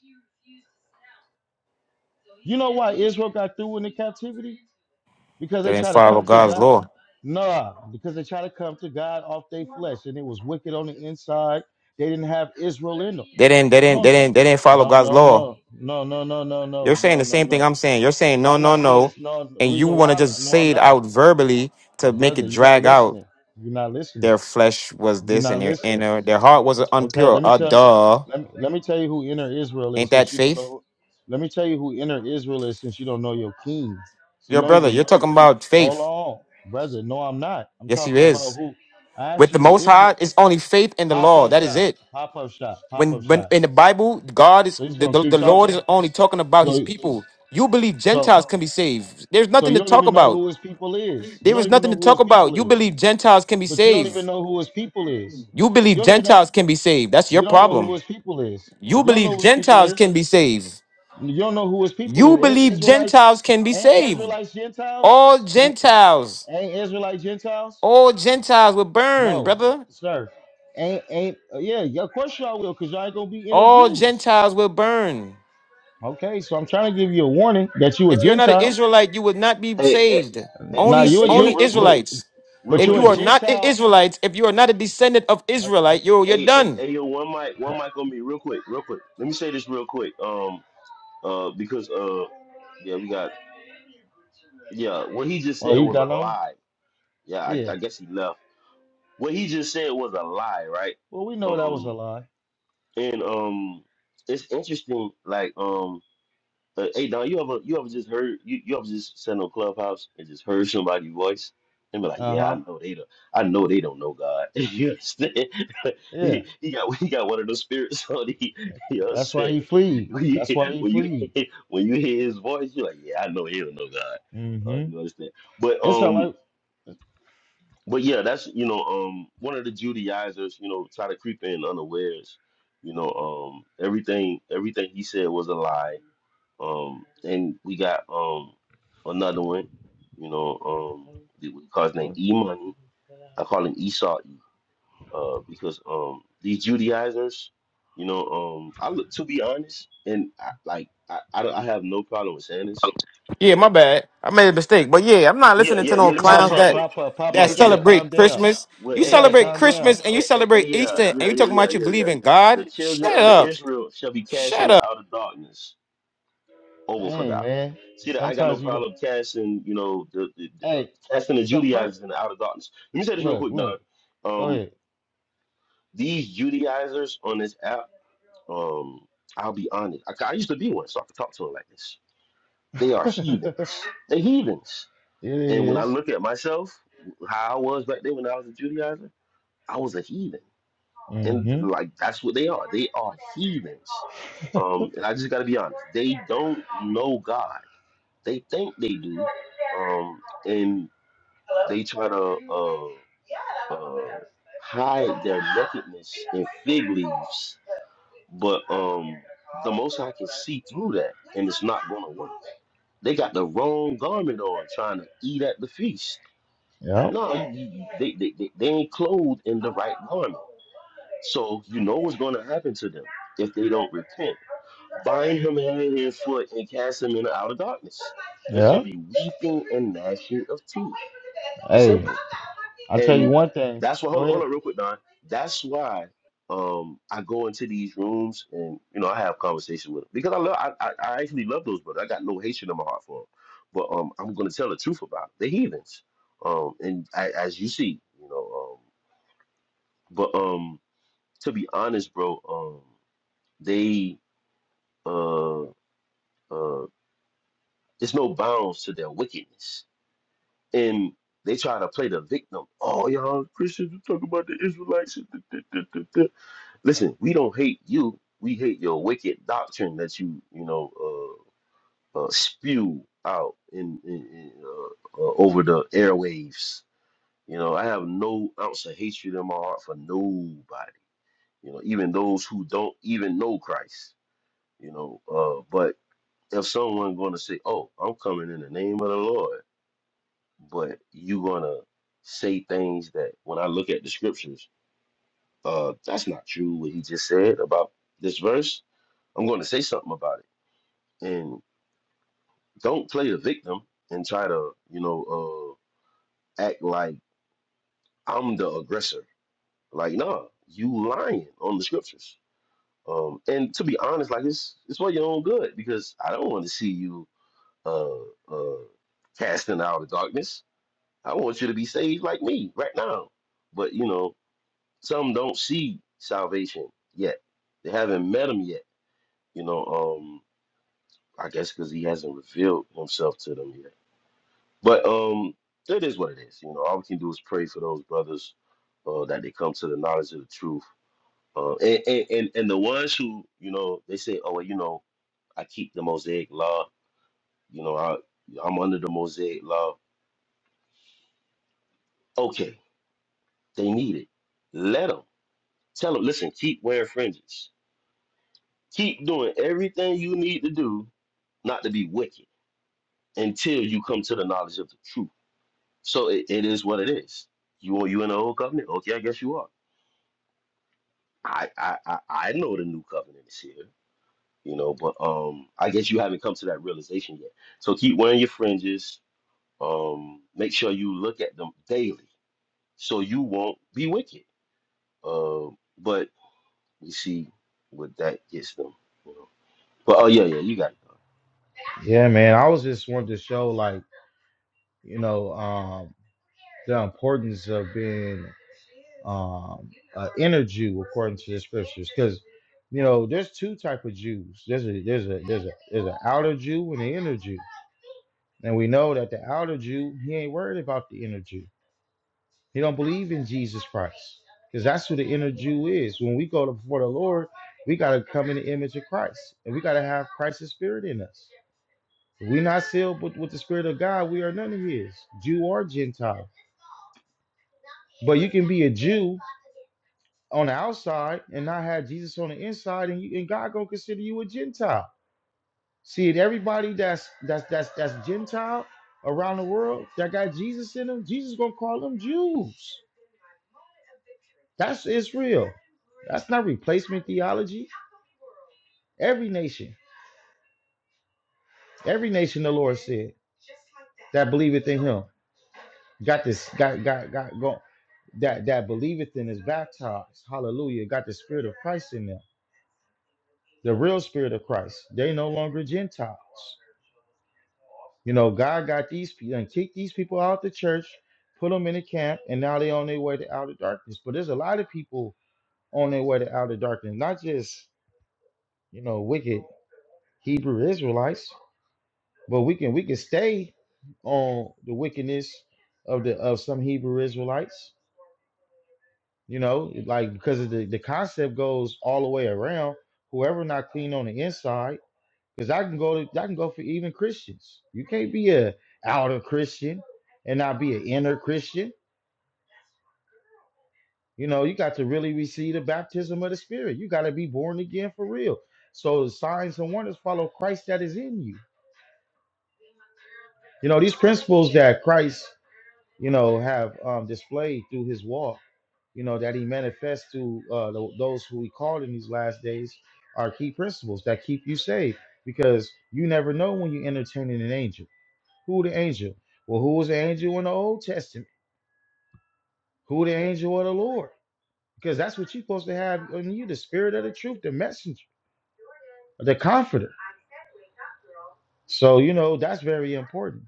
Speaker 2: You know why Israel got through in the captivity? Because
Speaker 6: They
Speaker 2: they
Speaker 6: didn't
Speaker 2: try to
Speaker 6: follow
Speaker 2: come to
Speaker 6: God's
Speaker 2: God.
Speaker 6: law.
Speaker 2: Nah, because they try to come to God off their flesh, and it was wicked on the inside. They didn't have Israel in them.
Speaker 6: They didn't they
Speaker 2: You
Speaker 6: didn't they
Speaker 2: don't.
Speaker 6: didn't they didn't follow
Speaker 2: No,
Speaker 6: God's
Speaker 2: no,
Speaker 6: law.
Speaker 2: no, no, no, no, no, no,
Speaker 6: You're saying
Speaker 2: no,
Speaker 6: the
Speaker 2: no,
Speaker 6: same thing
Speaker 2: no.
Speaker 6: I'm saying. You're saying
Speaker 2: No,
Speaker 6: no,
Speaker 2: I'm
Speaker 6: no,
Speaker 2: not saying
Speaker 6: no.
Speaker 2: it's no
Speaker 6: And you
Speaker 2: reason
Speaker 6: want
Speaker 2: why.
Speaker 6: to just
Speaker 2: I'm, no, I'm
Speaker 6: say it
Speaker 2: not,
Speaker 6: out verbally to make
Speaker 2: brother.
Speaker 6: it
Speaker 2: You're not
Speaker 6: drag out.
Speaker 2: listening. You're not listening.
Speaker 6: Their flesh was
Speaker 2: You're
Speaker 6: this and
Speaker 2: not
Speaker 6: their
Speaker 2: listening.
Speaker 6: inner, their heart was
Speaker 2: Okay,
Speaker 6: unpure.
Speaker 2: let me
Speaker 6: Uh
Speaker 2: tell
Speaker 6: duh.
Speaker 2: let me, let me tell you who inner Israel
Speaker 6: Ain't
Speaker 2: is
Speaker 6: that
Speaker 2: since you don't
Speaker 6: faith?
Speaker 2: know. Let me tell you who inner Israel is since you don't know your king. So you
Speaker 6: Your
Speaker 2: don't
Speaker 6: brother,
Speaker 2: even
Speaker 6: you're
Speaker 2: know.
Speaker 6: talking about
Speaker 2: Hold
Speaker 6: faith.
Speaker 2: on, brother. No, I'm not. I'm
Speaker 6: Yes, he
Speaker 2: talking about
Speaker 6: is.
Speaker 2: who. I asked
Speaker 6: With the
Speaker 2: you
Speaker 6: most
Speaker 2: who
Speaker 6: high,
Speaker 2: Israel.
Speaker 6: it's only faith in the
Speaker 2: Pop
Speaker 6: law.
Speaker 2: up
Speaker 6: That is
Speaker 2: shot.
Speaker 6: it.
Speaker 2: Pop up shot. Pop up
Speaker 6: When when
Speaker 2: shot.
Speaker 6: in the Bible, God is
Speaker 2: So he's
Speaker 6: the,
Speaker 2: gonna
Speaker 6: the, the
Speaker 2: keep
Speaker 6: Lord
Speaker 2: talking.
Speaker 6: is only talking about his
Speaker 2: So
Speaker 6: people. You believe
Speaker 2: so
Speaker 6: Gentiles can be saved. There's
Speaker 2: so
Speaker 6: nothing to
Speaker 2: you don't
Speaker 6: talk
Speaker 2: even know
Speaker 6: about.
Speaker 2: who his people is. You
Speaker 6: There is
Speaker 2: don't even
Speaker 6: nothing
Speaker 2: know
Speaker 6: to
Speaker 2: who
Speaker 6: talk
Speaker 2: his
Speaker 6: about.
Speaker 2: people
Speaker 6: You
Speaker 2: is.
Speaker 6: believe Gentiles can be
Speaker 2: But you don't
Speaker 6: saved.
Speaker 2: even know who his people is.
Speaker 6: You believe
Speaker 2: You don't even know.
Speaker 6: Gentiles can be saved. That's your
Speaker 2: You don't know who
Speaker 6: problem.
Speaker 2: his people is.
Speaker 6: You
Speaker 2: You don't know
Speaker 6: believe
Speaker 2: who his people
Speaker 6: Gentiles
Speaker 2: is.
Speaker 6: can be saved.
Speaker 2: You don't know who his people
Speaker 6: You
Speaker 2: is. Ain't
Speaker 6: believe
Speaker 2: Israelites?
Speaker 6: Gentiles can be
Speaker 2: Ain't
Speaker 6: saved.
Speaker 2: Israelites Gentiles?
Speaker 6: All
Speaker 2: Ain't,
Speaker 6: Gentiles,
Speaker 2: ain't Israelite Gentiles?
Speaker 6: all Gentiles will burn,
Speaker 2: No,
Speaker 6: brother.
Speaker 2: sir. Ain't ain't uh, yeah. yeah, Of course y'all will, cause y'all ain't gonna be inner
Speaker 6: All
Speaker 2: Jews.
Speaker 6: Gentiles will burn.
Speaker 2: Okay, so I'm trying to give you a warning that you a
Speaker 6: If you're not an
Speaker 2: Gentile.
Speaker 6: Israelite, you would not be
Speaker 1: hey, hey
Speaker 6: saved.
Speaker 1: hey
Speaker 2: Now
Speaker 6: Only
Speaker 1: hey
Speaker 2: you're a
Speaker 1: hey, yo
Speaker 6: only
Speaker 2: Gent,
Speaker 1: real
Speaker 2: but,
Speaker 1: quick
Speaker 6: Israelites.
Speaker 1: real
Speaker 2: but
Speaker 6: If
Speaker 1: quick
Speaker 2: you're a
Speaker 6: you
Speaker 1: let
Speaker 6: are
Speaker 1: me
Speaker 6: not an
Speaker 2: Gentile.
Speaker 6: Israelite, if you are not a descendant of
Speaker 2: Uh,
Speaker 6: Israelite, you're you're
Speaker 1: hey, hey
Speaker 6: done.
Speaker 1: hey, yo one mic one mic on me real quick real quick let me say this real quick um uh because uh yeah we got yeah what he just
Speaker 2: oh,
Speaker 1: said
Speaker 2: he
Speaker 1: was
Speaker 2: got
Speaker 1: a
Speaker 2: on.
Speaker 1: lie yeah i,
Speaker 2: Yeah.
Speaker 1: I guess he left what he just said was a lie right
Speaker 2: Well, we know that was
Speaker 1: Um.
Speaker 2: a lie.
Speaker 1: And um, it's interesting. Like um, uh, hey Don, you ever you ever just heard you, you ever just sat on a clubhouse and just heard somebody's voice and be like,
Speaker 2: Uh
Speaker 1: yeah, I
Speaker 2: huh.
Speaker 1: know they don't, I know they don't know God. you understand?
Speaker 2: Yeah.
Speaker 1: he, he got he got one of those spirits on. He, you
Speaker 2: That's why he
Speaker 1: understand?
Speaker 2: fleed.
Speaker 1: When you
Speaker 2: That's why he
Speaker 1: when you
Speaker 2: fleed.
Speaker 1: hear, when you hear his voice, you're like, yeah, I know he don't know God. Uh, you understand? But
Speaker 2: It's all
Speaker 1: um.
Speaker 2: right.
Speaker 1: But yeah, that's you know, um, one of the Judaizers, you know, try to creep in unawares. You know, um, everything everything he said was a lie. Um, and we got um another one, you know, um, that we call his name
Speaker 2: Huh?
Speaker 1: E Money. I call him Esau E, uh, because um these Judaizers, you know, um, I look to be honest, and I, like I, I don't I have no problem with saying this.
Speaker 6: Yeah, my bad. I made a mistake. But yeah, I'm not
Speaker 1: Yeah,
Speaker 6: listening
Speaker 1: yeah,
Speaker 6: to
Speaker 1: yeah.
Speaker 6: no
Speaker 1: Let me say this
Speaker 2: Pop
Speaker 6: clowns
Speaker 1: real
Speaker 2: up,
Speaker 6: that
Speaker 1: quick.
Speaker 2: pop up, pop up.
Speaker 6: that
Speaker 1: Yeah,
Speaker 2: You gotta
Speaker 1: yeah.
Speaker 2: calm
Speaker 6: celebrate
Speaker 2: down.
Speaker 6: Christmas. You
Speaker 2: You
Speaker 1: Well,
Speaker 2: gotta
Speaker 6: celebrate
Speaker 2: calm down.
Speaker 6: Christmas and you
Speaker 1: Eh, eh, eh,
Speaker 6: celebrate
Speaker 1: yeah,
Speaker 6: Easter and
Speaker 1: yeah,
Speaker 6: you
Speaker 1: yeah,
Speaker 6: talking
Speaker 1: yeah,
Speaker 6: about you
Speaker 1: yeah,
Speaker 6: believe
Speaker 1: yeah.
Speaker 6: in
Speaker 1: The
Speaker 6: God?
Speaker 1: children
Speaker 6: Shut
Speaker 1: of the
Speaker 6: up.
Speaker 1: Israel shall be
Speaker 6: Shut
Speaker 1: cast
Speaker 6: up.
Speaker 1: into outer darkness. Over for
Speaker 2: Hey
Speaker 1: that.
Speaker 2: man.
Speaker 1: See that I got no
Speaker 2: Sometimes you go
Speaker 1: problem casting, you know, the, the, the uh,
Speaker 2: Hey,
Speaker 1: casting the
Speaker 2: so first
Speaker 1: Judaizers into outer darkness. Let me say this real
Speaker 2: look,
Speaker 1: quick, Don.
Speaker 2: look, go
Speaker 1: Um,
Speaker 2: ahead.
Speaker 1: these Judaizers on this app, um, I'll be honest. I, I used to be one, so I could talk to them like this. They are
Speaker 2: it
Speaker 1: heathens. They heathens. And when I
Speaker 2: is.
Speaker 1: look at myself, how I was back then when I was a Judaizer, I was a heathen. and
Speaker 2: Mm-hmm.
Speaker 1: like that's what they are. They are heathens. Um, and I just got to be honest. They don't know God. They think they do, um, and they try to uh, uh, hide their nakedness in fig leaves. But um, the most I can see through that, and it's not going to work. They got the wrong garment on, trying to eat at the feast.
Speaker 2: Yep.
Speaker 1: No, y- y- they, they, they, they ain't clothed in the right garment. So you know what's going to happen to them if they don't repent. Bind him hand and foot and cast him into outer darkness. There
Speaker 2: Yeah.
Speaker 1: should be weeping and gnashing of teeth. It's
Speaker 2: Hey.
Speaker 1: simple.
Speaker 2: I'll tell you
Speaker 1: And
Speaker 2: one thing.
Speaker 1: that's why,
Speaker 2: Go
Speaker 1: hold on, hold
Speaker 2: ahead.
Speaker 1: on real quick, Don. That's why um, I go into these rooms and, you know, I have conversations with them because I love, I, I, I actually love those brothers. I got no hatred in my heart for them. But um, I'm going to tell the truth about it. the heathens. Um, and I, as you see, you know, um, but um, to be honest, bro, um, they uh uh there's no bounds to their wickedness and they try to play the victim oh y'all christians you talk about the israelites da- da- da- da- da." listen we don't hate you we hate your wicked doctrine that you you know uh, uh spew out in, in, in uh, uh, over the airwaves you know i have no ounce of hatred in my heart for nobody you know even those who don't even know christ you know uh but if someone going to say, "Oh, I'm coming in the name of the Lord," but you gonna say things that when I look at the scriptures, uh, that's not true. What he just said about this verse, I'm going to say something about it. And don't play the victim and try to, you know, uh, act like I'm the aggressor. Like, nah, you lying on the scriptures. Um, and to be honest, like it's it's for your own good because I don't want to see you uh, uh, casting out of darkness. I want you to be saved like me right now. But you know, some don't see salvation yet. They haven't met him yet. You know, um, I guess because he hasn't revealed himself to them yet. But um, it is what it is. You know, all we can do is pray for those brothers uh, that they come to the knowledge of the truth. Uh, and, and and and the ones who you know they say, oh well, you know, I keep the Mosaic law. You know, I I'm under the Mosaic law. Okay, they need it. Let them. Tell them, listen, keep wearing fringes. Keep doing everything you need to do not to be wicked until you come to the knowledge of the truth. So it, it is what it is. You are you in the old covenant? Okay, I guess you are. I, I I I know the new covenant is here, you know, but um I guess you haven't come to that realization yet. So keep wearing your fringes. Um make sure you look at them daily so you won't be wicked. Um but you see what that gets them, you know. But oh yeah, yeah, you got it.
Speaker 2: Yeah, man. I was just wanted to show like. you know, um, the importance of being um, an inner Jew according to the scriptures, because you know, there's two type of Jews. There's a there's a there's a there's an outer Jew and an inner Jew, and we know that the outer Jew he ain't worried about the inner Jew. He don't believe in Jesus Christ because that's who the inner Jew is. When we go to before the Lord, we got to come in the image of Christ and we got to have Christ's spirit in us. If we're not sealed with, with the spirit of God, we are none of his, Jew or Gentile. But you can be a Jew on the outside and not have Jesus on the inside, and, you, and God gonna consider you a Gentile. See it, everybody that's that's that's that's Gentile around the world that got Jesus in them, Jesus gonna call them Jews. That's Israel. That's not replacement theology. Every nation, every nation, the Lord said that believeth in Him got this, got got got go that that believeth in is baptized. Hallelujah! Got the Spirit of Christ in them, the real Spirit of Christ. They no longer Gentiles. You know, God got these people and kicked these people out the church, put them in a camp, and now they on their way to outer darkness. But there's a lot of people on their way to outer darkness, not just you know wicked Hebrew Israelites, but we can we can stay on the wickedness of the of some Hebrew Israelites. You know, like because of the the concept goes all the way around. Whoever not clean on the inside. Because I can go to I can go for even Christians. You can't be a outer Christian and not be an inner Christian. You know, you got to really receive the baptism of the Spirit. You got to be born again for real. So the signs and wonders follow Christ that is in you. You know, these principles that Christ, you know, have um, displayed through his walk, you know, that he manifests to uh, tho- those who he called in these last days are key principles that keep you safe because you never know when you're entertaining an angel. Who the angel? Well, who was the angel in the Old Testament? Who the angel of the Lord? Because that's what you're supposed to have in you, the spirit of the truth, the messenger, the comforter. So, you know, that's very important,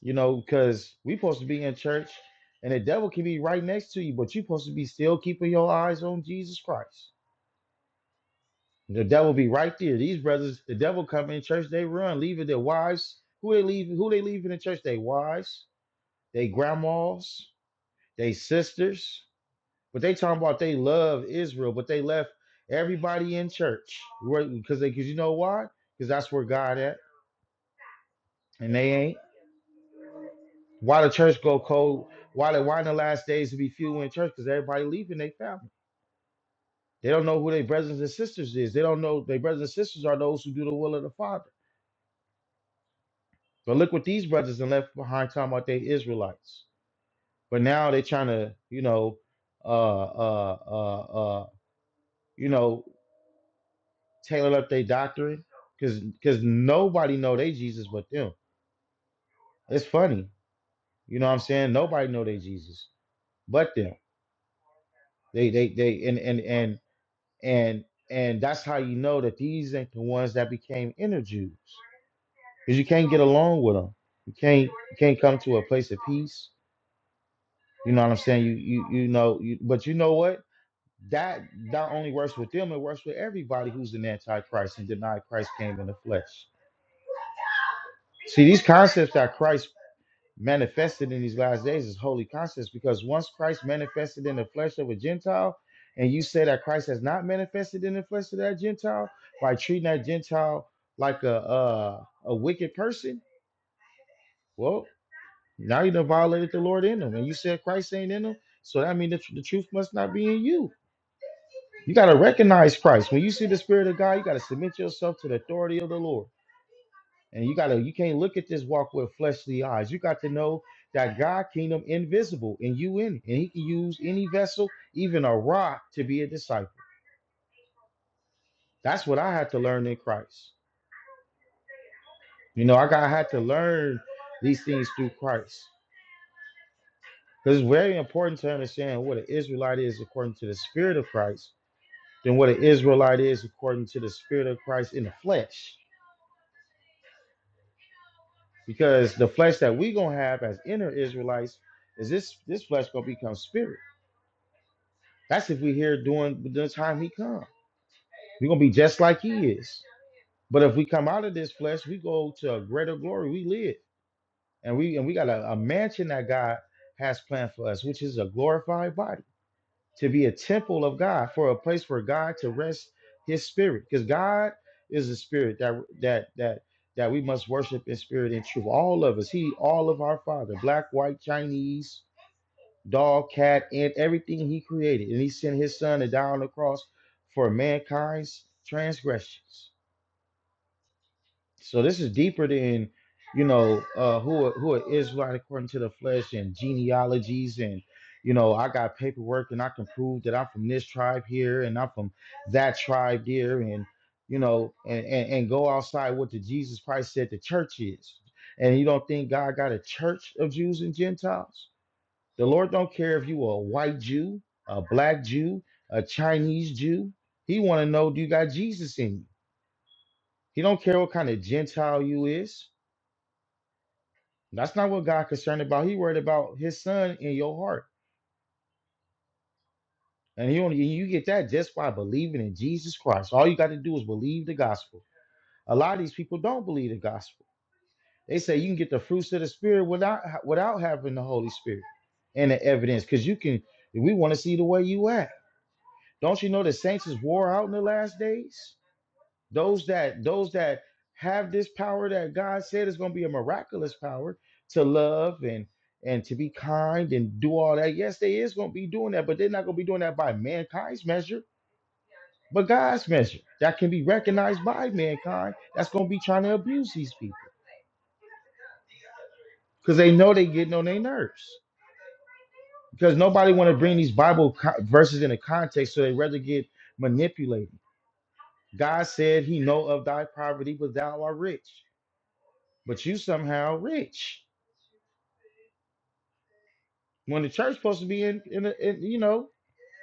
Speaker 2: you know, because we're supposed to be in church and the devil can be right next to you, but you're supposed to be still keeping your eyes on Jesus Christ. The devil be right there. These brothers, the devil come in church, they run, leaving their wives. Who they leave? Who they leaving in the church? They wives, they grandmas, they sisters. But they talking about they love Israel, but they left everybody in church, right? Because they, because you know why? Because that's where God at, and they ain't. Why the church go cold? Why the why in the last days to be few in church? Because everybody leaving their family. They don't know who their brothers and sisters is. They don't know their brothers and sisters are those who do the will of the Father. But look what these brothers and left behind talking about they Israelites. But now they trying to, you know, uh, uh, uh, uh, you know, tailored up their doctrine because because nobody know they jesus but them it's funny you know what i'm saying nobody know they jesus but them they they they and and and and and that's how you know that these ain't the ones that became inner jews because you can't get along with them you can't you can't come to a place of peace you know what i'm saying you you you know you, but you know what that not only works with them it works with everybody who's an antichrist and denied christ came in the flesh See, these concepts that Christ manifested in these last days is holy conscience because once Christ manifested in the flesh of a Gentile, and you say that Christ has not manifested in the flesh of that Gentile by treating that Gentile like a uh, a wicked person, well, now you done violated the Lord in them, and you said Christ ain't in them, so that means the, tr- the truth must not be in you. You gotta recognize Christ when you see the Spirit of God. You gotta submit yourself to the authority of the Lord. And you gotta you can't look at this walk with fleshly eyes. You got to know that God kingdom invisible and you in it. And he can use any vessel, even a rock, to be a disciple. That's what I had to learn in Christ. You know, I got I had to learn these things through Christ. Because it's very important to understand what an Israelite is according to the spirit of Christ, than what an Israelite is according to the spirit of Christ in the flesh. Because the flesh that we gonna have as inner Israelites is this this flesh gonna become spirit. That's if we're here doing the time he come. We're gonna be just like he is. But if we come out of this flesh, we go to a greater glory. We live. And we and we got a, a mansion that God has planned for us, which is a glorified body, to be a temple of God, for a place for God to rest his spirit. Because God is a spirit that that that that we must worship in spirit and truth. All of us, He, all of our Father, black, white, Chinese, dog, cat, and everything he created. And he sent his son to die on the cross for mankind's transgressions. So this is deeper than, you know, uh, who are, who are Israelite according to the flesh and genealogies and, you know, I got paperwork and I can prove that I'm from this tribe here and I'm from that tribe there and, you know, and, and, and go outside what the Jesus Christ said the church is. And you don't think God got a church of Jews and Gentiles? The Lord don't care if you are a white Jew, a black Jew, a Chinese Jew. He want to know do you got Jesus in you. He don't care what kind of Gentile you is. That's not what God concerned about. He worried about His Son in your heart, and He only you get that just by believing in Jesus Christ. All you got to do is believe the gospel. A lot of these people don't believe the gospel. They say you can get the fruits of the Spirit without without having the Holy Spirit and the evidence, because you can. We want to see the way you act. Don't you know the saints is wore out in the last days? Those that those that have this power that God said is going to be a miraculous power to love and and to be kind and do all that. Yes, they is going to be doing that, but they're not going to be doing that by mankind's measure, but God's measure that can be recognized by mankind. That's going to be trying to abuse these people because they know they getting on their nerves because nobody want to bring these Bible co- verses into context, so they rather get manipulated God said he know of thy poverty, but thou art rich. But you somehow rich. When the church supposed to be in, in, a, in you know,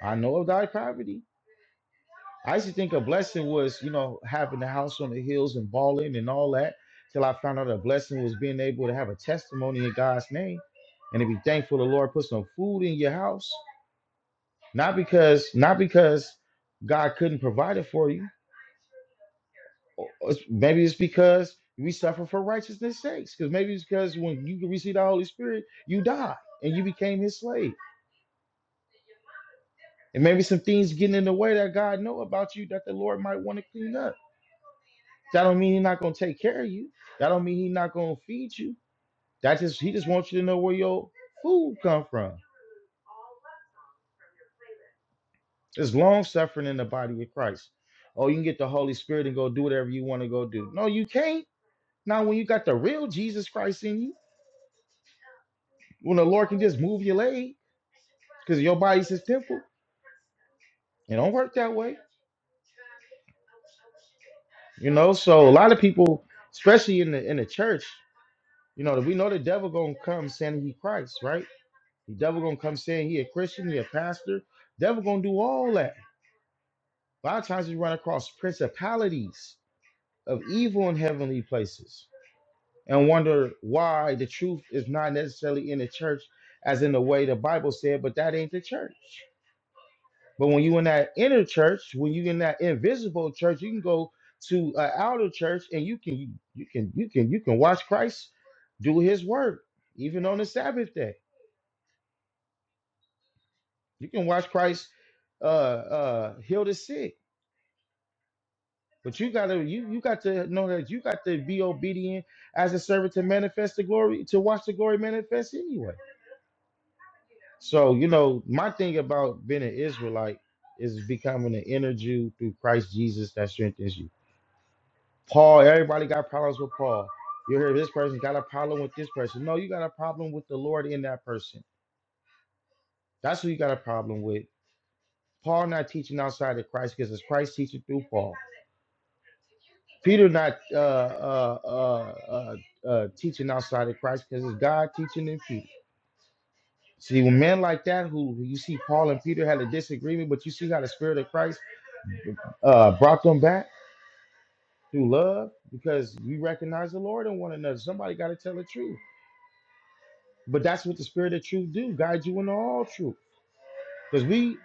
Speaker 2: I know of thy poverty. I used to think a blessing was, you know, having the house on the hills and balling and all that. Till I found out a blessing was being able to have a testimony in God's name and to be thankful the Lord put some food in your house. Not because, not because God couldn't provide it for you, Or- or it's- Maybe it's because we suffer for righteousness' sakes. Because maybe it's because when you receive the Holy Spirit, you die and you became His slave. And maybe some things getting in the way that God know about you that the Lord might want to clean up. That don't mean He's not gonna take care of you. That don't mean He's not gonna feed you. That just He just wants you to know where your food come from. It's long suffering in the body of Christ. Oh, you can get the Holy Spirit and go do whatever you want to go do. No, you can't. Now, when you got the real Jesus Christ in you. when the Lord can just move your leg because your body's His temple. It don't work that way, you know. So a lot of people, especially in the in the church, you know, we know the devil gonna come saying he Christ, right? The devil gonna come saying he a Christian, he a pastor. Devil gonna do all that. A lot of times we run across principalities of evil in heavenly places and wonder why the truth is not necessarily in the church as in the way the Bible said, but that ain't the church. But when you in that inner church, when you in that invisible church, you can go to an outer church and you can you can you can you can watch Christ do his work, even on the Sabbath day. You can watch Christ uh uh heal the sick. But you gotta you you got to know that you got to be obedient as a servant to manifest the glory, to watch the glory manifest anyway. So you know, my thing about being an Israelite is becoming an inner Jew through Christ Jesus that strengthens you. Paul, everybody got problems with Paul. You hear this person got a problem with this person. No, you got a problem with the Lord in that person. That's who you got a problem with. Paul not teaching outside of Christ because it's Christ teaching through Paul. Peter not uh, uh, uh, uh, uh, teaching outside of Christ because it's God teaching in Peter. See, when men like that, who who you see Paul and Peter had a disagreement, but you see how the Spirit of Christ uh, brought them back through love because we recognize the Lord in one another. Somebody got to tell the truth. But that's what the spirit of truth do, guide you into all truth. Because we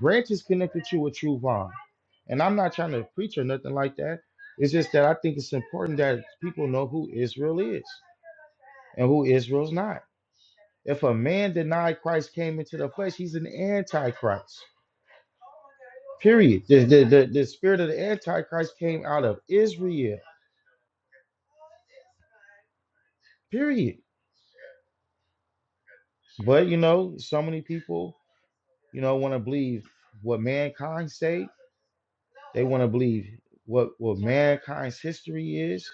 Speaker 2: branches connected to a true vine. And I'm not trying to preach or nothing like that. It's just that I think it's important that people know who Israel is and who Israel's not. If a man denied Christ came into the flesh, he's an antichrist. Period. The, the, the, the spirit of the antichrist came out of Israel. Period. But you know, so many people, you know, want to believe what mankind say They want to believe what, what mankind's history is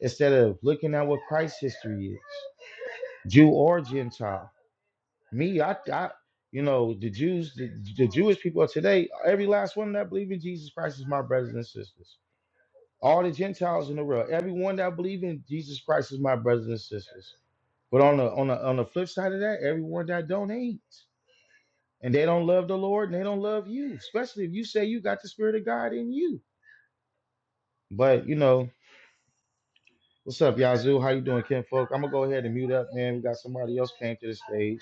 Speaker 2: instead of looking at what Christ's history is, Jew or Gentile. Me, I, I you know, the Jews, the, the Jewish people of today, every last one that believe in Jesus Christ is my brothers and sisters. All the Gentiles in the world, everyone that believe in Jesus Christ is my brothers and sisters. But on the on the on the flip side of that, everyone that don't hate and they don't love the Lord and they don't love you, especially if you say you got the Spirit of God in you. But you know, What's up, Yazoo? How you doing, Ken Folk? I'm gonna go ahead and mute up, man. We got somebody else came to the stage.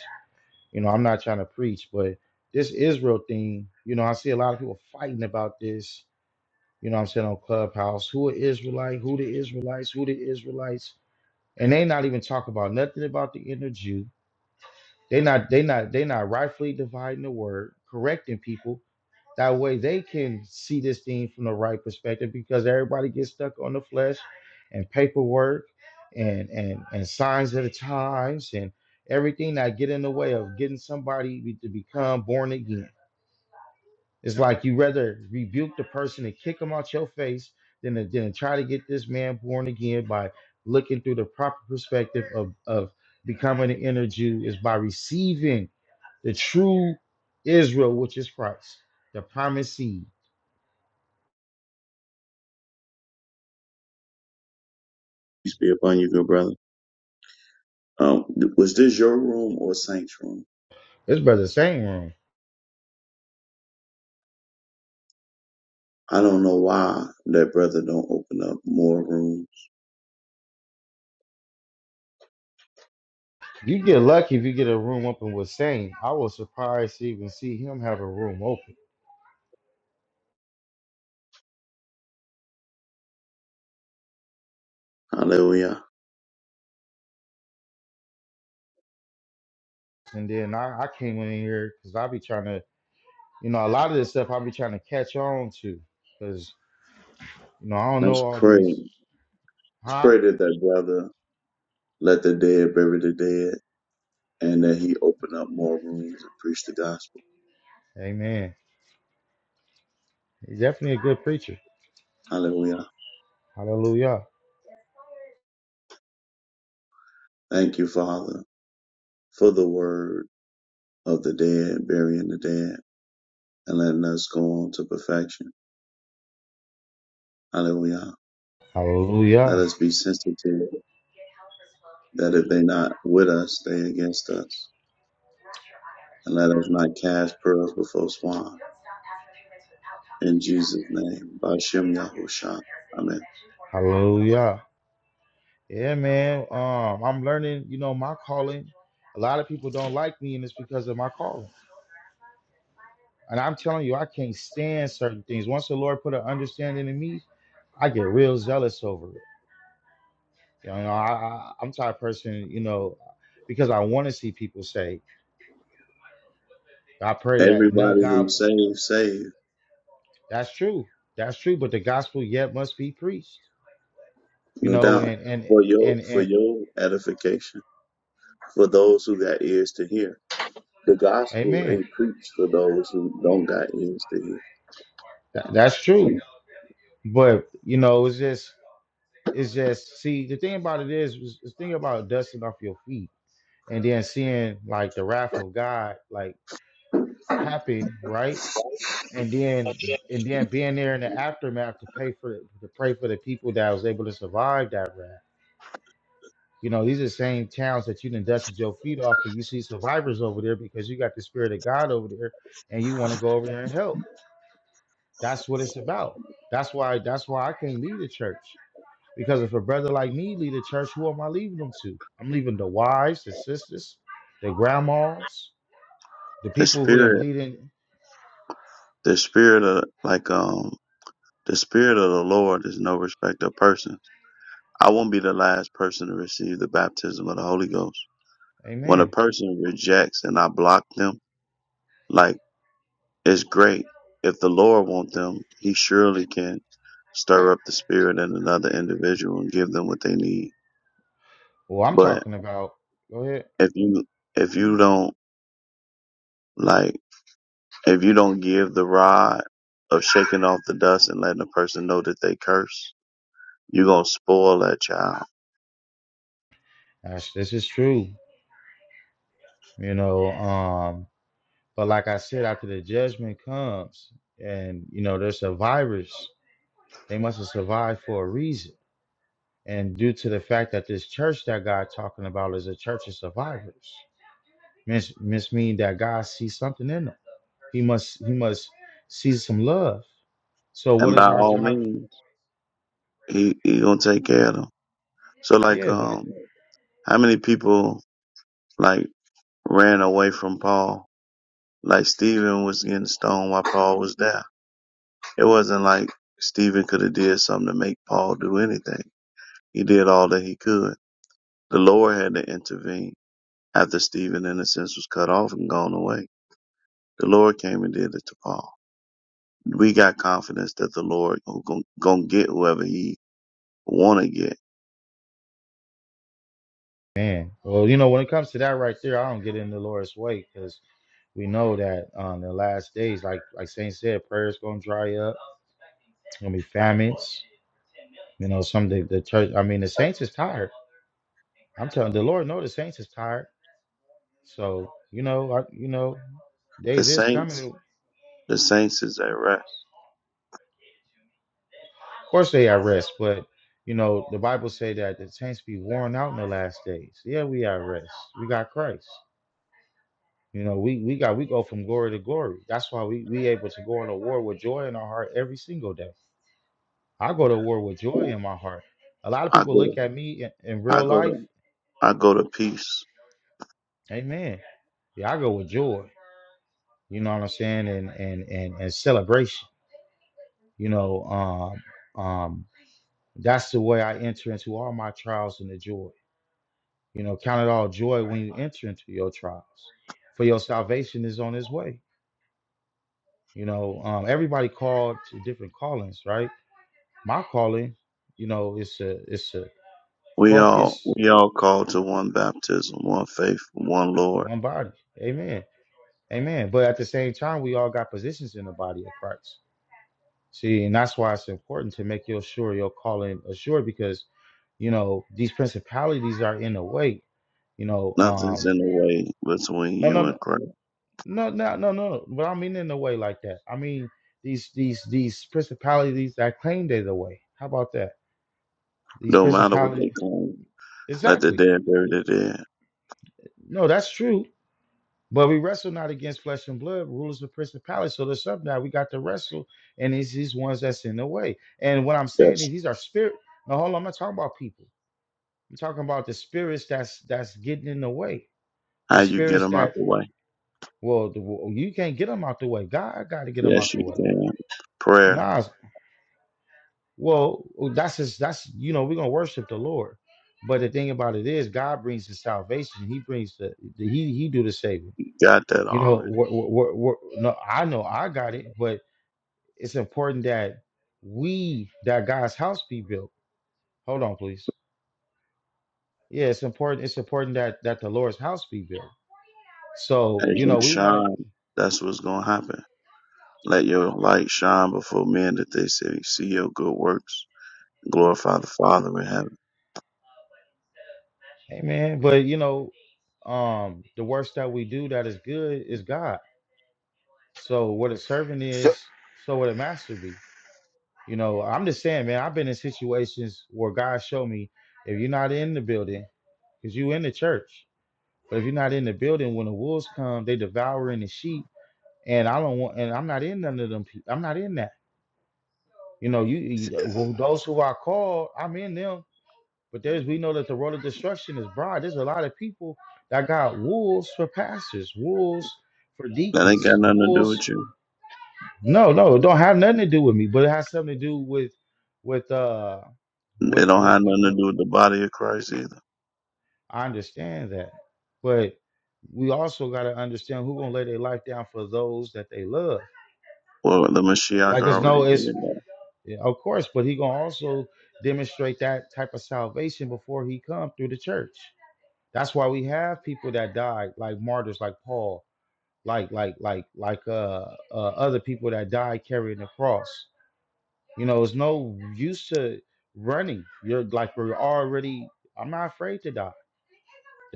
Speaker 2: You know, I'm not trying to preach, but this Israel thing, you know, I see a lot of people fighting about this. You know, what I'm saying on Clubhouse, who are Israelite, who the Israelites, who the Israelites, and they not even talk about nothing about the inner Jew. They not, they not, they not rightfully dividing the word, correcting people. That way they can see this thing from the right perspective because everybody gets stuck on the flesh and paperwork and and and signs of the times and everything that get in the way of getting somebody be- to become born again. It's like you rather rebuke the person and kick them out your face than to, than to try to get this man born again by looking through the proper perspective of of becoming an inner Jew is by receiving the true Israel, which is Christ, the promised seed.
Speaker 7: Peace be upon you, good brother. Um, th- was this your room or Saint's room?
Speaker 2: This brother Saint room.
Speaker 7: I don't know why that brother don't open up more rooms.
Speaker 2: You get lucky if you get a room open with Saint. I was surprised to even see him have a room open.
Speaker 7: Hallelujah.
Speaker 2: And then I, I came in here because I be trying to, you know, a lot of this stuff I be trying to catch on to. Because, you know, I don't know
Speaker 7: Let's
Speaker 2: all
Speaker 7: pray.
Speaker 2: these.
Speaker 7: Let's
Speaker 2: Huh?
Speaker 7: pray that that brother let the dead bury the dead and that he open up more rooms and preach the gospel.
Speaker 2: Amen. He's definitely a good preacher.
Speaker 7: Hallelujah.
Speaker 2: Hallelujah.
Speaker 7: Thank you, Father, for the word of the dead, burying the dead and letting us go on to perfection. Hallelujah. Let
Speaker 2: Hallelujah.
Speaker 7: us be sensitive that if they're not with us, they against us. and let us not cast pearls before swine. In Jesus' name, Bashem Yahushan. Amen.
Speaker 2: Hallelujah. Yeah, man. Um, I'm learning, you know, my calling. A lot of people don't like me, and it's because of my calling. And I'm telling you, I can't stand certain things. Once the Lord put an understanding in me, I get real zealous over it. You know, I, I I'm the type of person, you know, because I want to see people say, I pray that none
Speaker 7: Everybody
Speaker 2: God.
Speaker 7: who's saved, saved,
Speaker 2: That's true. That's true. But the gospel yet must be preached. You
Speaker 7: no
Speaker 2: know,
Speaker 7: doubt,
Speaker 2: and and
Speaker 7: for your
Speaker 2: and
Speaker 7: for
Speaker 2: and
Speaker 7: your edification, for those who got ears to hear. The gospel
Speaker 2: amen.
Speaker 7: ain't preached for those who don't got ears to hear.
Speaker 2: That- that's true. But you know, it's just it's just see the thing about it is is is thing about dusting off your feet and then seeing like the wrath of God like happen, right? and then and then being there in the aftermath to pay for to pray for the people that was able to survive that rat. You know, these are the same towns that you done dusted your feet off, and you see survivors over there because you got the spirit of God over there, and you want to go over there and help. That's what it's about. That's why. That's why I can't leave the church because if a brother like me leave the church, who am I leaving them to? I'm leaving the wives, the sisters, the grandmas, the
Speaker 7: The
Speaker 2: people who didn't
Speaker 7: spirit,
Speaker 2: bleed in.
Speaker 7: the spirit of like um, the spirit of the Lord is no respect of persons. I won't be the last person to receive the baptism of the Holy Ghost. When a
Speaker 2: Amen.
Speaker 7: person rejects and I block them, like. It's great. If the Lord want them, He surely can stir up the spirit in another individual and give them what they need.
Speaker 2: Well, I'm
Speaker 7: But
Speaker 2: talking about. Go ahead.
Speaker 7: if you if you don't like if you don't give the rod of shaking off the dust and letting a person know that they curse, you're gonna spoil that child.
Speaker 2: That's, this is true. you know um but like i said after the judgment comes and you know they're survivors they must have survived for a reason and due to the fact that this church that god talking about is a church of survivors miss miss mean that god sees something in them he must he must see some love so what
Speaker 7: And by
Speaker 2: is our
Speaker 7: all
Speaker 2: job
Speaker 7: means, he he gonna take care of them. So like
Speaker 2: yeah but
Speaker 7: um how many people like ran away from Paul? Like Stephen was getting stoned while Paul was there It wasn't like Stephen could have did something to make Paul do anything. He did all that he could. The Lord had to intervene after Stephen, in a sense, was cut off and gone away. The Lord came and did it to Paul. We got confidence that the Lord gon' gon' get whoever He want to get.
Speaker 2: man well you know when it comes to that right there i don't get in the lord's way because we know that on the last days like like saint said prayers gonna dry up it's gonna be famines You know, some the, the church. I mean, the saints is tired. I'm telling the Lord, know the saints is tired. So you know, I, you know,
Speaker 7: The
Speaker 2: days is coming.
Speaker 7: saints,
Speaker 2: Of
Speaker 7: the saints is at rest.
Speaker 2: course, they are rest, but you know, the Bible say that the saints be worn out in the last days. Yeah, we are rest. We got Christ. You know, we we got we go from glory to glory. That's why we we able to go on a war with joy in our heart every single day. I go to war with joy in my heart. A lot of
Speaker 7: I
Speaker 2: people look
Speaker 7: go,
Speaker 2: at me in, in
Speaker 7: I
Speaker 2: real
Speaker 7: go
Speaker 2: life.
Speaker 7: to, I go to peace.
Speaker 2: Amen. Yeah, I go with joy. You know what I'm saying? And and and and celebration. You know, um, um, that's the way I enter into all my trials in the joy. You know, count it all joy when you enter into your trials. For your salvation is on its way. You know, um, everybody called to different callings, right? My calling, you know, it's a it's a
Speaker 7: We all,
Speaker 2: focus,
Speaker 7: we all called to one baptism, one faith, one Lord.
Speaker 2: one body. Amen. Amen. But at the same time, we all got positions in the body of Christ. See, and that's why it's important to make your sure your calling assured because you know these principalities are in the way. You know,
Speaker 7: Nothing's
Speaker 2: um,
Speaker 7: in the way between
Speaker 2: no,
Speaker 7: you
Speaker 2: no,
Speaker 7: and
Speaker 2: no,
Speaker 7: Christ.
Speaker 2: no, no, no, no. no, But I don't mean in the way like that. I mean these these these principalities that claim they're the way. How about that? These
Speaker 7: No matter what they
Speaker 2: principalities,
Speaker 7: claim, let the
Speaker 2: exactly.
Speaker 7: dead bury the dead.
Speaker 2: No, that's true. But we wrestle not against flesh and blood, rulers of principalities. So there's something that we got to wrestle, and it's these ones that's in the way. And what I'm saying is
Speaker 7: That's
Speaker 2: these are spirit. No, hold on, I'm not talking about people. I'm talking about the spirits that's that's getting in the way.
Speaker 7: how
Speaker 2: The
Speaker 7: you get
Speaker 2: spirits
Speaker 7: them out
Speaker 2: that
Speaker 7: the way.
Speaker 2: well, the, well, you can't get them out the way. God got to get them out
Speaker 7: Yes,
Speaker 2: the
Speaker 7: you
Speaker 2: way.
Speaker 7: can. Prayer,
Speaker 2: Nah, well, oh, that's his. That's you know we're gonna worship the Lord, but the thing about it is God brings the salvation. He brings the, the he he do the saving.
Speaker 7: you got that
Speaker 2: You know,
Speaker 7: already.
Speaker 2: wh- wh- wh- no, I know I got it, but it's important that we that God's house be built. Hold on, please. Yeah, it's important. It's important that that the Lord's house be built. So
Speaker 7: As
Speaker 2: you
Speaker 7: you
Speaker 2: know we want to
Speaker 7: shine, that's what's going to happen. Let your light shine before men that they say, see your good works. Glorify the Father in heaven.
Speaker 2: Hey man, but you know, um, the works that we do that is good is God. So what a servant
Speaker 8: So,
Speaker 2: is, so what a master be. You know, I'm just saying, man, I've been in situations where God showed me if you're not in the building, because you in the church, but if you're not in the building, when the wolves come, they devouring the sheep. And I don't want and I'm not in none of them people. I'm not in that. You know, you, you well, those who I called, I'm in them But there's we know that the road of destruction is broad. There's a lot of people that got wolves for pastors, wolves for
Speaker 7: That
Speaker 2: deacons,
Speaker 7: ain't got nothing to do
Speaker 2: wolves.
Speaker 7: with you.
Speaker 2: No, no, it don't have nothing to do with me, but it has something to do with with uh
Speaker 7: It
Speaker 2: with
Speaker 7: don't
Speaker 2: with
Speaker 7: have
Speaker 2: what
Speaker 7: nothing to
Speaker 2: what
Speaker 7: do with the body of Christ either.
Speaker 2: I understand that. But we also gotta understand who gonna lay their life down for those that they love.
Speaker 7: Well, the Mashiach
Speaker 2: Like it's
Speaker 7: already
Speaker 2: no,
Speaker 7: did
Speaker 2: it's
Speaker 7: it.
Speaker 2: yeah, of course, but he gonna also demonstrate that type of salvation before he come through the church. That's why we have people that died, like martyrs, like Paul, like like like like uh, uh other people that died carrying the cross. You know, it's no use to running. You're like we're already. I'm not afraid to die.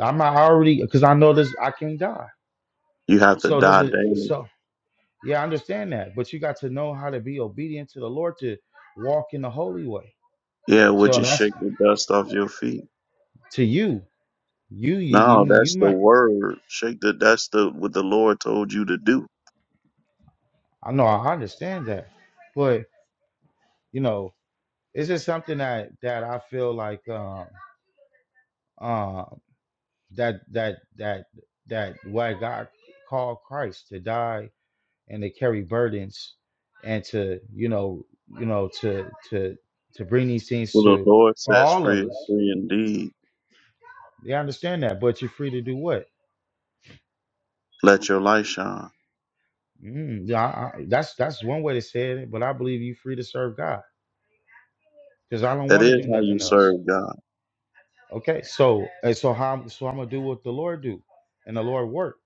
Speaker 2: I'm not already because I know this. I can die.
Speaker 7: You have to
Speaker 2: So there's
Speaker 7: die
Speaker 2: a
Speaker 7: daily.
Speaker 2: so yeah, I understand that. But you got to know how to be obedient to the Lord to walk in the holy way.
Speaker 7: Yeah, would
Speaker 2: So
Speaker 7: you
Speaker 2: and that's
Speaker 7: shake the dust off your feet?
Speaker 2: to you, you you
Speaker 7: No,
Speaker 2: you you
Speaker 7: that's the
Speaker 2: might.
Speaker 7: word. Shake the that's the what the Lord told you to do.
Speaker 2: I know I understand that, but you know it's just something that that I feel like um um that that that that why God called Christ to die and to carry burdens and to you know you know to to to bring these things
Speaker 7: Well the
Speaker 2: to
Speaker 7: Lord
Speaker 2: for
Speaker 7: says
Speaker 2: all
Speaker 7: free
Speaker 2: of
Speaker 7: is
Speaker 2: us.
Speaker 7: free indeed.
Speaker 2: They understand that, but you're free to do what?
Speaker 7: Let your light shine.
Speaker 2: Mm, yeah, I, I, that's that's one way to say it, but I believe you're free to serve God because I don't
Speaker 7: That
Speaker 2: want to
Speaker 7: is
Speaker 2: do
Speaker 7: how you
Speaker 2: nothing else.
Speaker 7: serve God.
Speaker 2: Okay, so and so how so I'm gonna do what the Lord do and the Lord work.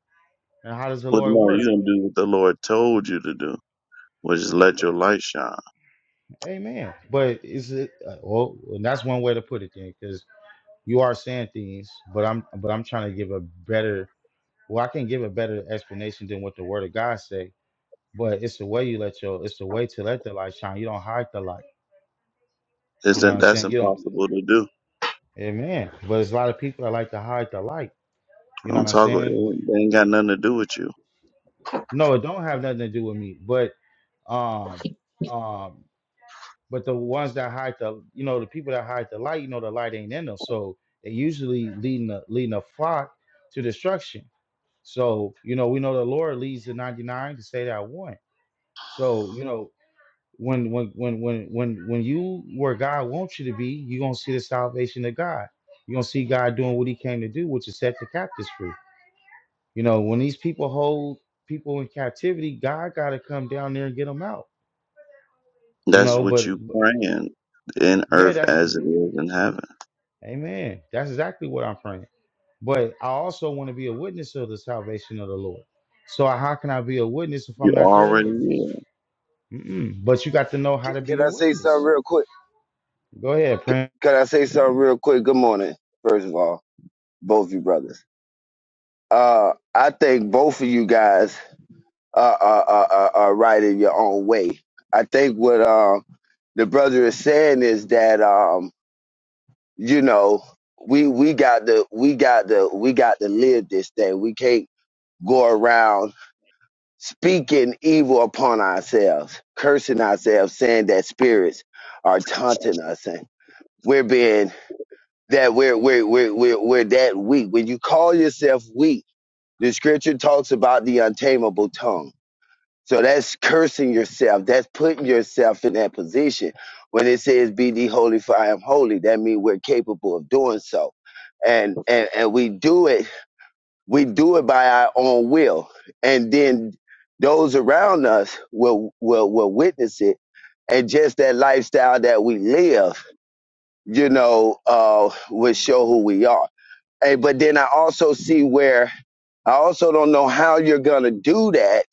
Speaker 2: And how does the
Speaker 7: But
Speaker 2: Lord
Speaker 7: no,
Speaker 2: work?
Speaker 7: you gonna do what the Lord told you to do, which is let your light shine.
Speaker 2: Amen. But is it uh, well? and That's one way to put it, then, because you are saying things, but I'm but I'm trying to give a better. Well, I can give a better explanation than what the Word of God say. But it's the way you let your. It's the way to let the light shine. You don't hide the light. You know what
Speaker 7: Isn't
Speaker 2: I'm
Speaker 7: that's
Speaker 2: saying? You don't.
Speaker 7: impossible to do.
Speaker 2: Amen. But there's a lot of people that like to hide the light. You know
Speaker 7: Don't
Speaker 2: what I'm
Speaker 7: talk about it.
Speaker 2: saying? Wh-
Speaker 7: It ain't got nothing to do with you.
Speaker 2: No, it don't have nothing to do with me. But um, um, But the ones that hide the, you know, the people that hide the light, you know, the light ain't in them. So they usually leading the leading a flock to destruction. So you know, we know the Lord leads the ninety nine to say that one. So you know, when when when when when when you where God wants you to be, you're gonna see the salvation of God. You're gonna see God doing what He came to do, which is set the captives free. You know, when these people hold people in captivity, God got to come down there and get them out. You
Speaker 7: That's
Speaker 2: know,
Speaker 7: what
Speaker 2: but
Speaker 7: you praying in
Speaker 2: yeah,
Speaker 7: earth
Speaker 2: that's
Speaker 7: as it is in heaven.
Speaker 2: Amen. That's exactly what I'm praying. But I also want to be a witness of the salvation of the Lord. So how can I be a witness if I'm
Speaker 7: You
Speaker 2: not there to
Speaker 7: already
Speaker 2: witness?
Speaker 7: is.
Speaker 2: Mm-mm. But you got to know how
Speaker 8: can,
Speaker 2: to be
Speaker 8: can
Speaker 2: a
Speaker 8: I say something
Speaker 2: witness.
Speaker 8: real quick?
Speaker 2: Go ahead,
Speaker 8: Can,
Speaker 2: Prince.
Speaker 8: can I say something real quick? Good morning, first of all, both of you brothers. Uh, I think both of you guys are, are, are, are are right in your own way. I think what um, the brother is saying is that um, you know we we got to we got to we got to live this thing. We can't go around speaking evil upon ourselves, cursing ourselves, saying that spirits are taunting us and we're being that we're we're we're we're, we're that weak. When you call yourself weak, the scripture talks about the untamable tongue. So that's cursing yourself. That's putting yourself in that position. When it says be thee holy for I am holy, that means we're capable of doing so. And and and we do it, we do it by our own will. And then those around us will will will witness it and just that lifestyle that we live, you know, uh, will show who we are. Hey, but then I also see where I also don't know how you're gonna do that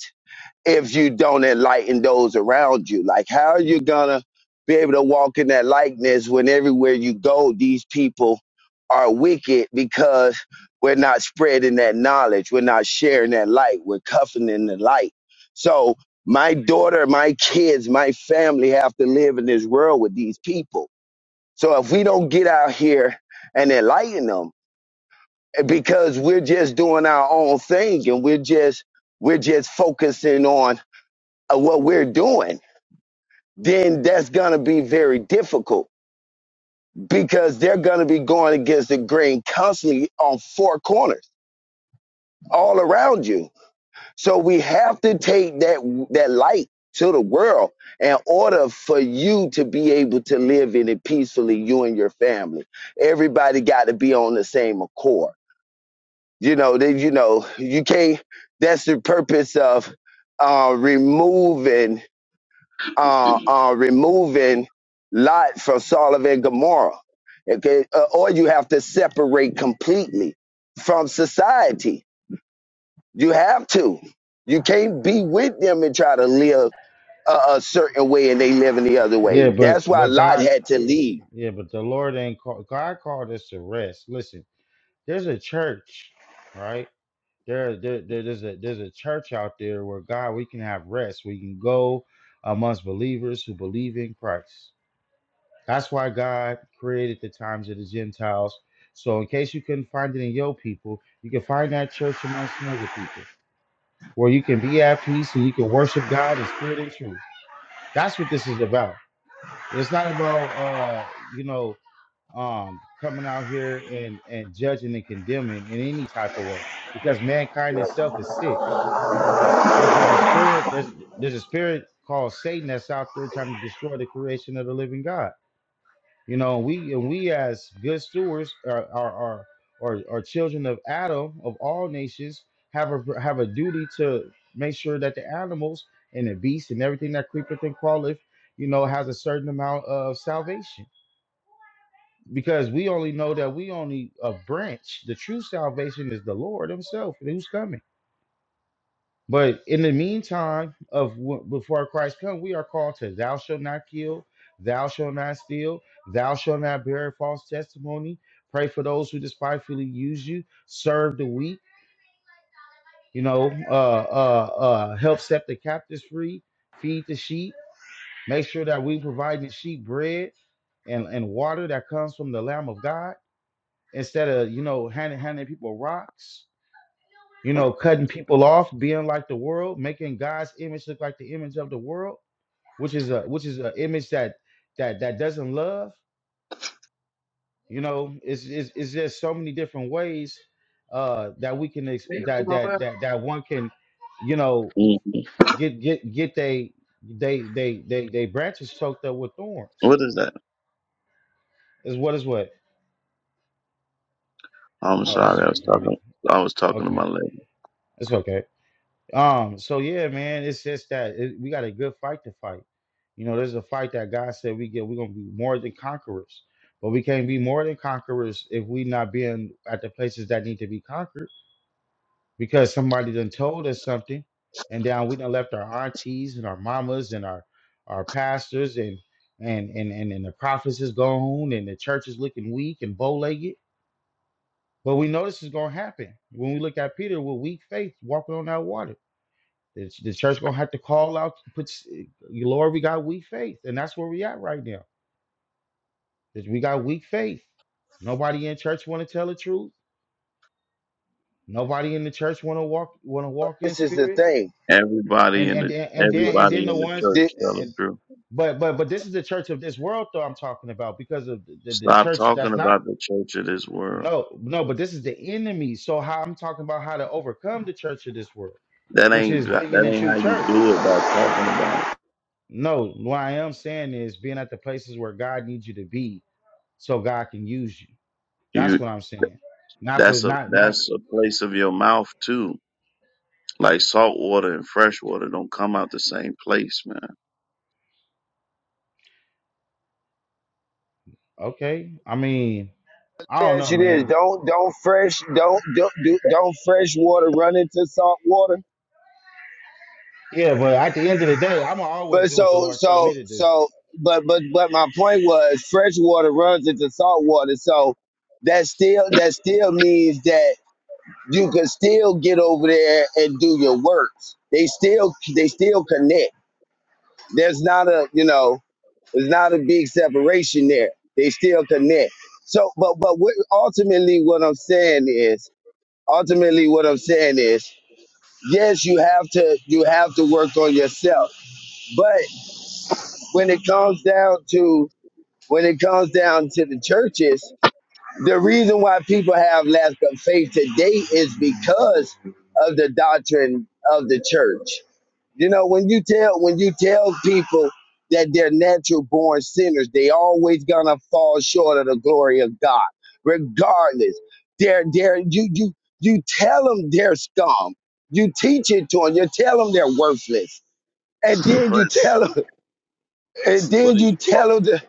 Speaker 8: if you don't enlighten those around you. Like how are you gonna be able to walk in that likeness when everywhere you go, these people are wicked because we're not spreading that knowledge, we're not sharing that light, we're cuffing in the light. So my daughter, my kids, my family have to live in this world with these people. So if we don't get out here and enlighten them, because we're just doing our own thing and we're just we're just focusing on uh, what we're doing then that's going to be very difficult because they're going to be going against the grain constantly on four corners all around you so we have to take that that light to the world in order for you to be able to live in it peacefully you and your family everybody got to be on the same accord you know they you know you can't that's the purpose of uh removing uh uh removing lot from Sodom and Gomorrah okay uh, or you have to separate completely from society you have to you can't be with them and try to live a, a certain way and they live in the other
Speaker 2: Yeah,
Speaker 8: way
Speaker 2: but
Speaker 8: that's why
Speaker 2: but
Speaker 8: Lot
Speaker 2: God,
Speaker 8: had to leave
Speaker 2: yeah, but the Lord ain't called. God called us to rest. Listen, there's a church, right? There, there, there- there's a there's a church out there where God, we can have rest. We can go amongst believers who believe in Christ. That's why God created the times of the Gentiles. So, in case you couldn't find it in your people, you can find that church amongst some other people where you can be at peace and you can worship God in spirit and truth. That's what this is about. It's not about, uh, you know, um, coming out here and, and judging and condemning in any type of way because mankind itself is sick. There's, there's a spirit, there's, there's a spirit called Satan that's out there trying to destroy the creation of the living God You know, we and we as good stewards are are are are, are children of Adam of all nations have a have a duty to make sure that the animals and the beasts and everything that creepeth and crawleth, you know, has a certain amount of salvation. Because we only know that we only a branch. The true salvation is the Lord Himself, who's coming. But in the meantime, of wh- before Christ comes, we are called to "Thou shalt not kill," "Thou shalt not steal," "Thou shalt not bear false testimony." Pray for those who despitefully use you. Serve the weak. You know, uh, uh, uh, help set the captives free. Feed the sheep. Make sure that we provide the sheep bread and, and water that comes from the Lamb of God instead of you know handing handing people rocks. You know, cutting people off, being like the world, making God's image look like the image of the world which is a which is an image that that that doesn't love you know it's it's, it's just so many different ways uh that we can ex- that that that that one can you know
Speaker 7: Mm,
Speaker 2: get get get they they they they they branches choked up with
Speaker 7: What
Speaker 2: thorns
Speaker 7: is that?
Speaker 2: is what is what
Speaker 7: I'm
Speaker 2: oh he's
Speaker 7: sorry,
Speaker 2: just
Speaker 7: I
Speaker 2: talking
Speaker 7: was
Speaker 2: to somebody
Speaker 7: talking. I was talking to my
Speaker 2: okay
Speaker 7: lady.
Speaker 2: it's okay Um, so yeah, man, it's just that it, we got a good fight to fight. You know, there's a fight that God said we get. We're gonna be more than conquerors, but we can't be more than conquerors if we not being at the places that need to be conquered because somebody done told us something, and down we done left our aunties and our mamas and our our pastors and and and and, and the prophets is gone and the church is looking weak and bow legged. But we know this is gonna happen when we look at Peter with weak faith walking on that water. The, the church gonna have to call out, put, s- Lord, we got weak faith, and that's where we at right now. Is we got weak faith. Nobody in church want to tell the truth. Nobody in the church want to walk want to walk in
Speaker 8: this is the
Speaker 2: spirit.
Speaker 8: thing
Speaker 7: Everybody
Speaker 2: And
Speaker 7: in
Speaker 2: and
Speaker 7: the
Speaker 2: then- and then and
Speaker 7: everybody
Speaker 2: then the
Speaker 7: in the
Speaker 2: ones
Speaker 7: church tell the
Speaker 2: and
Speaker 7: truth.
Speaker 2: but but but this is the church of this world though I'm talking about because of the, the, the
Speaker 7: Stop
Speaker 2: church
Speaker 7: talking
Speaker 2: that's not
Speaker 7: about the church of this world.
Speaker 2: no no but this is the enemy. So how I'm talking about how to overcome the church of this world,
Speaker 7: That
Speaker 2: which
Speaker 7: ain't
Speaker 2: is
Speaker 7: that
Speaker 2: bigger than
Speaker 7: ain't
Speaker 2: true
Speaker 7: how you
Speaker 2: church.
Speaker 7: do it by talking about it.
Speaker 2: No, what I am saying is being at the places where God needs you to be so God can use you. That's
Speaker 7: You
Speaker 2: what I'm saying. Not for
Speaker 7: that's a
Speaker 2: not not
Speaker 7: that's a place of your mouth too. Like salt water and fresh water don't come out the same place, man.
Speaker 2: okay. I mean, I don't
Speaker 8: As
Speaker 2: know,
Speaker 8: it is,
Speaker 2: man.
Speaker 8: don't don't fresh don't don't do- don't fresh water run into salt water.
Speaker 2: Yeah, but at the end of the day, I'm gonna always
Speaker 8: But
Speaker 2: do what the
Speaker 8: so
Speaker 2: Lord told me
Speaker 8: so
Speaker 2: to do.
Speaker 8: so but but but my point was fresh water runs into salt water. So that still that still means that you can still get over there and do your works. They still they still connect. There's not a you know there's not a big separation there. They still connect. So but but what, ultimately what I'm saying is ultimately what I'm saying is yes, you have to you have to work on yourself. But when it comes down to when it comes down to the churches, the reason why people have lack of faith today is because of the doctrine of the church. You know, when you tell when you tell people that they're natural born sinners, they always gonna fall short of the glory of God. Regardless, they're they're you you you tell them they're scum. You teach it to them. You tell them they're worthless, and then you
Speaker 7: Prince,
Speaker 8: tell them, and
Speaker 7: what
Speaker 8: then
Speaker 7: are
Speaker 8: you
Speaker 7: you talking
Speaker 8: tell them. The,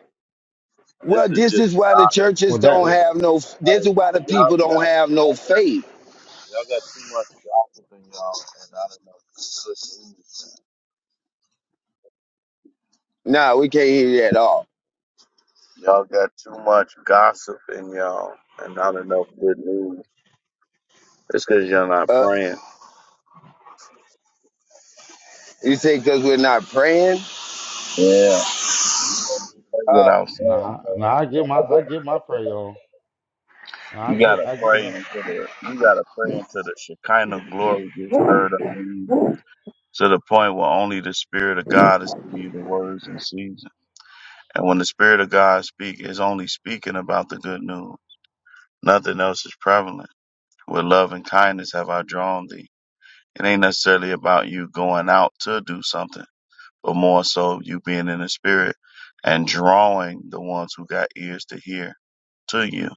Speaker 7: about?
Speaker 8: well,
Speaker 7: This is
Speaker 8: this
Speaker 7: just
Speaker 8: is why the
Speaker 7: God.
Speaker 8: churches
Speaker 2: Well, that
Speaker 8: don't have no. This
Speaker 7: Like,
Speaker 8: is why the
Speaker 7: y'all
Speaker 8: people don't
Speaker 7: got
Speaker 8: have no
Speaker 7: y'all got
Speaker 8: faith.
Speaker 7: too y'all got too much gossip in y'all, and I don't know.
Speaker 8: nah, we can't hear you at all.
Speaker 7: Y'all got too much gossip in y'all and not enough good news. It's because you're not
Speaker 8: Uh,
Speaker 7: praying.
Speaker 8: you say because we're not praying.
Speaker 7: Yeah, pray
Speaker 8: Uh,
Speaker 7: without
Speaker 2: nah,
Speaker 7: ceasing.
Speaker 2: nah. I give my I give my prayer on. I
Speaker 7: You
Speaker 2: get
Speaker 7: gotta
Speaker 2: I give
Speaker 7: pray
Speaker 2: my.
Speaker 7: into the you gotta pray into the Shekinah glory gets stirred up in you to the point where only the Spirit of God is giving you the words in season. And when the Spirit of God speak, is only speaking about the good news. Nothing else is prevalent. With love and kindness have I drawn thee. It ain't necessarily about you going out to do something. but more so you being in the spirit and drawing the ones who got ears to hear to you.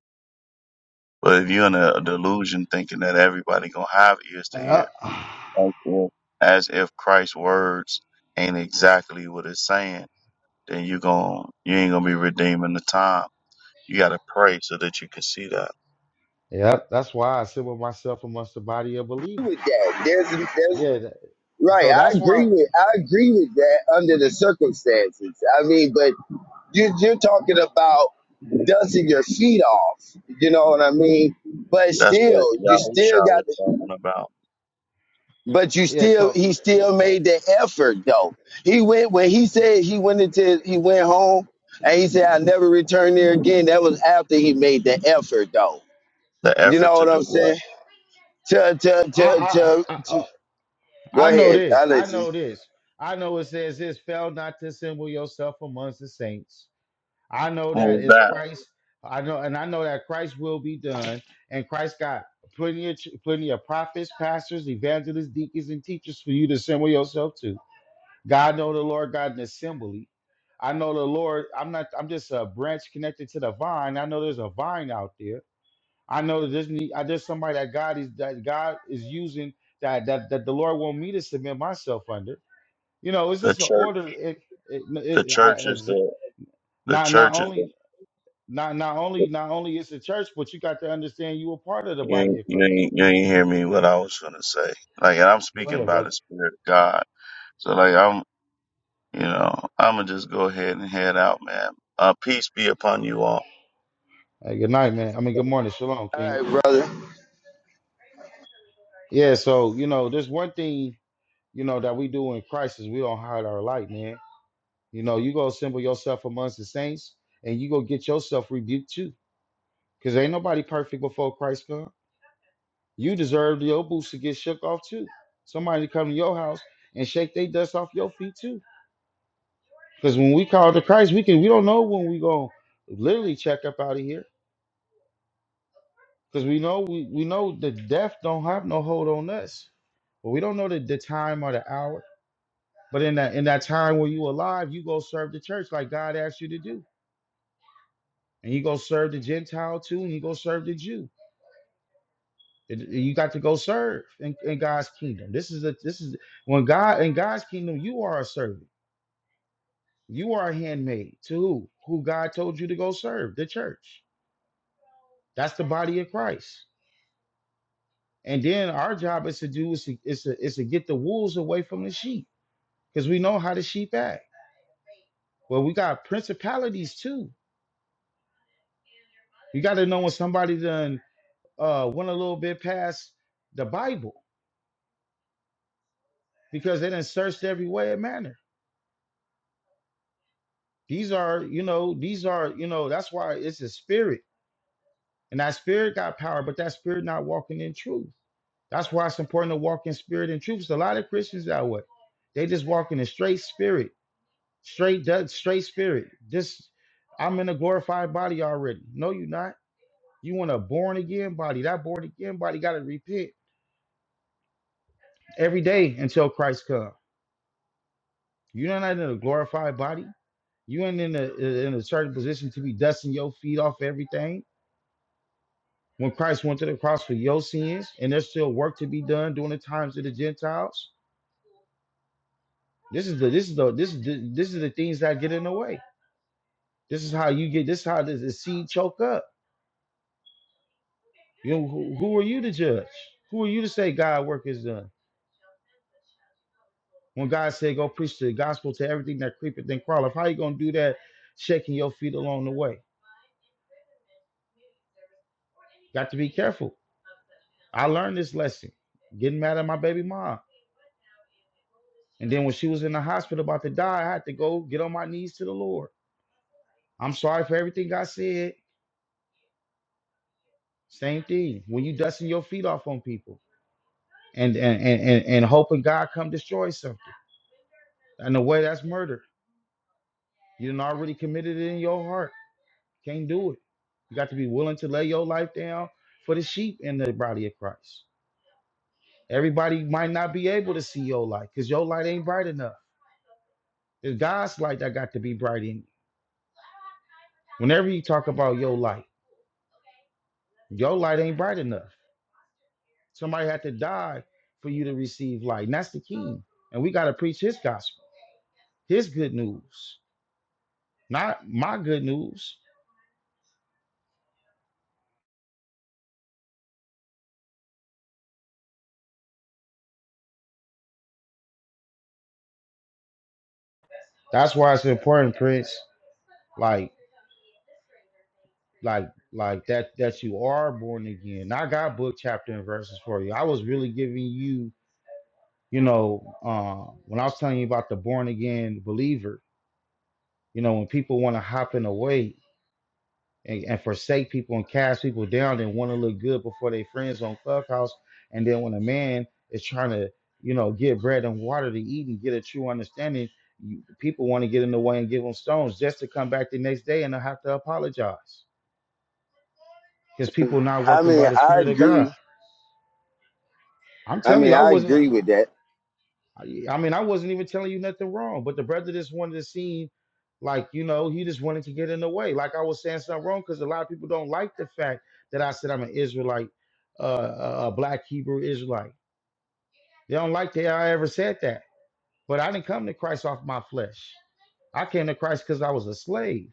Speaker 7: But if you're in a delusion thinking that everybody gonna have ears to
Speaker 2: Uh,
Speaker 7: hear, as if as if Christ's words ain't exactly what it's saying, then you gon' you ain't gonna be redeeming the time. You gotta pray so that you can see that.
Speaker 2: yep, that's why I sit with myself amongst the body of
Speaker 8: with
Speaker 2: believers.
Speaker 8: that. There's, there's
Speaker 2: Yeah, that,
Speaker 8: Right,
Speaker 2: so
Speaker 8: I
Speaker 2: that's why.
Speaker 8: agree with I agree with that under the circumstances. I mean, but you, you're talking about dusting your feet off. You know what I mean? But
Speaker 7: That's what
Speaker 8: still, you
Speaker 7: Yahusha
Speaker 8: still got.
Speaker 7: was
Speaker 8: The,
Speaker 7: talking about.
Speaker 8: but you
Speaker 2: Yeah,
Speaker 8: still,
Speaker 2: so
Speaker 8: he still made the effort though. He went when he said he went into he went home and he said I never return there again. That was after he made the effort though.
Speaker 7: The
Speaker 8: You
Speaker 7: effort
Speaker 8: know
Speaker 7: to
Speaker 8: what
Speaker 7: do
Speaker 8: I'm
Speaker 7: what?
Speaker 8: saying? To to
Speaker 2: I
Speaker 8: to
Speaker 2: I,
Speaker 8: to.
Speaker 2: I I
Speaker 8: to go
Speaker 2: I know
Speaker 8: ahead. I
Speaker 2: this. I
Speaker 8: let you.
Speaker 2: know this. I know it says this fail not to assemble yourself amongst the saints. I know that
Speaker 7: Who is
Speaker 2: it's
Speaker 7: that?
Speaker 2: Christ. I know, and I know that Christ will be done. And Christ got plenty of ch- plenty of prophets, pastors, evangelists, deacons, and teachers for you to assemble yourself to. God know the Lord got an assembly. I know the Lord. I'm not. I'm just a branch connected to the vine. I know there's a vine out there. I know that there's need. I there's somebody that God is that God is using that that that the Lord want me to submit myself under you know it's
Speaker 7: The
Speaker 2: just an
Speaker 7: church.
Speaker 2: order it, it,
Speaker 7: The
Speaker 2: it I,
Speaker 7: church is
Speaker 2: as-
Speaker 7: the the
Speaker 2: not not
Speaker 7: church is
Speaker 2: only
Speaker 7: the
Speaker 2: not not only not only is the church but you got to understand you were part of the
Speaker 7: You
Speaker 2: body
Speaker 7: ain't,
Speaker 2: of
Speaker 7: you
Speaker 2: christ
Speaker 7: ain't, you ain't hear me what I was gonna say. Like, and I'm
Speaker 2: go
Speaker 7: speaking
Speaker 2: ahead
Speaker 7: by the
Speaker 2: brother
Speaker 7: Spirit of God. So, like, I'm, you know, I'm gonna just go ahead and head out, man. Uh, peace be upon you all.
Speaker 2: hey, good night man i mean good morning shalom king
Speaker 8: All right, brother.
Speaker 2: yeah so you know there's one thing you know that we do in christ is we don't hide our light man you know you go assemble yourself amongst the saints and you go get yourself rebuked too because ain't nobody perfect before christ come you deserve your boots to get shook off too somebody come to your house and shake their dust off your feet too Because when we call to Christ, we can we don't know when we gonna literally check up out of here. Because we know we, we know the death don't have no hold on us. But we don't know the, the time or the hour. But in that in that time when you alive, you go serve the church like God asked you to do. And you go serve the Gentile too, and you go serve the Jew. And- and You got to go serve in, in God's kingdom. This is a this is when God in God's kingdom, you are a servant. You are a handmaid to who? Who God told you to go serve, the church. That's the body of Christ. And then our job is to do is to, is to, is to get the wolves away from the sheep because we know how the sheep act. Well, we got principalities too. You got to know when somebody done uh, went a little bit past the Bible because they done searched every way and manner. These are, you know, these are, you know, that's why it's a spirit. And that spirit got power, but that spirit not walking in truth. That's why it's important to walk in spirit and truth. There's a lot of Christians that way. They just walk in a straight spirit Straight dead, straight spirit. This I'm in a glorified body already. No, you're not. You want a born again body. That born again body gotta repent every day until Christ comes. You're not in a glorified body. You ain't in a in a certain position to be dusting your feet off everything. When Christ went to the cross for your sins, and there's still work to be done during the times of the Gentiles. This is the this is the this is the, this is the things that get in the way. This is how you get this is how the the seed choke up. You know, who, who are you to judge? Who are you to say God work is done? When God said, go preach the gospel to everything that creepeth and crawleth, how you going to do that shaking your feet along the way? Got to be careful. I learned this lesson getting mad at my baby mom. And then when she was in the hospital about to die, I had to go get on my knees to the Lord. I'm sorry for everything I said. Same thing. When you dusting your feet off on people and and and and, and hoping God come destroy something. In a way, that's murder. You done already committed it in your heart. Can't do it. You got to be willing to lay your life down for the sheep in the body of Christ. Everybody might not be able to see your light because your light ain't bright enough. It's God's light that got to be bright in you. Whenever you talk about your light, your light ain't bright enough. Somebody had to die for you to receive light. And that's the key. And we got to preach his gospel, his good news, not my good news. That's why it's important, Prince. Like. like like that that you are born again. I got book chapter and verses for you. I was really giving you, you know, uh, when I was telling you about the born again believer, you know, when people want to hop in the way and, and forsake people and cast people down and want to look good before their friends on clubhouse, and then when a man is trying to, you know, get bread and water to eat and get a true understanding, you, people want to get in the way and give them stones just to come back the next day and not have to apologize because people not
Speaker 8: I
Speaker 2: working
Speaker 8: mean,
Speaker 2: by the
Speaker 8: I
Speaker 2: spirit of God.
Speaker 8: agree
Speaker 2: I'm
Speaker 8: I
Speaker 2: telling
Speaker 8: mean,
Speaker 2: you, I
Speaker 8: I
Speaker 2: wasn't.
Speaker 8: agree
Speaker 2: I
Speaker 8: with that.
Speaker 2: I mean, I wasn't even telling you nothing wrong. But the brother just wanted to seem like you know he just wanted to get in the way. Like I was saying something wrong because a lot of people don't like the fact that I said I'm an Israelite, uh, a a black Hebrew Israelite. They don't like that I ever said that. But I didn't come to Christ off my flesh. I came to Christ because I was a slave.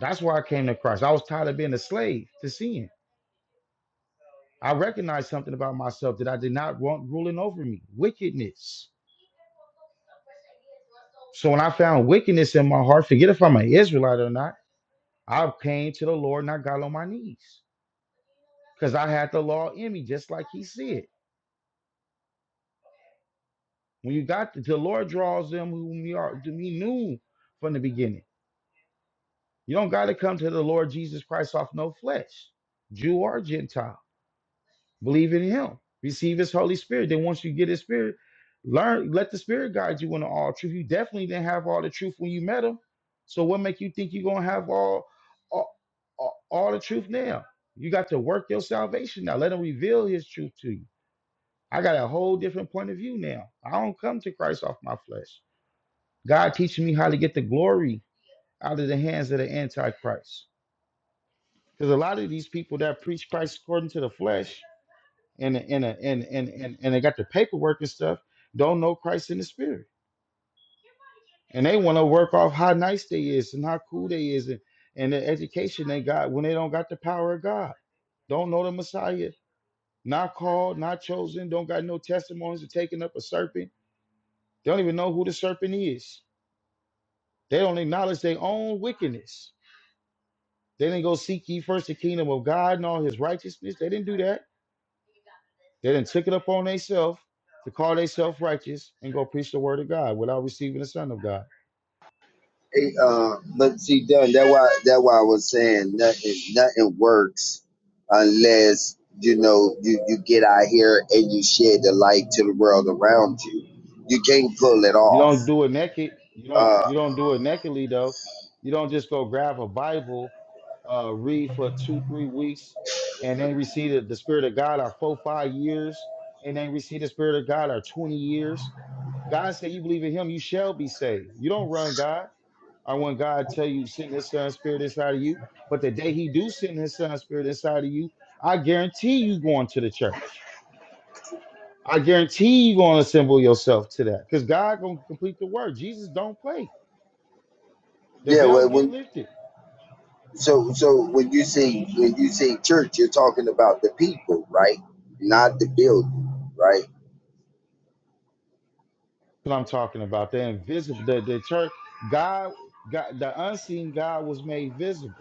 Speaker 2: That's why I came to Christ. I was tired of being a slave to sin. I recognized something about myself that I did not want ruling over me wickedness. So when I found wickedness in my heart, forget if I'm an Israelite or not, I came to the Lord and I got on my knees because I had the law in me, just like He said. When you got the, the Lord draws them whom we are, whom He knew from the beginning. You don't got to come to the Lord Jesus Christ off no flesh, Jew or Gentile. Believe in him. Receive his Holy Spirit. Then once you get his spirit, learn, let the spirit guide you into all truth. You definitely didn't have all the truth when you met him. So what make you think you're gonna have all all, all all the truth now? You got to work your salvation now. Let him reveal his truth to you. I got a whole different point of view now. I don't come to Christ off my flesh. God teaching me how to get the glory out of the hands of the Antichrist. Because a lot of these people that preach Christ according to the flesh, and and and and and, and they got the paperwork and stuff, don't know Christ in the spirit. And they want to work off how nice they is and how cool they is and, and the education they got when they don't got the power of God. Don't know the Messiah, not called, not chosen, don't got no testimonies of taking up a serpent. They don't even know who the serpent is. They don't acknowledge their own wickedness. They didn't go seek ye first the kingdom of God and all his righteousness. They didn't do that. They done took it upon themselves to call themselves righteous and go preach the word of God without receiving the Son of God.
Speaker 8: Hey, uh, but see, done that why that why I was saying nothing nothing works unless you know you you get out here and you shed the light to the world around you. You can't pull it
Speaker 2: You
Speaker 8: off.
Speaker 2: don't do it naked. You don't.
Speaker 8: Uh,
Speaker 2: You don't do it nakedly though. You don't just go grab a Bible, uh, read for two, three weeks, and then receive the, the Spirit of God or four, five years, and then receive the Spirit of God or twenty years. God said, "You believe in Him, you shall be saved." You don't run God. I want God to tell you, send his son spirit inside of you. But the day he do send his son spirit inside of you, I guarantee you going to the church. I guarantee you going to assemble yourself to that. Because God gonna complete the work. Jesus don't play. The
Speaker 8: yeah.
Speaker 2: veil
Speaker 8: Well,
Speaker 2: get
Speaker 8: when
Speaker 2: lifted. That's
Speaker 8: so so when you say when you say church, you're talking about the people, right? Not the building, right?
Speaker 2: what I'm talking about. The invisible, the, the church, God, God, the unseen God was made visible.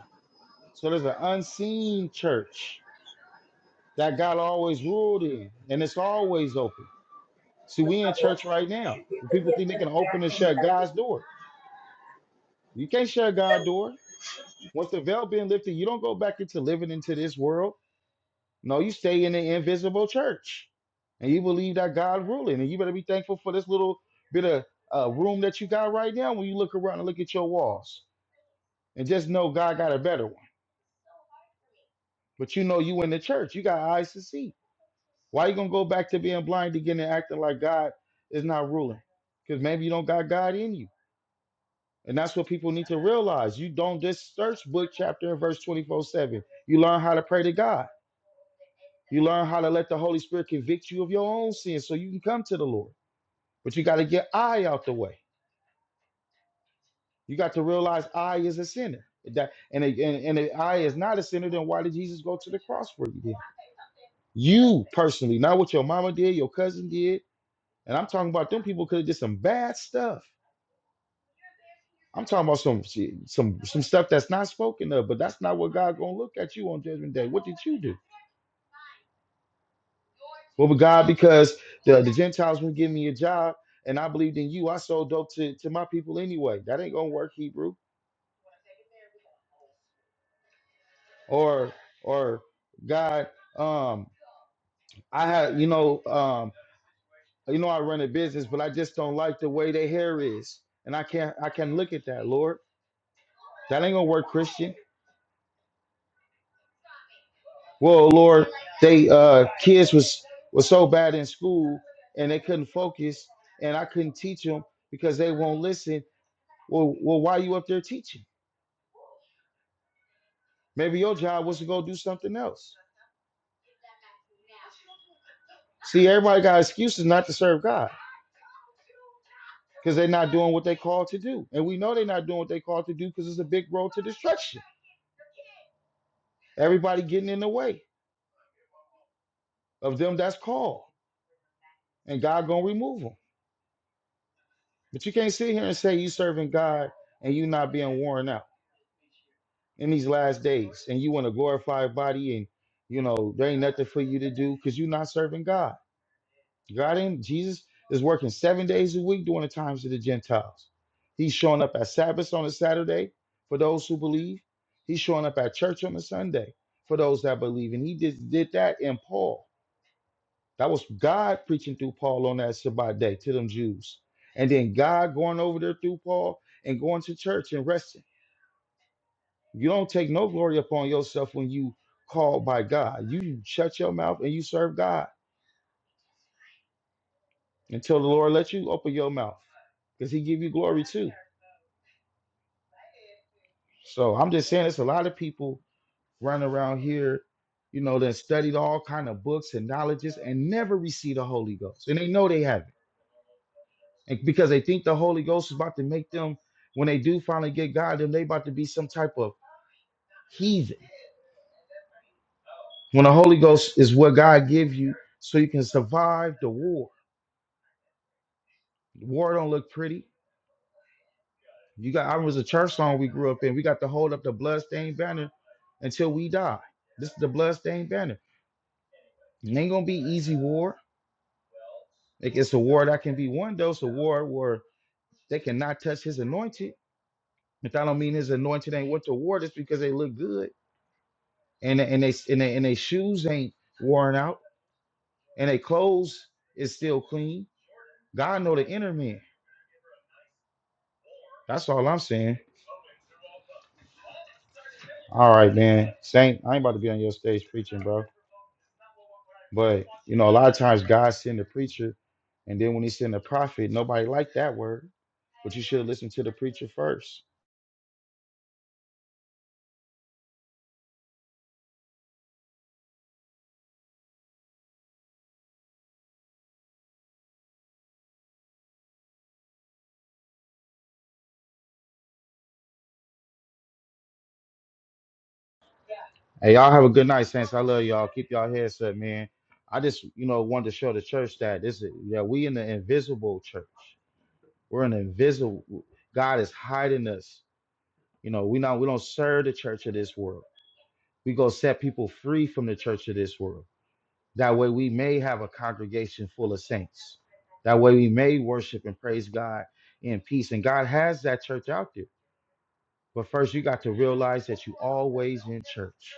Speaker 2: So there's an unseen church that God always ruled in, and it's always open. See, we in church right now. People think they can open and shut God's door. You can't shut God door. Once the veil being lifted, you don't go back into living into this world. No, you stay in the invisible church, and you believe that God ruling, and you better be thankful for this little bit of uh, room that you got right now. When you look around and look at your walls, and just know God got a better one. But you know you in the church, you got eyes to see. Why you gonna go back to being blind again and acting like God is not ruling? Because maybe you don't got God in you. And that's what people need to realize. You don't just search book, chapter, and verse 24 7. You learn how to pray to God. You learn how to let the Holy Spirit convict you of your own sin so you can come to the Lord. But you got to get I out the way. You got to realize I is a sinner. That, and, a- and, and if I is not a sinner, then why did Jesus go to the cross for you then? You personally, not what your mama did, your cousin did. And I'm talking about them people could have did some bad stuff. I'm talking about some shit, some some stuff that's not spoken of, but that's not what God gonna look at you on judgment day. What did you do? Well, but God, because the, the Gentiles wouldn't give me a job and I believed in you, I sold dope to, to my people anyway. That ain't gonna work, Hebrew. Or or God, um, I had you know, um, you know I run a business, but I just don't like the way their hair is. And I can't I can look at that, Lord. That ain't gonna work, Christian. Well, Lord, they uh kids was was so bad in school and they couldn't focus and I couldn't teach them because they won't listen. Well, well, why you up there teaching? Maybe your job was to go do something else. See, everybody got excuses not to serve God because they're not doing what they called to do, and we know they're not doing what they called to do because it's a big road to destruction. Everybody getting in the way of them that's called, and God gonna remove them. But you can't sit here and say you serving God and you not being worn out. in these last days and you want a glorified body and you know there ain't nothing for you to do because you're not serving god god ain't jesus is working seven days a week during the times of the gentiles he's showing up at sabbath on a saturday for those who believe he's showing up at church on a sunday for those that believe and he just did that in paul that was god preaching through paul on that shabbat day to them jews and then god going over there through paul and going to church and resting you don't take no glory upon yourself when you called by God. You shut your mouth and you serve God until the Lord lets you open your mouth because he give you glory too. So I'm just saying it's a lot of people running around here, you know, that studied all kind of books and knowledges and never receive the Holy Ghost. And they know they haven't. And because they think the Holy Ghost is about to make them, when they do finally get God, then they about to be some type of heathen. When the Holy Ghost is what God give you so you can survive the war. War don't look pretty. You got I was a church song we grew up in. We got to hold up the bloodstained banner until we die. This is the bloodstained banner. It ain't gonna be easy war. Like it's a war that can be won though. It's a war where they cannot touch his anointed. If I don't mean his anointed ain't went to war just because they look good and and they and they, and they shoes ain't worn out and they clothes is still clean. God know the inner man. That's all I'm saying. All right, man. Saint, I ain't about to be on your stage preaching, bro. But you know, a lot of times God send a preacher, and then when He send a prophet, nobody like that word. But you should have listened to the preacher first. Hey, y'all have a good night, saints. I love y'all. Keep y'all heads up, man. I just you know wanted to show the church that this is yeah we in the invisible church. We're an invisible. God is hiding us. You know we not we don't serve the church of this world. We go set people free from the church of this world. That way we may have a congregation full of saints. That way we may worship and praise God in peace. And God has that church out there. But first, you got to realize that you always in church.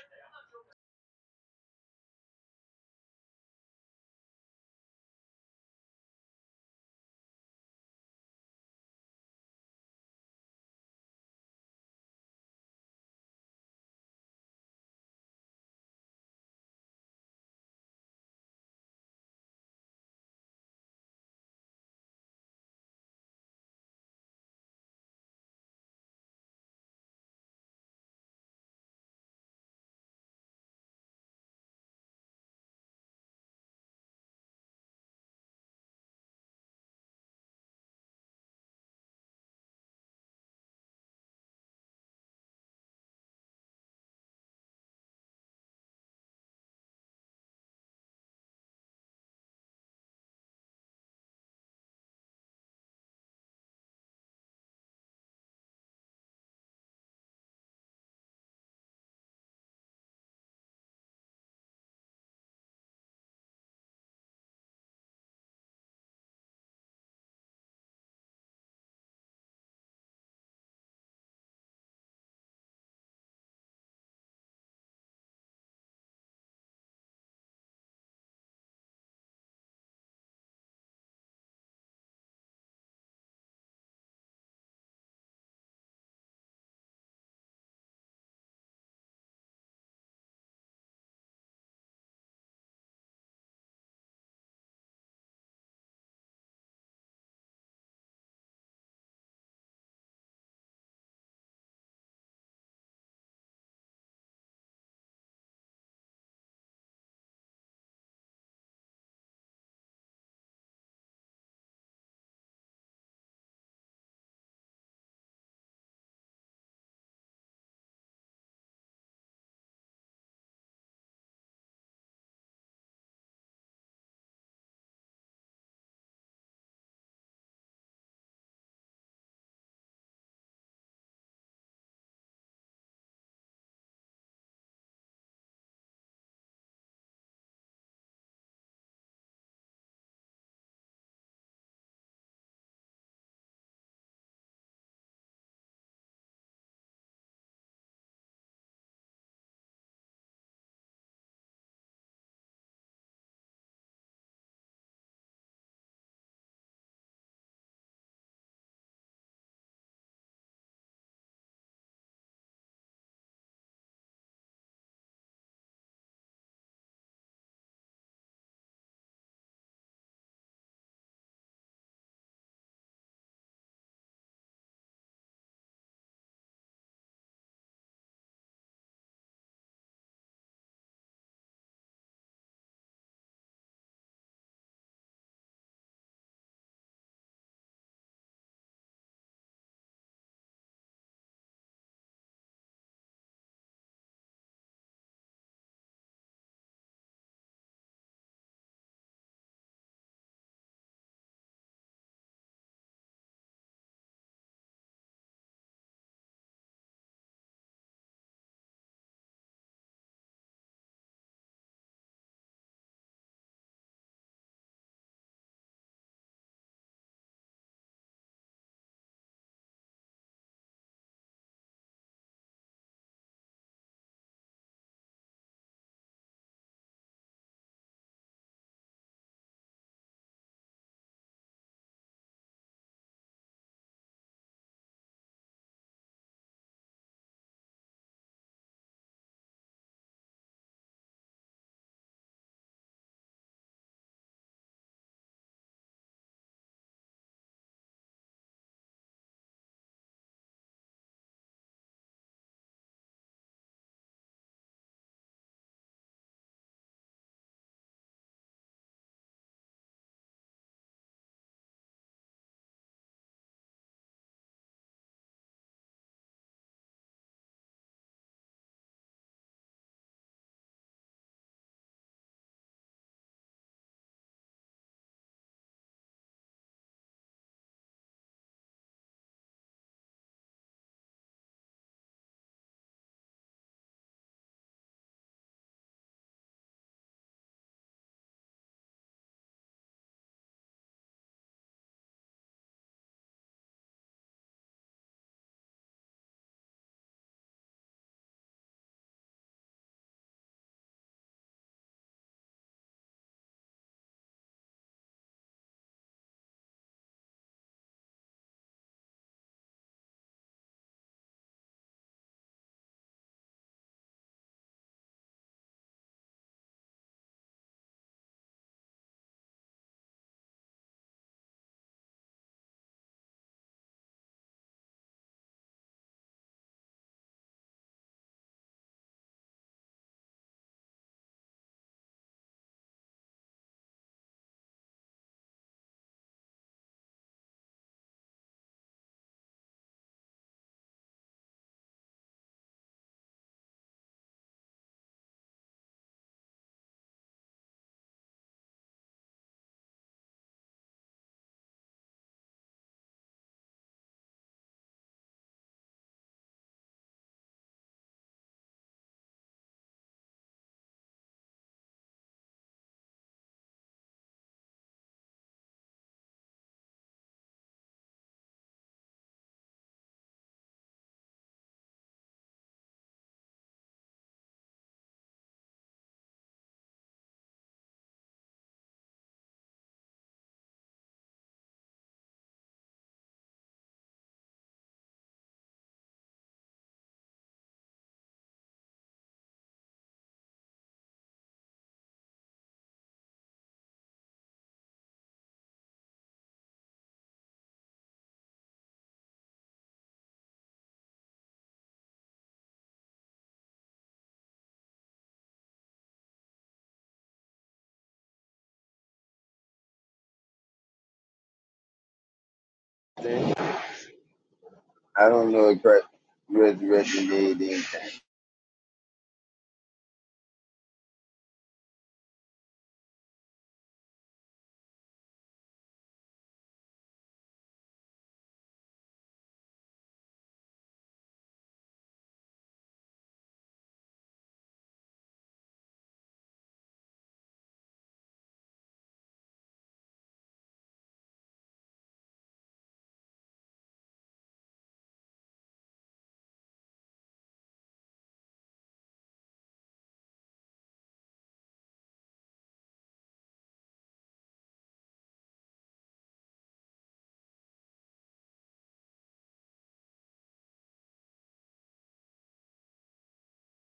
Speaker 8: I don't know if that res- resonated